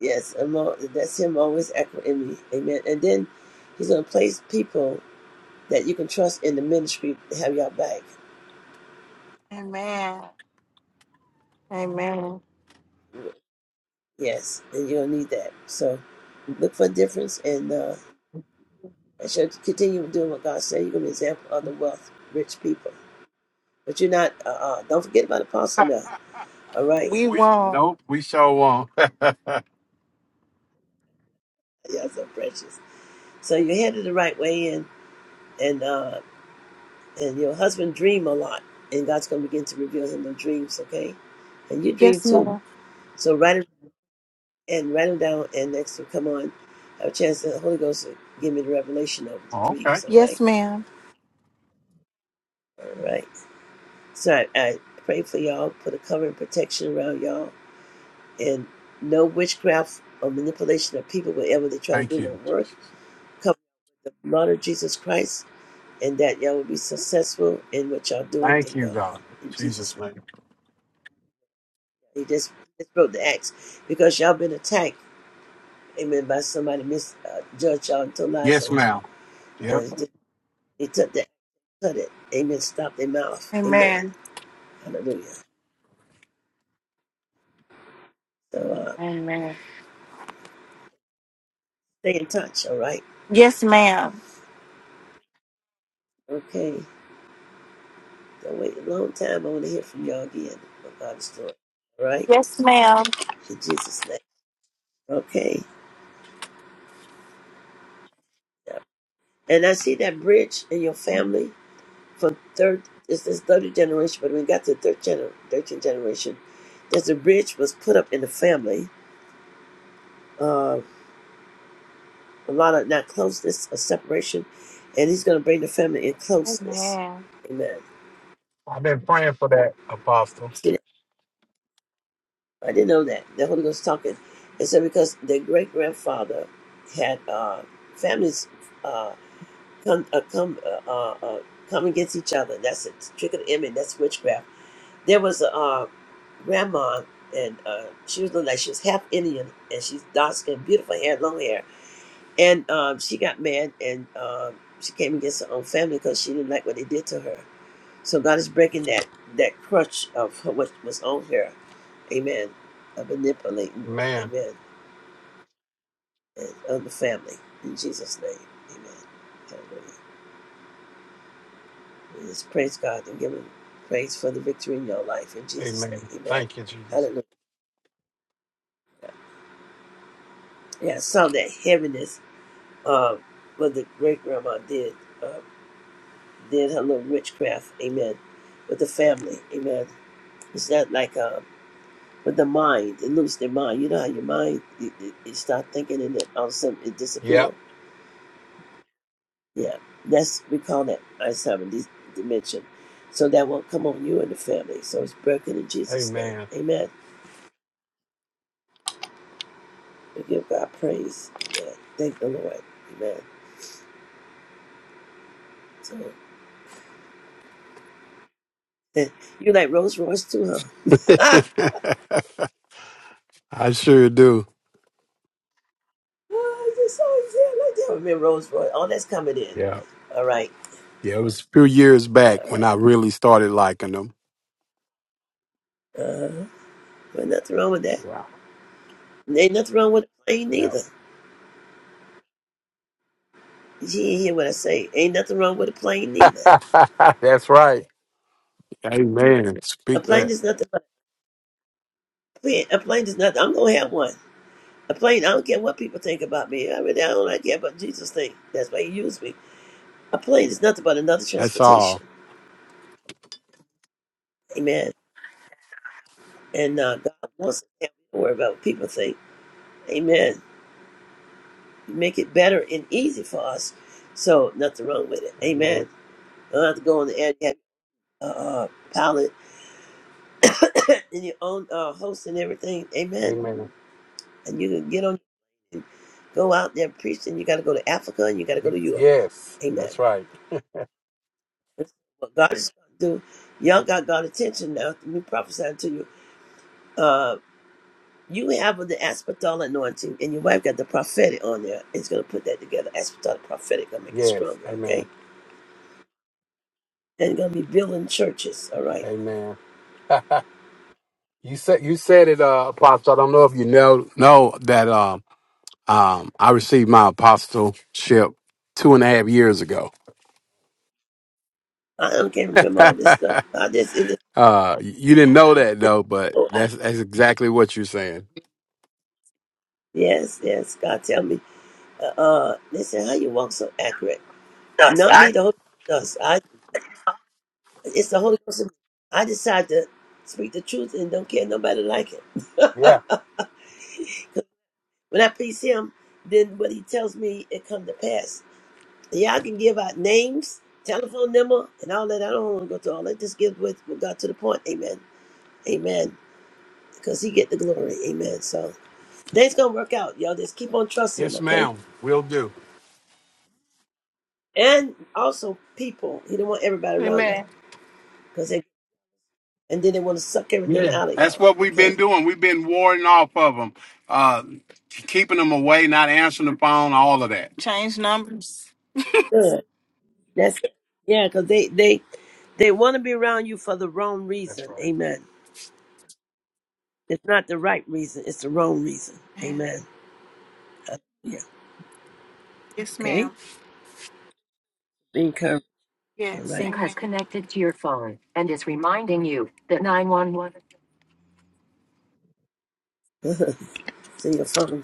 A: yes, I'm all, that's Him always acting in me. Amen. And then He's gonna place people that you can trust in the ministry to have y'all back.
I: Amen. Amen.
A: Yes, and you're gonna need that. So look for a difference, and uh, I shall continue doing what God said. You're gonna be an example of the wealth, rich people. But you're not. Uh, uh, don't forget about Apostle now. All right,
I: We We won't. nope. We sure won't. [laughs]
A: [laughs] y'all so precious. So you're headed the right way in, and. uh, and your husband dream a lot and god's going to begin to reveal him the dreams okay and you dream
I: Yes,
A: too
I: ma'am.
A: so write it and write them down and next time come on have a chance that the holy ghost will give me the revelation of the
I: Oh, okay.
A: dreams all
I: Yes,
A: right
I: ma'am.
A: all right so i, I pray for y'all put a cover and protection around y'all and no witchcraft or manipulation of people whatever they try to
I: Thank
A: do
I: you.
A: won't work cover the blood of jesus christ and that y'all will be successful in what y'all doing
I: Thank
A: in
I: you,
A: god
I: God.
A: in jesus name
I: Jesus name.
A: He just, just broke the axe because y'all been attacked, amen, by somebody misjudged y'all and told lies
I: Yes,
A: on y'all.
I: ma'am.
A: And
I: Yep.
A: he, just, he took that, cut it, amen, stop their mouth, amen.
I: Amen.
A: Hallelujah. So uh,
I: Amen.
A: stay in touch, all right?
I: Yes, ma'am.
A: Okay. Don't wait a long time. I want to hear from y'all again about God's story, all right?
I: Yes, ma'am.
A: In Jesus' name. Okay. Yeah. And I see that bridge in your family from third, it's this third generation, but when we got to third gener- 13th generation, there's a bridge was put up in the family uh, a lot of not closeness, a separation, and he's going to bring the family in closeness.
I: Amen.
A: Amen.
I: I've been praying for that, Apostle.
A: See, I didn't know that. The Holy Ghost talking. It said because their great grandfather had uh, families uh, come uh, come uh, uh, uh, come against each other. That's a trick of the enemy. That's witchcraft. There was a uh, grandma, and uh, she was looking like she was half Indian, and she's dark skin, beautiful hair, long hair And um, she got mad and um, she came against her own family because she didn't like what they did to her. So God is breaking that that crutch of her, what was on her. Amen. Of manipulating.
I: Amen.
A: Amen. And of the family. In Jesus' name. Amen. Hallelujah. We just praise God and give him praise for the victory in your life. In Jesus'
I: Amen.
A: name. Amen.
I: Thank you, Jesus.
A: Hallelujah. Yeah, I saw that heaviness um, what the great grandma did. Uh, did her little witchcraft. Amen. With the family. Amen It's that like uh, with the mind, it loses their mind. You know how your mind, it, it, it start thinking and then all of a sudden it
I: Yeah.
A: disappears. Yeah, that's we call that Alzheimer's dis- dementia. So that won't come on you and the family. So it's broken in Jesus' name.
I: Amen.
A: Amen. We give God praise. Amen. Thank the Lord. Amen. So [laughs] you like Rolls Royce too, huh?
I: [laughs]
A: [laughs] ah,
I: I sure do.
A: I just always said like that with me, Rolls Royce. All that's coming in.
I: Yeah.
A: All right.
I: Yeah, it was a few years back
A: All
I: when
A: right.
I: I really started liking them.
A: Uh-huh. But nothing wrong with that.
I: Yeah.
A: And ain't nothing wrong with a plane
I: Yeah.
A: neither. You didn't hear what I say. Ain't nothing wrong with a plane neither.
I: [laughs] That's right. Amen.
A: A
I: Speak
A: plane
I: that.
A: is nothing but a plane. A plane is nothing. I'm gonna have one. A plane. I don't care what people think about me. I really I don't like care about Jesus thing. That's why He used me. A plane is nothing but another
I: That's
A: transportation.
I: all.
A: Amen. And uh, God wants us to not worry about what people think. Amen. Make it better and easy for us. So nothing wrong with it.
I: Amen.
A: Amen. You don't have to go on the air. You have a uh, uh, pilot [coughs] and your own uh, host and everything. Amen.
I: Amen.
A: And you can get on. Go out there preaching. You got to go to Africa and you got to go to Europe.
I: Yes.
A: Amen.
I: That's right.
A: That's what God is going to do. Y'all got God's attention now. We prophesying to you. Uh, you have the apostolic anointing, and your wife got the prophetic on there. It's going to put that together. Apostolic prophetic going to make it
I: Yes.
A: stronger, okay?
I: Amen.
A: And going to be building churches, all right?
I: Amen. [laughs] you said you said it, uh, Apostle. I don't know if you know Know that. uh, Um, I received my apostleship two and a half years ago.
A: I don't can't
I: [laughs]
A: remember
I: uh,
A: all this stuff. I just, it is,
I: you didn't know that
A: it's,
I: though, but
A: oh, I,
I: that's that's exactly what you're saying.
A: yes, yes. God tell me. Uh, uh, they said, how you walk so accurate? Not me, the Holy Ghost does. I It's the Holy Ghost. in me. I decide to speak the truth and don't care nobody like it. [laughs]
I: Yeah.
A: when I please Him, then what He tells me it come to pass. Y'all can give out names, telephone number, and all that. I don't want to go through all that. Just give with with God to the point. Amen. Amen. Because He get the glory. Amen. So things gonna work out, y'all. Just keep on trusting Him,
I: Yes,
A: okay?
I: ma'am. We'll do.
A: And also people. He don't want everybody around you
I: Amen.
A: because they and then they want to suck everything
I: Yeah,
A: out of
I: that's
A: y'all.
I: what we've been
A: Okay.
I: doing. We've been warding off of them, uh, keeping them away, not answering the phone, all of that. Change numbers.
A: Good. That's yeah, because they they They want to be around you for the wrong
I: That's
A: reason.
I: right.
A: Amen. It's not the right reason. It's the wrong reason.
I: Amen.
A: Amen. Yeah.
I: Yes,
A: Okay.
I: ma'am.
A: Be encouraged. All
I: Yes.
A: right.
I: Sync has Amen. connected to your phone and is reminding you that 911.
A: [laughs] See your phone.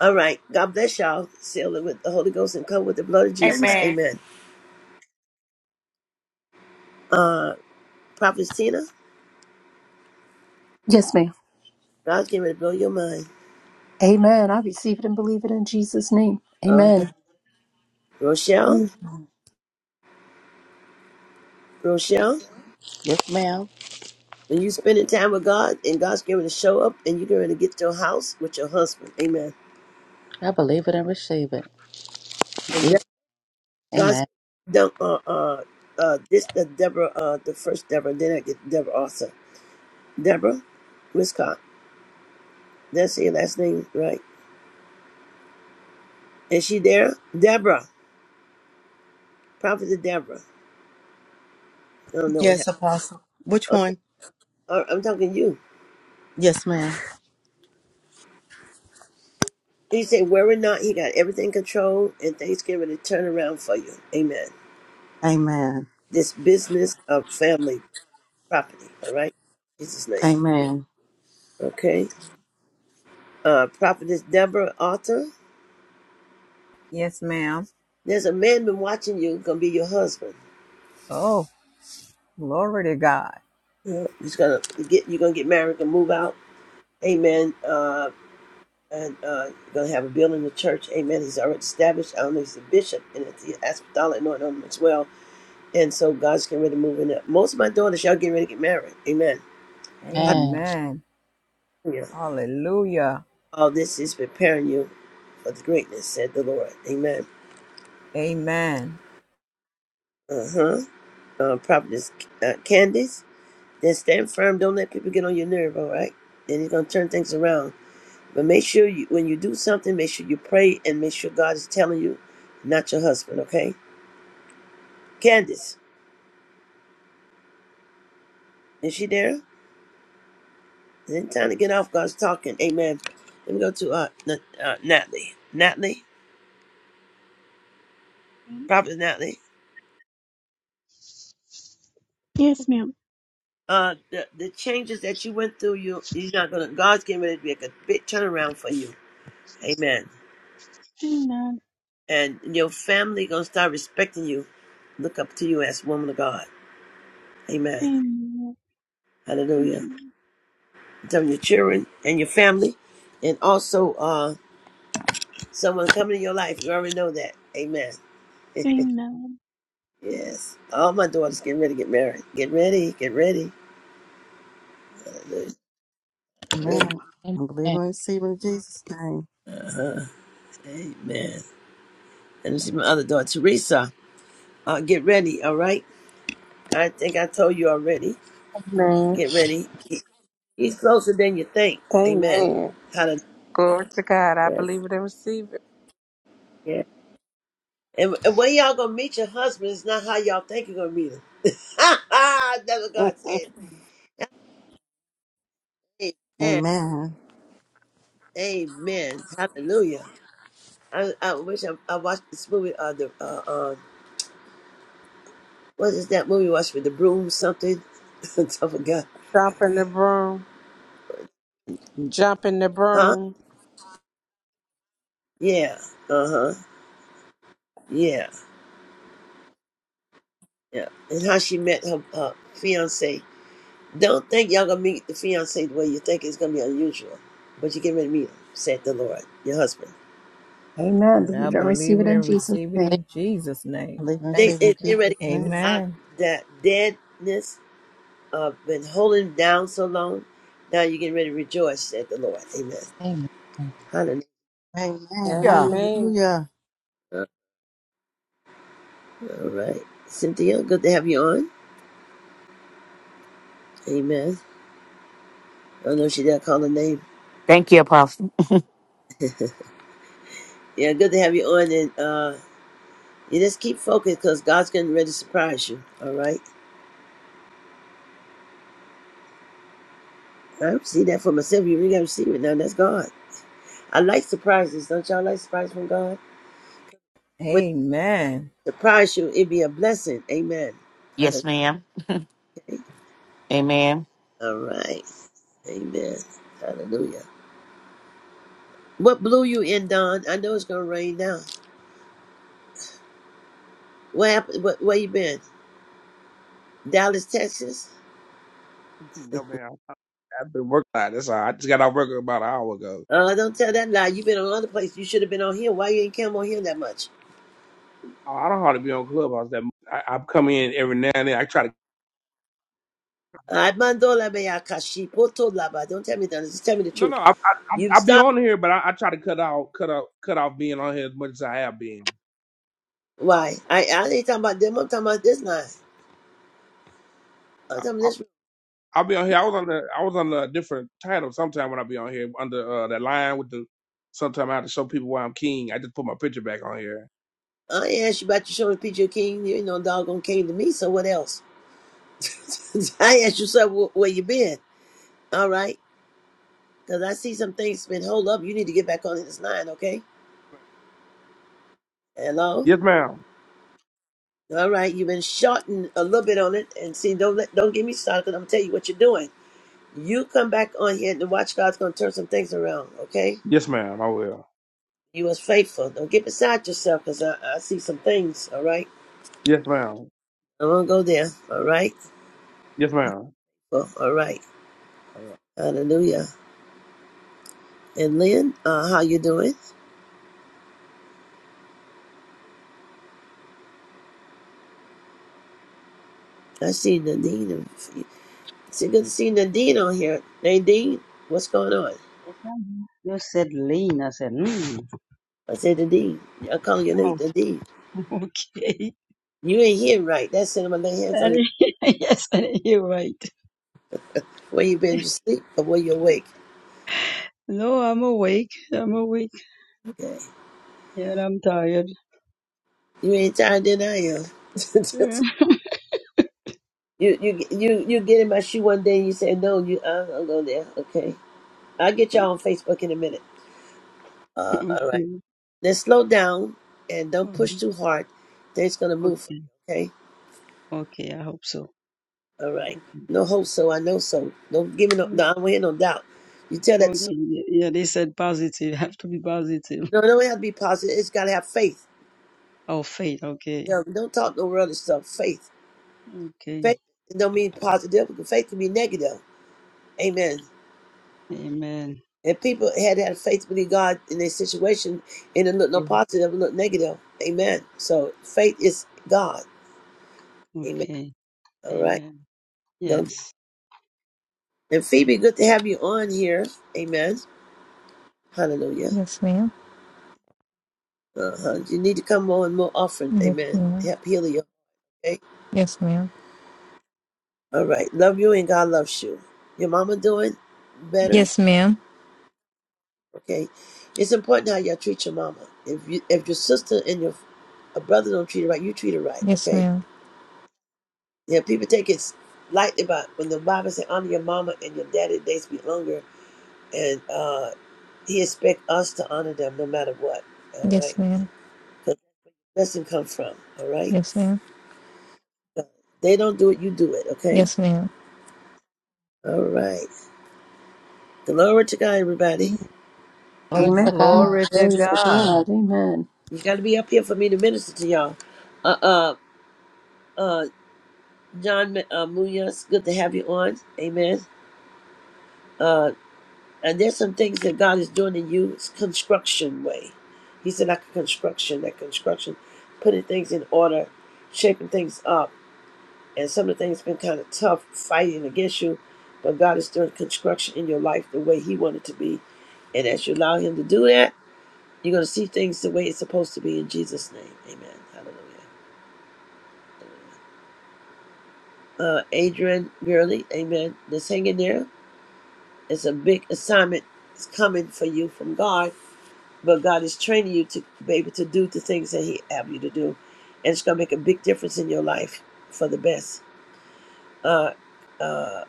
A: All right. God bless y'all. Seal it with the Holy Ghost and come with the blood of Jesus.
I: Amen.
A: Amen. Uh, Prophet Tina,
G: Yes, ma'am.
A: God's getting ready to blow your mind.
G: Amen. I receive it and believe it in Jesus' name.
A: Uh,
G: Amen.
A: Rochelle, Rochelle,
C: Yes, ma'am.
A: when you spending time with God and God's getting ready to show up and you're going to get to your house with your husband. Amen.
C: I believe it and receive
A: And
C: it.
A: God's
C: Amen.
A: said, uh, uh, uh, this the Deborah, uh, the first Deborah, then I get Deborah Arthur. Deborah Wiscott. That's your last name, right? Is she there? Deborah, Prophet Deborah. I don't know what
E: Yes,
A: happened.
E: Apostle. Which one?
A: Okay, uh, I'm talking to you.
E: Yes, ma'am.
A: He said, "Worry not. He got everything controlled, and things getting ready to turn around for you. Amen.
E: Amen.
A: This business of family property. All right, Jesus' name.
E: Amen.
A: Okay. Uh, Prophetess Deborah Arthur.
F: Yes, ma'am.
A: There's a man been watching you. Gonna be your husband.
F: Oh, glory to God.
A: Yeah, He's gonna get you're gonna get married and move out. Amen. Uh, and uh, you're gonna have a building, a church. Amen. He's already established. I don't know. He's a bishop and it's the apostolic anointing on him as well. And so God's getting ready to move in. Up. Most of my daughters, y'all getting ready to get married. Amen.
C: Amen.
F: Amen.
A: Hallelujah.
F: Hallelujah.
A: All this is preparing you for the greatness, said the Lord. Amen.
F: Amen.
A: Uh-huh. Uh Prophetess uh, Candice, then stand firm. Don't let people get on your nerve. All right. And he's gonna turn things around. But make sure you, when you do something, make sure you pray and make sure God is telling you, not your husband, okay? Candace, is she there? It ain't time to get off. God's talking. Amen. Let me go to uh, Na- uh Natalie. Natalie,
D: ma'am.
A: Prophet Natalie.
D: Yes, ma'am.
A: Uh, the, the changes that you went through, you you're not gonna. God's getting ready to make a big turnaround for you. Amen.
D: Amen.
A: And your family gonna start respecting you. Look up to you as woman of God. Amen.
D: Amen. Thank
A: Hallelujah.
D: you.
A: I'm telling your children and your family, and also uh Someone coming in your life. You already know that. Amen. [laughs]
D: Amen.
A: yes. All my daughters getting ready to get married. Get ready. Get ready.
E: Amen. I believe
C: Amen.
E: and receive in Jesus' name.
A: Amen. And this is my other daughter, Teresa. Uh, get ready. All right. I think I told you already.
J: Amen.
A: Get ready. He- He's closer than you think. Amen.
J: Amen.
A: Hallelujah.
J: Glory to God. I
A: Yes.
J: believe it and receive it.
A: Yeah. And, and when y'all gonna meet your husband, it's not how y'all think you're gonna meet him. [laughs] That's what God said. Amen.
E: Amen.
A: Amen. Hallelujah. I, I wish I, I watched this movie. Uh, the uh, uh, what is that movie? Watched with the broom something. [laughs] I forgot.
J: Jump in the broom.
E: I
J: Jump in the
A: Huh?
J: broom.
A: Yeah. Uh huh. Yeah. Yeah. And how she met her, her fiance. Don't think y'all gonna meet the fiance the way you think it's gonna be unusual, but you get ready to meet him. Said the Lord, your husband.
G: Amen.
F: And I
G: Believe it and receive
F: believe
G: it
F: it
G: in
F: and
G: Jesus'
F: receive it
G: name.
F: in Jesus' name.
E: believe and
A: They
F: Thank
E: receive
F: you,
E: in
A: it's getting
F: God.
E: Jesus'
A: ready to get you
E: name.
A: out
F: Amen.
A: that deadness of been holding down so long. Now you're getting ready to rejoice. Said the Lord. Amen.
C: Amen.
A: Hallelujah.
E: Amen.
F: Yeah.
J: Amen.
E: Hallelujah.
A: All right, Cynthia. Good to have you on. Amen. I know she didn't call her name.
K: Thank you, Apostle.
A: Yeah, good to have you on. And uh, you just keep focused because God's getting ready to surprise you. All right. I see that for myself. You really got to receive it now. That's God. I like surprises. Don't y'all like surprises from God? When
F: Amen.
A: He surprise you, it'd be a blessing. Amen.
K: Yes,
A: Hallelujah.
K: ma'am. Amen.
A: All right. Amen. Hallelujah. What blew you in, Don? I know it's going to rain now. What happened? What, where you been? Dallas, Texas?
L: No, man. I've been working. out. That's all. I just got out work about an hour ago.
A: Uh, don't tell that lie. You've been on other places. You should have been on here. Why you ain't come on here that much?
L: Oh, I don't hardly be on Clubhouse. That much. I, I come in every now and then. I try to.
A: Armando Lameyakashi, Poto Laba. Don't tell me that. Just tell me the
L: No,
A: truth.
L: no. I I,
A: You
L: I I be
A: stop.
L: on here, but I, I try to cut out, cut out, cut off being on here as much as I have been.
A: Why? I, I ain't talking about them. I'm talking about this now. I'm talking about
L: I,
A: this.
L: I'll be on here. I was on the. I was on a different title sometime when I be on here under uh, that line with the. Sometime I have to show people why I'm king. I just put my picture back on here.
A: I ain't asked you about your show and Peter King. You ain't no doggone king to me, so what else? [laughs] I asked you, sir, wh- where you been? All right? Because I see some things been hold up. You need to get back on this line, okay? Hello?
L: Yes, ma'am.
A: All right, you've been shorting a little bit on it. And see, don't let, don't get me started because I'm going to tell you what you're doing. You come back on here and the watch God's going to turn some things around, okay?
L: Yes, ma'am. I will.
A: You was faithful. Don't get beside yourself because I, I see some things, all right?
L: Yes, ma'am.
A: I won't go there, all right?
L: Yes, ma'am.
A: Well, all right. Hallelujah. And Lynn, uh, how you doing? I see Nadine. and- It's good to see Nadine on here. Nadine, what's going on?
M: You said lean. I said, mm.
A: I said Nadine. I call you
M: Oh,
A: Nate Nadine.
M: [laughs] okay.
A: You ain't here right. That's it. I'm going to lay hands
M: I
A: on you.
M: didn't- [laughs] yes, I didn't hear right.
A: Where you been? You sleep or where you awake?
M: No, I'm awake. I'm awake.
A: Okay.
M: Yeah, and I'm tired.
A: You ain't tired than I am.
M: Yeah.
A: [laughs] you, you, you, you get in my shoe one day and you say, no, you, I don't go there. Okay. I'll get
M: [laughs]
A: y'all on Facebook in a minute. Uh, all right.
M: okay.
A: Then slow down and don't push
M: Okay.
A: too hard. Things gonna move for
M: Okay.
A: you, okay?
M: Okay. I hope so.
A: All right.
M: Okay.
A: No hope so, I know so. Don't give me no,
M: Okay.
A: no I don't hear no doubt. You tell that
M: okay.
A: to somebody.
M: Yeah, yeah, they said positive. [laughs] Have to be positive.
A: No, no, it don't have to be positive. It's gotta have faith.
M: Oh, faith. Okay.
A: No, don't talk no other stuff. Faith.
M: Okay.
A: Faith don't mean positive because faith can be negative. Amen.
M: Amen.
A: And people had had faith believe God in their situation and it looked no
M: Yeah.
A: positive, it looked negative. Amen. So faith is God. Amen.
M: Okay.
A: All right. right.
M: Amen.
A: Don't.
M: Yes.
A: And Phoebe, good to have you on here. Amen. Hallelujah.
N: Yes, ma'am.
A: Uh-huh. You need to come on more often.
N: Yes,
A: Amen.
N: ma'am.
A: Help heal you. Okay.
N: Yes, ma'am.
A: All right. Love you and God loves you. Your mama doing better?
N: Yes, ma'am.
A: Okay. It's important how you all treat your mama. If you if your sister and your a brother don't treat her right, you treat her right.
N: Yes,
A: Okay.
N: ma'am.
A: Yeah. People take it lightly about when the Bible says honor your mama and your daddy days be longer, and uh, he expect us to honor them no matter what. All All
N: Yes,
A: right.
N: ma'am.
A: 'Cause Where does it come from? All right.
N: Yes, ma'am.
A: They don't do it, you do it, okay?
N: Yes, ma'am.
A: All right. Glory to God, everybody.
C: Glory
G: Amen.
C: to God.
F: Glory to
G: Glory to
F: God.
G: God. Amen.
A: You got to be up here for me to minister to y'all. Uh, uh, uh, John uh, Munoz, good to have you on. Amen. Uh, and there's some things that God is doing in you. It's construction way. He said, like a construction, that construction, putting things in order, shaping things up. And some of the things have been kind of tough fighting against you, but God is doing construction in your life the way He wanted to be. And as you allow Him to do that, You're going to see things the way it's supposed to be in Jesus' name. Amen. Hallelujah. Uh, Adrian Gurley, amen. Just hang in there. It's a big assignment. It's coming for you from God, but God is training you to be able to do the things that He have you to do. And it's going to make a big difference in your life for the best. Uh, uh,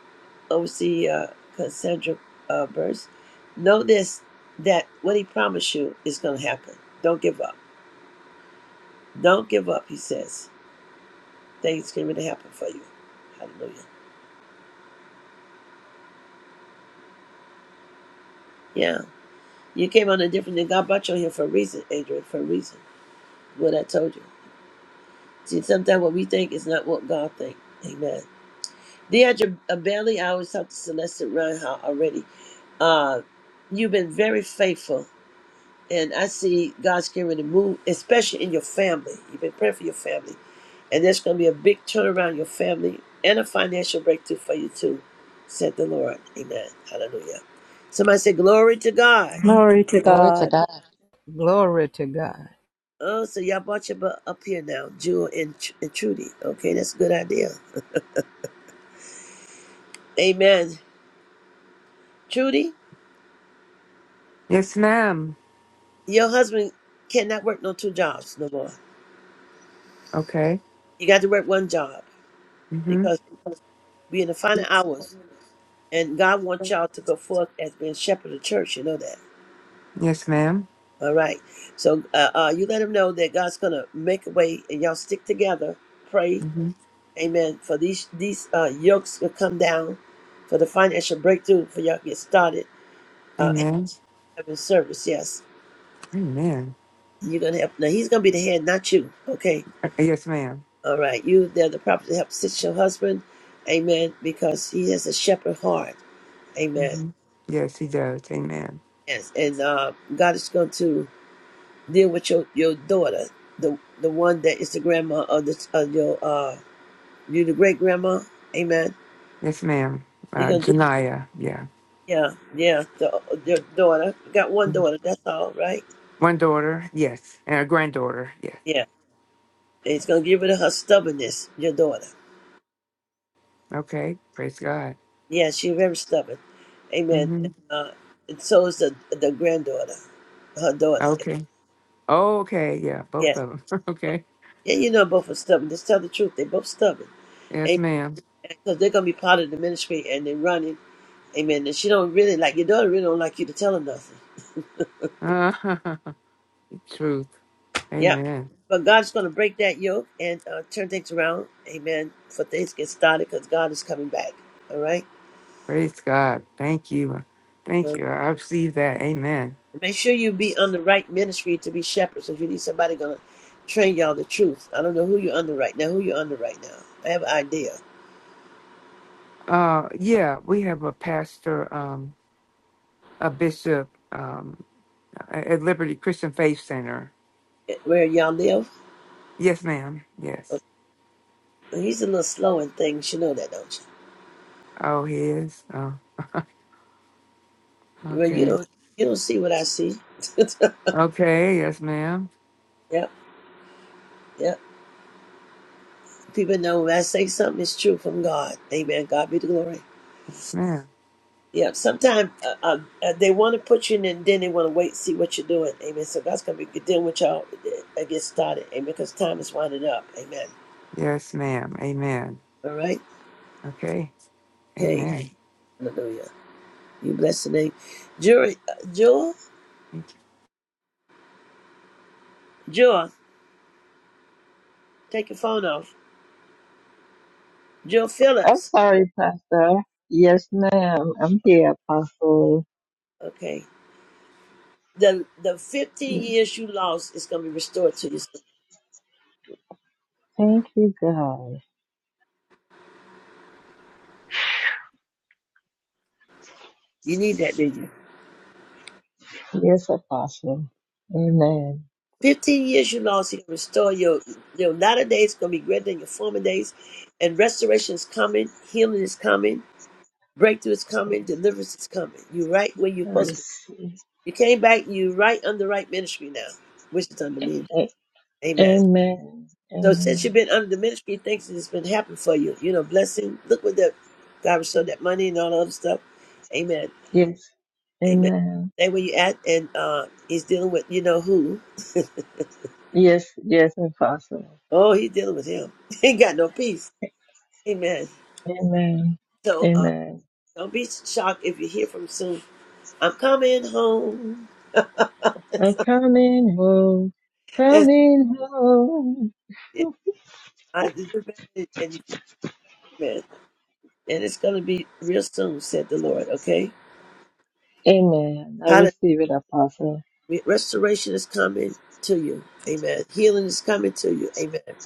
A: OC uh, Cassandra uh, Burst, know this that what He promised you is going to happen. Don't give up. Don't give up, He says. Thanksgiving to happen for you. Hallelujah. Yeah. You came on a different thing. God brought you on here for a reason, Adrian, for a reason. What I told you. See, sometimes what we think is not what God thinks. Amen. Deidre uh, Bailey, I always talk to Celeste Reinhardt already. Uh, you've been very faithful. And I see God's getting to move, especially in your family. You've been praying for your family. And there's going to be a big turnaround in your family and a financial breakthrough for you, too, said the Lord. Amen. Hallelujah. Somebody say, Glory to God.
G: Glory to
C: Glory to
G: God.
C: God.
F: Glory to God.
A: Oh, so y'all brought your butt up here now, Jewel and, Tr- and Trudy. Okay, that's a good idea. Amen. Trudy,
O: Yes, ma'am.
A: your husband cannot work no two jobs no more.
O: Okay.
A: You got to work one job
O: Mm-hmm.
A: because we're in the final hours, and God wants y'all to go forth as being shepherd of the church. You know that.
O: Yes, madam
A: All right. So uh, uh, you let him know that God's gonna make a way, and y'all stick together. Pray,
O: Mm-hmm.
A: Amen. For these these uh, yokes to come down, for the financial breakthrough, for y'all to get started. Uh,
O: Amen.
A: having service, yes.
O: Amen.
A: You're gonna help. Now he's gonna be the head, not you. Okay.
O: Uh, Yes, madam
A: All right. You they're the prophet to help assist your husband. Amen. Because he has a shepherd heart. Amen.
O: Mm-hmm. Yes, he does. Amen.
A: Yes. And uh, God is going to deal with your your daughter, the the one that is the grandma of this of your uh you the great grandma. Amen.
O: Yes, ma'am.
A: they
O: Uh,
A: gonna do,
O: Janaya. Yeah.
A: yeah yeah the your daughter. You got one
O: Mhm.
A: daughter. That's all right.
O: One daughter. Yes. And a granddaughter. Yes.
A: Yeah. And he's gonna give her her stubbornness, your daughter.
O: Okay. Praise God.
A: Yeah, she's very stubborn. Amen.
O: Mm-hmm.
A: And, uh, and so is the the granddaughter, her daughter.
O: Okay. Oh, okay. Yeah. Both
A: Yes.
O: of them. [laughs] okay.
A: Yeah, you know both are stubborn. Just tell the truth. They both stubborn.
O: Yes,
A: Amen.
O: ma'am.
A: Because they're gonna be part of the ministry and they're running. Amen. And she don't really like your daughter. Really don't like you to tell her nothing.
O: Uh, [laughs] Truth.
A: Yeah.
O: Amen.
A: But God's gonna break that yoke and uh, turn things around. Amen. For things get started because God is coming back. All right.
O: Praise God. Thank you. Thank you. I receive that. Amen.
A: Make sure you be under right ministry to be shepherds. If you need somebody gonna train y'all the truth. I don't know who you're under right now. Who you're under right now? I have an idea.
O: Uh, yeah, we have a pastor, um, a bishop, um, at Liberty Christian Faith Center.
A: Eh, Where y'all live?
O: Yes, ma'am.
A: Uh,
O: Yes.
A: He's a little slow in things. You know that, don't
O: Oh, he is. Oh,
A: you? Well, you
O: okay.
A: don't. You don't see what I see. [laughs]
O: Okay. Yes, ma'am.
A: yep, yep. People know when I say something, it's true from God. Amen. God be the glory.
O: Yes, ma'am.
A: Yeah. Sometimes uh, uh, uh, they want to put you in, and then they want to wait, and see what you're doing. Amen. So God's gonna be dealing with y'all. uh, Get started. Amen. Because time is winding up. Amen.
O: Yes, ma'am. Amen.
A: All right.
O: Okay.
A: Okay.
O: Amen.
A: Hallelujah. You bless the name. Jewel, Jewel,
O: Thank
A: Jewel, take your phone off. Jewel
P: I'm
A: Phillips.
P: sorry, Pastor. Yes, ma'am. I'm here, Apostle.
A: Okay. The the 15 years you lost is going to be restored to you. soon.
P: Thank you, God.
A: You need that, didn't you?
P: Yes, Apostle. Amen.
A: 15 years you lost, he can restore your, your latter days, going to be greater than your former days. And restoration is coming, healing is coming, breakthrough is coming, deliverance is coming. You're right where you're supposed to be.
P: Yes.
A: You came back, you're right under right ministry now, which is under
P: A-
A: me.
P: a-
A: Amen.
P: Amen.
A: So since you've
P: Amen.
A: been under the ministry, things that has been happening for you. You know, blessing. Look what the God was that money and all the other stuff. Amen.
P: Yes.
A: Amen.
P: Amen.
A: Stay where you at and uh he's dealing with you know who.
P: Yes, yes, Apostle.
A: Oh, he's dealing with him. [laughs] He ain't got no peace. Amen.
P: Amen.
A: So uh
P: Amen.
A: don't be shocked if you hear from soon. I'm coming home. [laughs]
P: I'm coming home.
A: That's-
P: Coming home.
A: yeah, I did it, and, and, and it's gonna be real soon, said the Lord, okay?
P: Amen. I receive it, Apostle.
A: Restoration is coming to you. Amen. Healing is coming to you. Amen. It's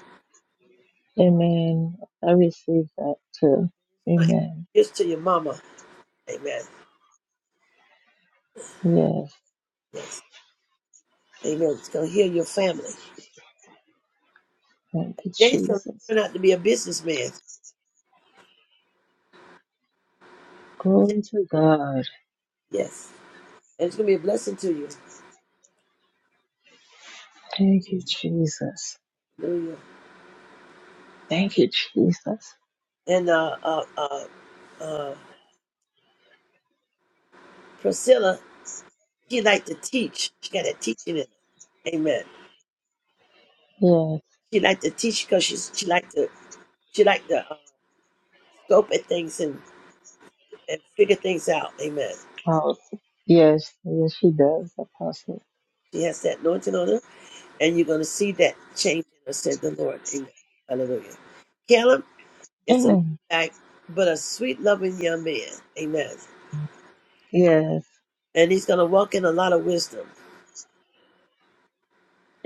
P: Amen. I receive that too.
A: going to add
P: Amen.
A: gifts to your mama. Amen.
P: Yes.
A: Yes. Amen. It's going to heal your family.
P: Thank you,
A: James going to
P: Jesus.
A: turn out to be a businessman.
P: Glory to God.
A: Yes. And it's going to be a blessing to you.
P: Thank you, Jesus.
A: Hallelujah.
P: Thank you, Jesus.
A: And uh, uh, uh, uh, Priscilla, she liked to teach. She got that teaching in her. Amen.
P: Yes.
A: She liked to teach because she's she liked to she liked to uh, scope at things and, and figure things out. Amen.
P: Apostle. Yes. Yes, she does, Apostle.
A: She has that anointing on her and you're going to see that change in us, said the Lord. Amen. Hallelujah. Caleb is a laid
P: Amen.
A: back but a sweet loving young man. Amen.
P: Yes.
A: And he's going to walk in a lot of wisdom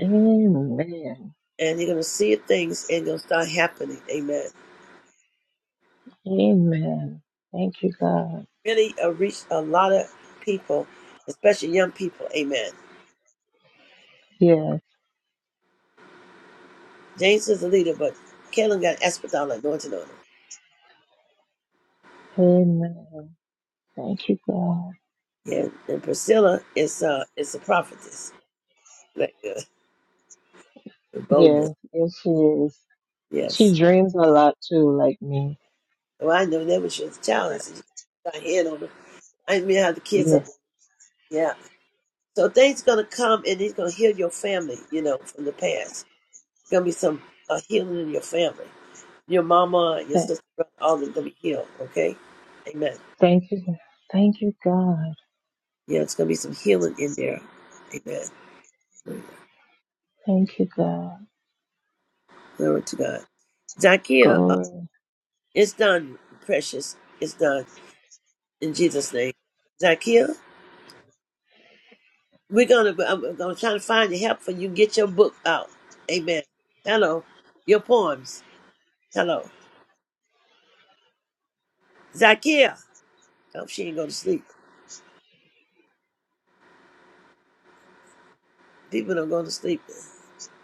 P: Amen.
A: and you're going to see things and going to start happening. Amen.
P: Amen. Thank you, God.
A: Really uh, reach a lot of people, especially young people. Amen.
P: Yes.
A: James is a leader, but Caleb got Espadon anointing on him.
P: Amen. Thank you, God.
A: And, and Priscilla is uh is a prophetess. Like, uh, boldness.
P: Yes. Yes, she is.
A: Yes.
P: She dreams a lot too, like me.
A: Well, I know that when she was a child. And she got her head on her. I mean, how the kids up there.
P: Yes.
A: Yeah. So things gonna come, and he's gonna heal your family. You know, from the past. Gonna be some uh, healing in your family. Your mama, your
P: Th-
A: sister, brother, all of them gonna be healed. Okay. Amen.
P: Thank you. Thank you, God.
A: Yeah, it's gonna be some healing in there. Amen.
P: Thank you, God.
A: Glory to God. Zakia, uh,
P: Glory.
A: it's done, precious. It's done in Jesus' name. Zakia. We're gonna. I'm, I'm gonna try to find the help for you. Get your book out. Amen. Hello, your poems. Hello, Zakia. Oh, she ain't go to sleep. People don't go to sleep.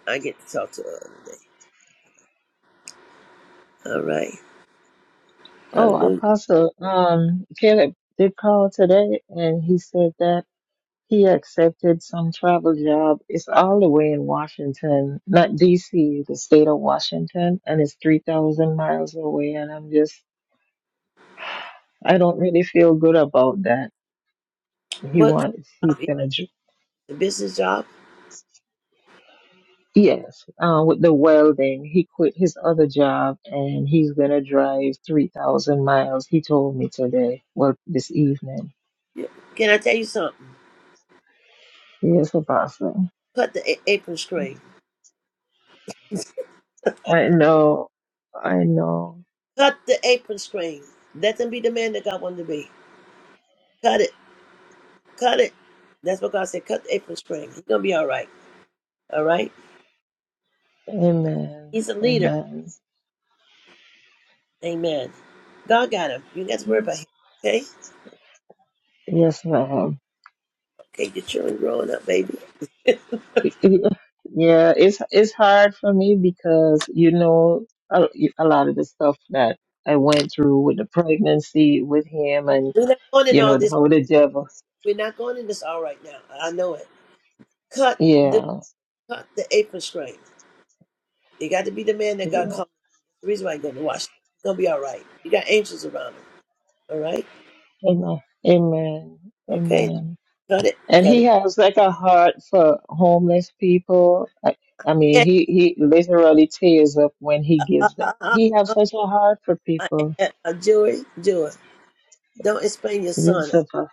A: I get to talk to her today. All right.
P: Oh,
A: Hallelujah.
P: Apostle, um, Caleb did call today and he said that he accepted some travel job. It's all the way in Washington, not DC, the state of Washington, and it's 3,000 miles away. And I'm just, I don't really feel good about that. He
A: What
P: wants, he's
A: job is
P: gonna, dr-
A: the business job?
P: yes, uh, with the welding, he quit his other job and he's gonna drive 3,000 miles, he told me today, well, this evening.
A: Yeah. Can I tell you something?
P: Yes, Apostle.
A: Cut the a- apron string.
P: I know. I know.
A: Cut the apron string. Let them be the man that God wanted to be. Cut it. Cut it. That's what God said. Cut the apron string. He's gonna be all right. All right.
P: Amen.
A: He's a leader.
P: Amen.
A: Amen. God got him. You got to worry about him. Okay?
P: Yes, ma'am.
A: Okay, your children growing up, baby.
P: Yeah, it's it's hard for me because you know a, a lot of the stuff that I went through with the pregnancy with him, and
A: We're not going in
P: you
A: all
P: know
A: this.
P: how the devil.
A: We're not going in this all right now. I know it. Cut the
P: Yeah,
A: cut the apron string. You got to be the man that God
P: yeah.
A: called. The reason why you're going to Washington. It's going to be all right. You got angels around him. All right?
P: Amen. Amen.
A: Okay.
P: Amen.
A: Cut it.
P: And
A: Cut
P: he has like a heart for homeless people. I, I mean,
A: it. [laughs]
P: he he literally tears up when he
A: And, uh,
P: gives it.
A: uh, uh,
P: He has
A: uh,
P: such a heart for
A: uh,
P: people.
A: uh, uh, Joey, Joey, don't explain your
P: Yes,
A: son.
P: Apostle.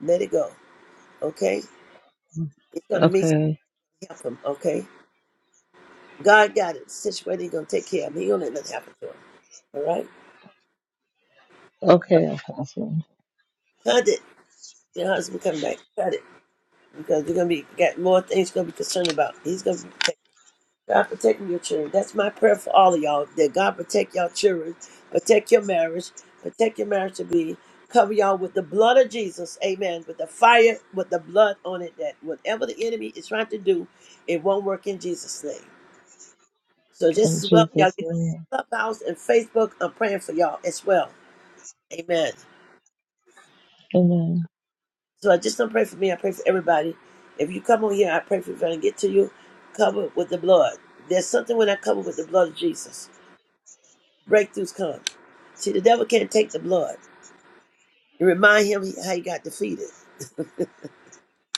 A: Let it go. Okay? He's going to meet
P: Okay.
A: help him. Okay? God got it situated. He gonna take care of me. He gonna let nothing happen to him. All right, Uh,
P: Okay, Apostle.
A: cut it. Your husband come back. Cut it because you're gonna be got more things you're gonna be concerned about. He's gonna be protect- God protecting your children. That's my prayer for all of y'all. That God protect y'all children, protect your marriage, protect your marriage to be. Cover y'all with the blood of Jesus, Amen. With the fire, with the blood on it. That whatever the enemy is trying to do, it won't work in Jesus' name. So
P: In
A: just as well, y'all
P: Jesus'
A: get on
P: name.
A: Clubhouse and Facebook. I'm praying for y'all as well. Amen.
P: Amen.
A: So I just don't pray for me. I pray for everybody. If you come on here, I pray for you. If I don't get to you, cover with the blood. There's something when I cover with the blood of Jesus. Breakthroughs come. See, the devil can't take the blood. And remind him how he got defeated.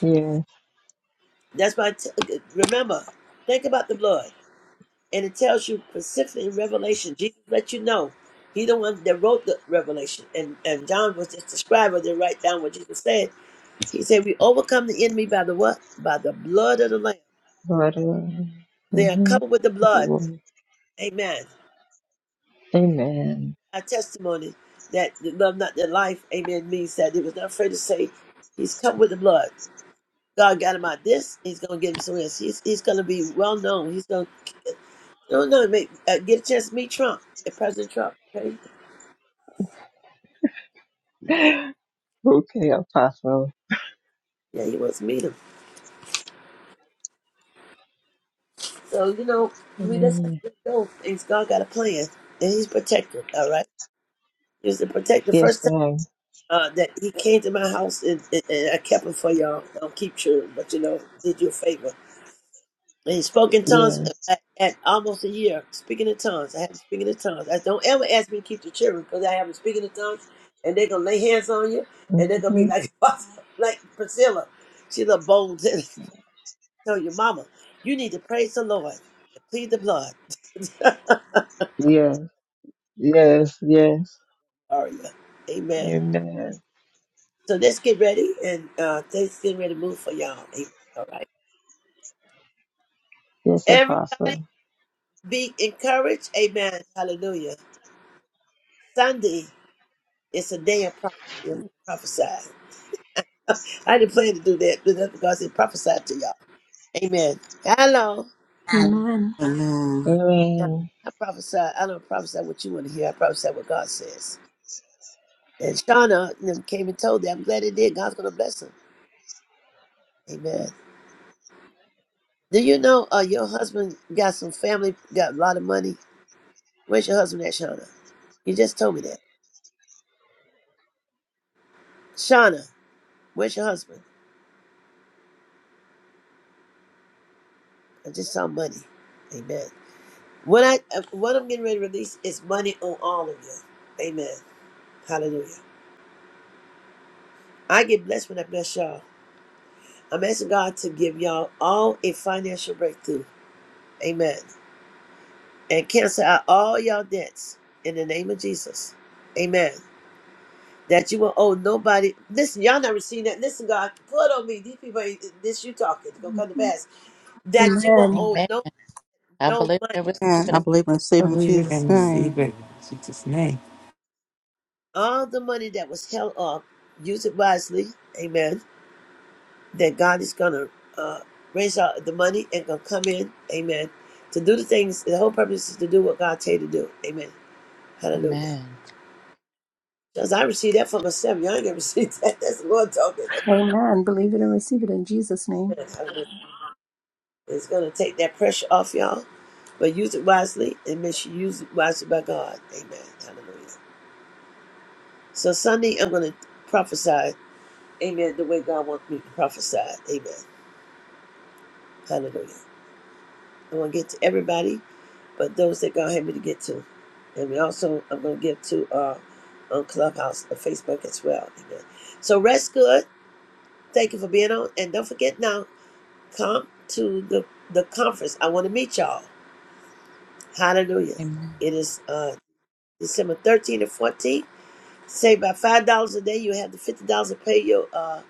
P: Yes.
A: That's why, I t- remember, think about the blood. And it tells you specifically in Revelation, Jesus let you know. He the one that wrote the Revelation. And, and John was just the scribe that write down what Jesus said. He said, we overcome the enemy by the what? By the blood of the Lamb
P: Lord.
A: They are covered with the blood.
P: Mm-hmm.
A: Amen.
P: Amen.
A: A testimony that the love not their life, amen, means that he was not afraid to say he's covered with the blood. God got him out of this, he's gonna get him somewhere else. He's he's gonna be well known. He's gonna no no make uh, get a chance to meet Trump, uh, President Trump, okay?
P: [laughs] Okay, Apostle.
A: Yeah, he wants to meet him. So, you know, we just have to
P: Amen.
A: let go. It's God got a plan and he's protected, all right? He was the protector
P: Yes,
A: first time
P: Lord.
A: uh, that he came to my house and, and, and I kept him for y'all. I'll keep sure, but you know, did you a favor. and he spoke in tongues
P: Yes.
A: at, at almost a year, speaking in tongues. I haven't speaking in tongues. I don't ever ask me to keep the children because I haven't speaking in tongues, and they're gonna lay hands on you, and they're gonna
P: Mm-hmm.
A: be like [laughs] like Priscilla. She's a bold. [laughs] Tell your mama, you need to praise the Lord and plead the blood.
P: Yes. Yes. Yes.
A: [laughs] Aria, Amen.
P: Amen.
A: So let's get ready, and uh, things getting ready to move for y'all. Amen. All right,
P: Yes,
A: everybody,
P: Apostle.
A: be encouraged. Amen. Hallelujah. Sunday is a day of prophecy. I'm gonna Prophesy. I didn't plan to do that, but that's because it prophesied to y'all. Amen. Hello.
G: Amen.
E: Amen.
A: Yeah,
P: Amen.
A: I prophesy. I don't prophesy what you want to hear. I prophesy what God says. And Shauna and them came and told them. I'm glad they did. God's gonna bless them. Amen. Do you know uh, your husband got some family, got a lot of money? Where's your husband at, Shauna? You just told me that. Shauna, where's your husband? I just saw money. Amen. What I uh, what I'm getting ready to release is money on all of you. Amen. Hallelujah. I get blessed when I bless y'all. I'm asking God to give y'all all a financial breakthrough. Amen. And cancel out all y'all debts in the name of Jesus. Amen. That you will owe nobody. Listen, y'all never seen that. Listen, God, put on me. These people, ain't- this you talking, it's gonna come to pass. That you will
G: Amen.
A: owe
C: Amen.
A: no
C: I
A: no
C: believe
A: money.
C: and receive
E: Amen. I
C: it.
E: believe and receive
O: you.
E: in
O: Believe it
E: Jesus'
O: and receive
E: name.
O: it in Jesus' name.
A: All the money that was held up, use it wisely. Amen. That God is gonna uh, raise out the money and gonna come in. Amen. To do the things, the whole purpose is to do what God tell you to do. Amen. Hallelujah.
C: Amen.
A: Because I received that for myself. Y'all ain't gonna receive that. [laughs] That's the Lord talking.
G: Amen. Believe it and receive it in Jesus' name.
A: Amen. Hallelujah. It's gonna take that pressure off y'all, but use it wisely and make sure you use it wisely by God. Amen. Hallelujah. So Sunday I'm gonna prophesy. Amen. The way God wants me to prophesy. Amen. Hallelujah. I wanna get to everybody, but those that God had me to get to. And we also I'm gonna give to uh on Clubhouse, on Facebook as well. Amen. So rest good. Thank you for being on. And don't forget now. Come to the, the conference. I want to meet y'all. Hallelujah.
C: Amen.
A: It is uh, December 13th and 14th. Save by $5 a day. You have the $50 to pay your uh,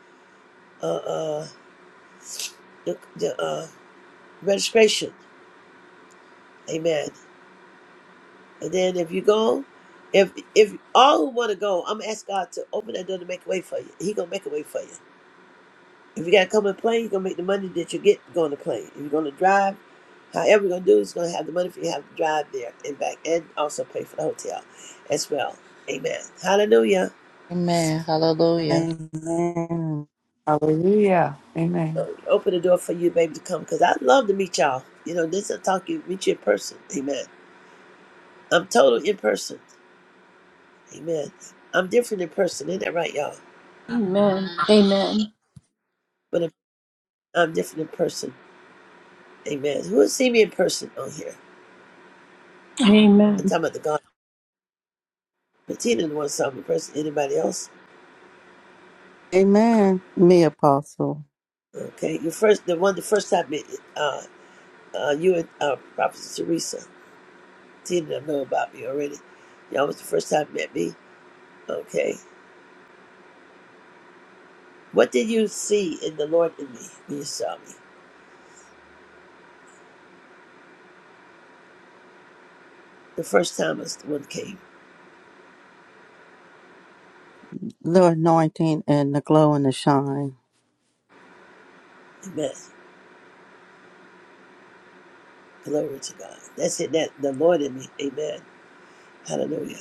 A: uh, uh, the, the, uh, registration. Amen. And then if you go, if if all who want to go, I'm gonna ask God to open that door to make a way for you. He gonna make a way for you. If you gotta come and plane, he gonna make the money that you get going to plane. If you're gonna drive, However, you're gonna do is gonna have the money for you to have to drive there and back and also pay for the hotel as well. Amen. Hallelujah.
C: Amen. Hallelujah.
E: Amen.
O: Hallelujah. Amen.
A: So open the door for you, baby, to come because I'd love to meet y'all. You know, this is a talk you meet you in person. Amen. I'm total in person. Amen. I'm different in person, isn't that right, y'all?
G: Amen. Amen.
A: But I'm I'm different in person. Amen. Who would see me in person on here? I'm
G: Amen.
A: talking about the God. Bettina the one saw me in person. Anybody else?
E: Amen. Me, Apostle,
A: Okay. You first the one the first time met uh uh you and uh Prophet Teresa. She did know about me already. Y'all was the first time you met me. Okay. What did you see in the Lord in me when you saw me? The first time was the one came.
E: the anointing and the glow and the shine.
A: Amen. Glory to God. That's it. That the Lord in me. Amen. Hallelujah.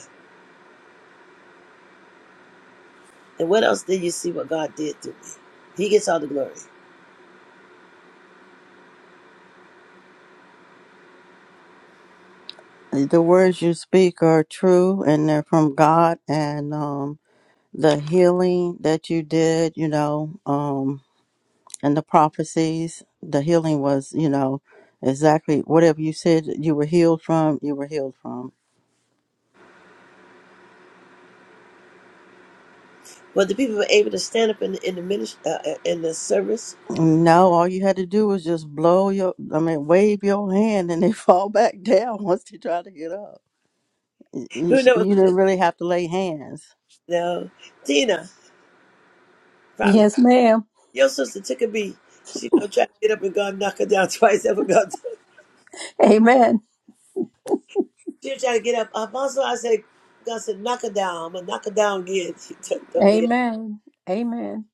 A: And what else did you see what God did to me? He gets all the glory.
E: The words you speak are true and they're from God and um, the healing that you did, you know, um, and the prophecies, the healing was, you know, exactly whatever you said you were healed from, you were healed from.
A: But the people were able to stand up in, in the ministry, uh, uh, in the service.
E: No, all you had to do was just blow your, I mean, wave your hand and they [laughs] fall back down once they try to get up. You,
A: [laughs] Who knows?
E: you didn't really have to lay hands.
A: No. Tina, probably
G: Yes, ma'am.
A: your sister took a beat. She gonna try to get up and God knock her down [laughs] twice. That's what God.
G: Amen.
A: She was trying to get up. Uh, Apostle, I said, God said, knock her down. I'm going to knock her down again. [laughs] She took over here.
G: Amen. Amen.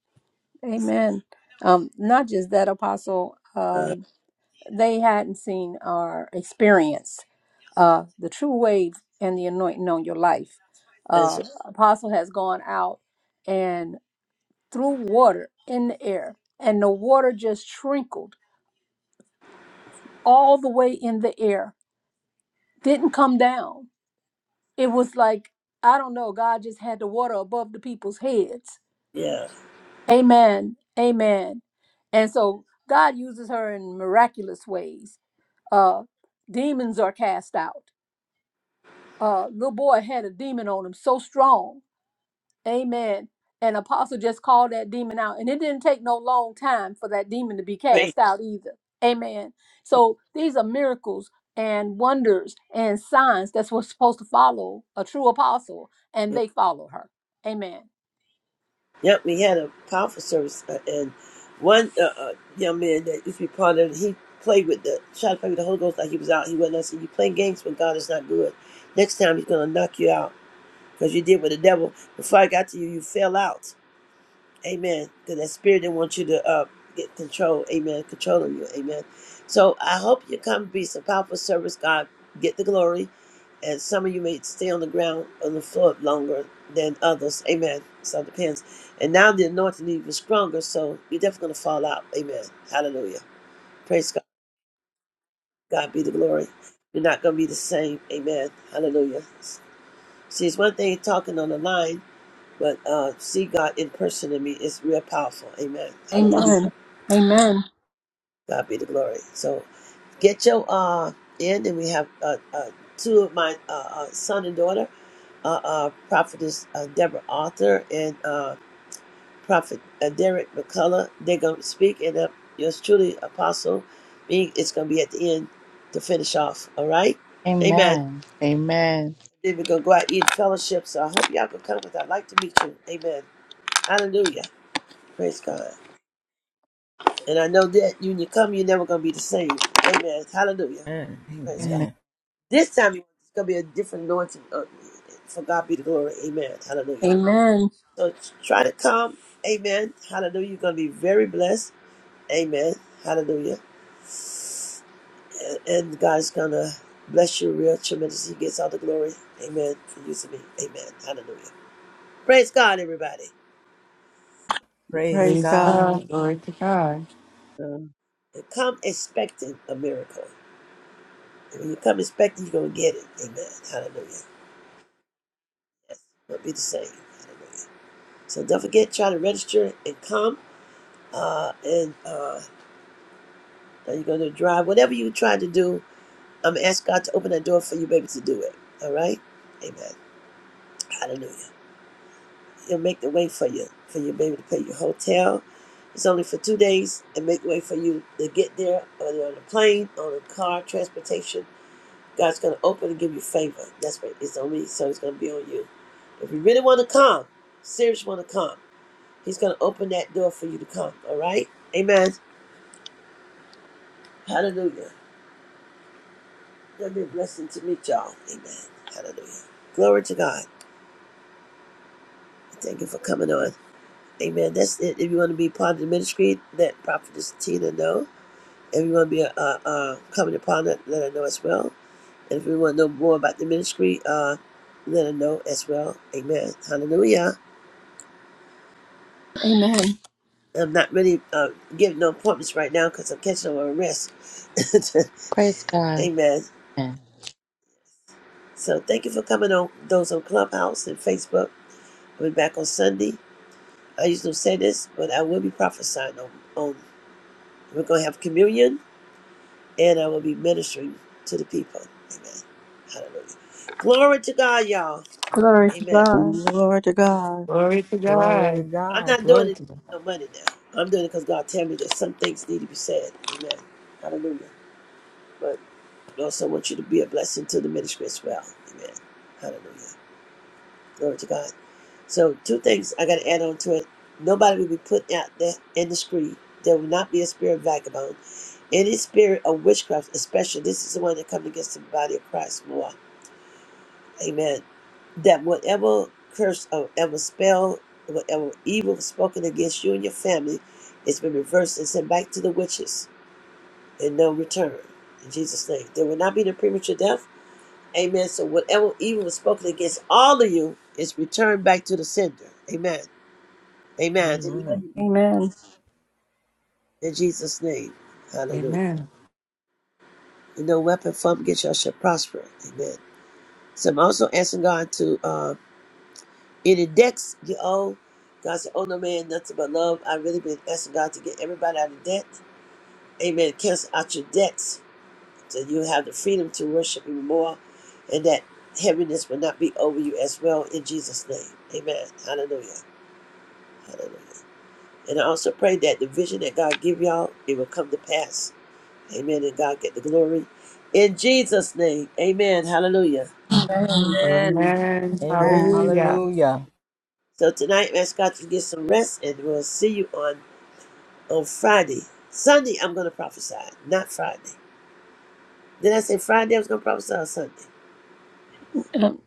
G: Amen. Um, not just that, Apostle.
A: Uh,
G: Um, they hadn't seen or experienced uh, the true wave and the anointing on your life.
A: and
G: Uh,
A: so,
G: Apostle has gone out and threw water in the air, and the water just trickled all the way in the air, didn't come down. It was like, I don't know, God just had the water above the people's heads.
A: yeah.
G: Amen. Amen. And so God uses her in miraculous ways. Uh, demons are cast out uh little boy had a demon on him so strong amen and apostle just called that demon out and it didn't take no long time for that demon to be
A: Praise
G: cast out either amen so these are miracles and wonders and signs that's what's supposed to follow a true apostle and
A: you.
G: they follow her amen
A: Yep, we had a powerful service. Uh, and one uh, uh, young man that used to be part of it, he played with the, tried to play with the Holy Ghost like he was out. He wasn't. I said, you play games when God is not good. Next time he's going to knock you out because you did with the devil. Before I got to you, you fell out. Amen. Because that spirit didn't want you to uh, get control. Amen. Controlling you. Amen. So I hope you come be some powerful service. God, get the glory. And some of you may stay on the ground, on the floor longer than others. Amen. So it depends. And now the anointing is even stronger. So you're definitely going to fall out. Amen. Hallelujah. Praise God. God be the glory. You're not going to be the same. Amen. Hallelujah. See, it's one thing talking on the line, but uh, see God in person in me is real powerful. Amen. Hallelujah.
G: Amen. Amen.
A: God be the glory. So get your uh in, and we have uh, uh two of my uh, uh son and daughter, uh, uh prophetess uh, Deborah Arthur and uh prophet uh, Derek McCullough. They're gonna speak, and uh, yours truly, Apostle, me. It's gonna be at the end to finish off. All right, Amen.
C: Amen. Amen.
A: Then we're gonna go out and eat fellowship. So I hope y'all can come. With I'd like to meet you. Amen. Hallelujah. Praise God. And I know that when you come, you're never gonna be the same. Amen. Hallelujah.
F: Amen.
A: Praise God.
C: Amen.
F: Amen.
A: This time it's gonna be a different anointing. on me. For God be the glory. Amen. Hallelujah.
G: Amen.
A: So try to come. Amen. Hallelujah. You're gonna be very blessed. Amen. Hallelujah. And, and God's gonna bless you real tremendous. He gets all the glory. Amen. For you to me. Amen. Hallelujah. Praise God, everybody.
F: Praise
E: Praise
O: Praise
F: God.
E: God.
O: God. Glory to God.
M: So,
A: And come expecting a miracle. And when you come expecting, you're gonna get it. Amen. Hallelujah. Yes. it will be the same. Hallelujah. So don't forget, try to register and come. Uh, and uh, Are you going to drive? Whatever you try to do, I'm ask God to open that door for your baby to do it. All right? Amen. Hallelujah. He'll make the way for you, for your baby to pay your hotel. It's only for two days and make way for you to get there, whether on a plane, on a car, transportation. God's going to open and give you favor. That's what it's only, so it's going to be on you. If you really want to come, serious want to come, He's going to open that door for you to come. All right? Amen. Hallelujah. It's gonna be a blessing to meet y'all. Amen. Hallelujah. Glory to God. Thank you for coming on. Amen. That's it. If you want to be part of the ministry, let Prophetess Tina know. If you want to be a, uh, uh, coming upon it, let her know as well. And if you want to know more about the ministry, uh, let her know as well. Amen. Hallelujah.
G: amen
A: I'm not really uh, giving no appointments right now because I'm catching on a rest.
C: Praise
A: [laughs]
C: God.
A: Amen.
C: Amen.
A: So thank you for coming on. Those on Clubhouse and Facebook. We'll be back on Sunday. I used to say this, but I will be prophesying on, on we're going to have communion and I will be ministering to the people. Amen. Hallelujah. Glory to God, y'all. Amen.
E: Glory to God.
O: Glory to
F: Glory to
O: God.
A: I'm
F: God.
A: not doing
O: Glory
A: it to get
O: to God.
A: no money now. I'm doing it because God tell me that some things need to be said. Amen. Hallelujah. But I also want you to be a blessing to the ministry as well. Amen. Hallelujah. Glory to God. So two things I got to add on to it. Nobody will be put out there in the street. There will not be a spirit of vagabond. Any spirit of witchcraft, especially this is the one that comes against the body of Christ more. Amen. That whatever curse or whatever spell, whatever evil spoken against you and your family, it's been reversed and sent back to the witches and no return. In Jesus' name. There will not be no premature death. Amen. So whatever evil was spoken against all of you is returned back to the sender. Amen. Amen.
F: Amen.
M: amen.
G: Amen.
A: In Jesus' name. Hallelujah.
O: Amen.
A: And no weapon formed against you shall prosper. Amen. So I'm also asking God to um in the debts you owe, God said, Oh no man, nothing but love. I have really been asking God to get everybody out of debt. Amen. Cancel out your debts. So you have the freedom to worship Him more and that heaviness will not be over you as well in Jesus' name. Amen. Hallelujah. And I also pray that the vision that God give y'all, it will come to pass. Amen. And God get the glory. In Jesus' name. Amen. Hallelujah.
M: Amen.
O: Amen.
F: Amen.
E: Amen.
O: Hallelujah.
F: Hallelujah.
A: So tonight, ask God to get some rest and we'll see you on on Friday. Sunday, I'm going to prophesy, not Friday. Did I say Friday I was going to prophesy on Sunday?
G: um,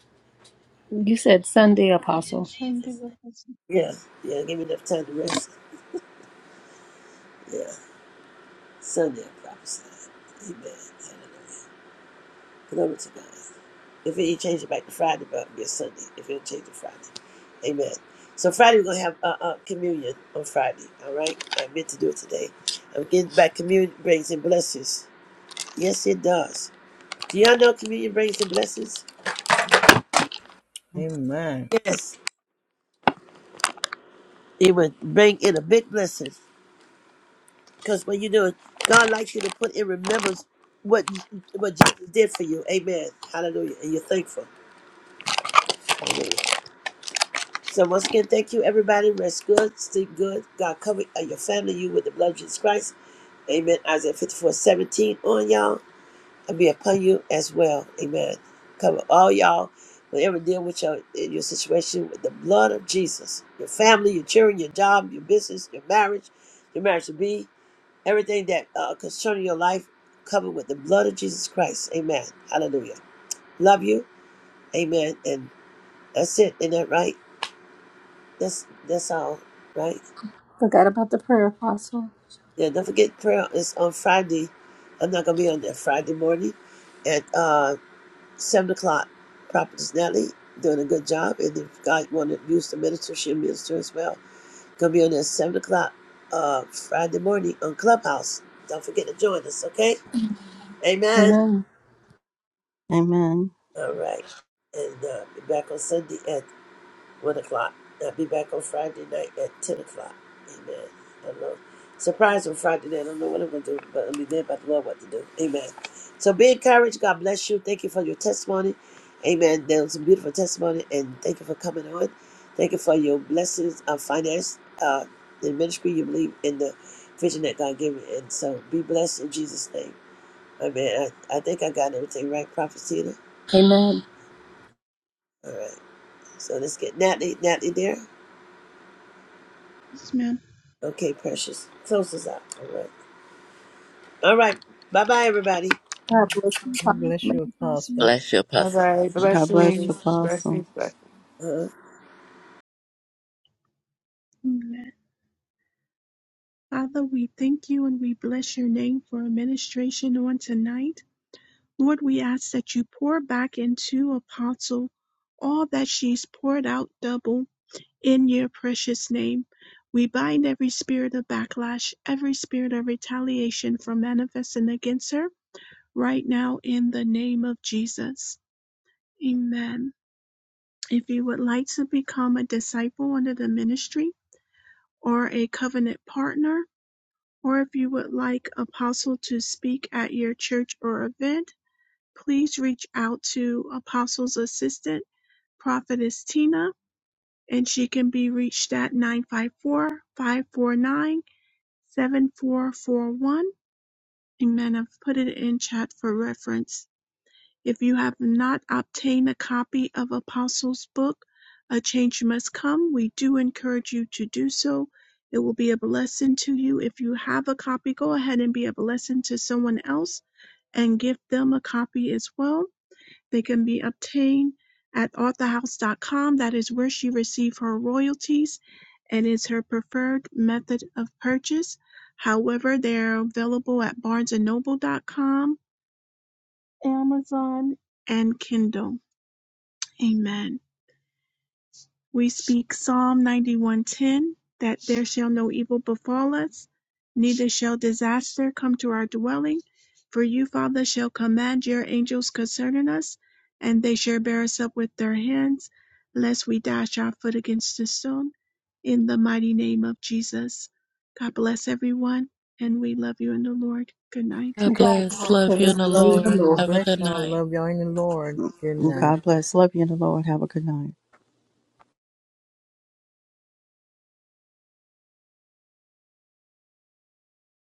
G: you said sunday apostle
D: Sunday of
A: Yeah, yeah, give me enough time to rest. Yeah, Sunday I prophesied. Amen. Hallelujah. Glory to God. If he change it back to Friday, but it'll be a Sunday. If it'll change it to Friday. Amen. So Friday we're gonna have uh, uh, communion on Friday. All right, I meant to do it today. I'm getting back. Communion brings in blessings. Yes, it does. Do y'all know communion brings in blessings?
F: Amen.
A: Yes, it would bring in a big blessing. Because when you do it, God likes you to put in remembrance what what Jesus did for you. Amen. Hallelujah. And you're thankful. Hallelujah. So once again, thank you, everybody. Rest good, sleep good. God cover uh, your family, you with the blood of Jesus Christ. Amen. Isaiah 54:17 on y'all and be upon you as well. Amen. Cover all y'all. Whatever deal with your in your situation with the blood of Jesus, your family, your children, your job, your business, your marriage, your marriage to be. Everything that uh, concerning your life covered with the blood of Jesus Christ. Amen. Hallelujah. Love you. Amen. And that's it. Isn't that right? That's that's all. Right?
G: Forgot about the prayer apostle.
A: Yeah. Don't forget prayer is on Friday. I'm not gonna be on there Friday morning at uh, seven o'clock. Prophetess Natalie doing a good job, and if God want to use the minister, she'll minister as well. Gonna be on there at seven o'clock uh, Friday morning on Clubhouse. Don't forget to join us. Okay. Amen.
G: amen
E: Amen.
A: All right. And uh, be back on Sunday at 1 o'clock. I'll be back on Friday night at 10 o'clock. Amen. I don't know. Surprise on Friday night. I don't know what I'm going to do, but I'll be there by the Lord what to do. Amen. So be encouraged. God bless you. Thank you for your testimony. Amen. That was a beautiful testimony. And thank you for coming on. Thank you for your blessings of finance, uh, the ministry you believe in the vision that God gave you. And so be blessed in Jesus' name. Amen. I, I think I got everything right, Prophet Tina.
G: Amen.
A: All right. So let's get Natalie. Natalie there?
D: Yes, ma'am.
A: Okay, precious. Close us out. All right. All right. Bye bye, everybody.
D: Thank
F: God bless
D: you,
F: you,
D: Apostle.
F: Apostle.
C: Bless you,
O: All
C: Apostle.
O: right.
E: God bless you,
O: Blessings. Blessings.
E: Apostle.
O: Blessings.
A: Uh-huh.
D: Amen. Father, we thank you and we bless your name for administration on tonight. Lord, we ask that you pour back into Apostle all that she's poured out double. In your precious name, we bind every spirit of backlash, every spirit of retaliation from manifesting against her right now in the name of Jesus. Amen. If you would like to become a disciple under the ministry or a covenant partner, or if you would like Apostle to speak at your church or event, please reach out to Apostle's assistant, Prophetess Tina, and she can be reached at 954 549. seven four four one. Amen. I've put it in chat for reference. If you have not obtained a copy of Apostles' book, A Change Must Come, we do encourage you to do so. It will be a blessing to you. If you have a copy, go ahead and be a blessing to someone else and give them a copy as well. They can be obtained at authorhouse.com. That is where she received her royalties and is her preferred method of purchase. However, they're available at barnesandnoble.com, Amazon, and Kindle. Amen. We speak Psalm 91:10 that there shall no evil befall us, neither shall disaster come to our dwelling. For you, Father, shall command your angels concerning us, and they shall bear us up with their hands, lest we dash our foot against a stone. In the mighty name of Jesus. God bless everyone, and we love you in the Lord. Good night.
C: God bless. Love you in the Lord.
F: God
C: Have a
F: bless
C: good
F: y'all.
C: night.
F: Love y'all in the Lord. Good night.
E: God bless. Love you in the Lord. Have a good night.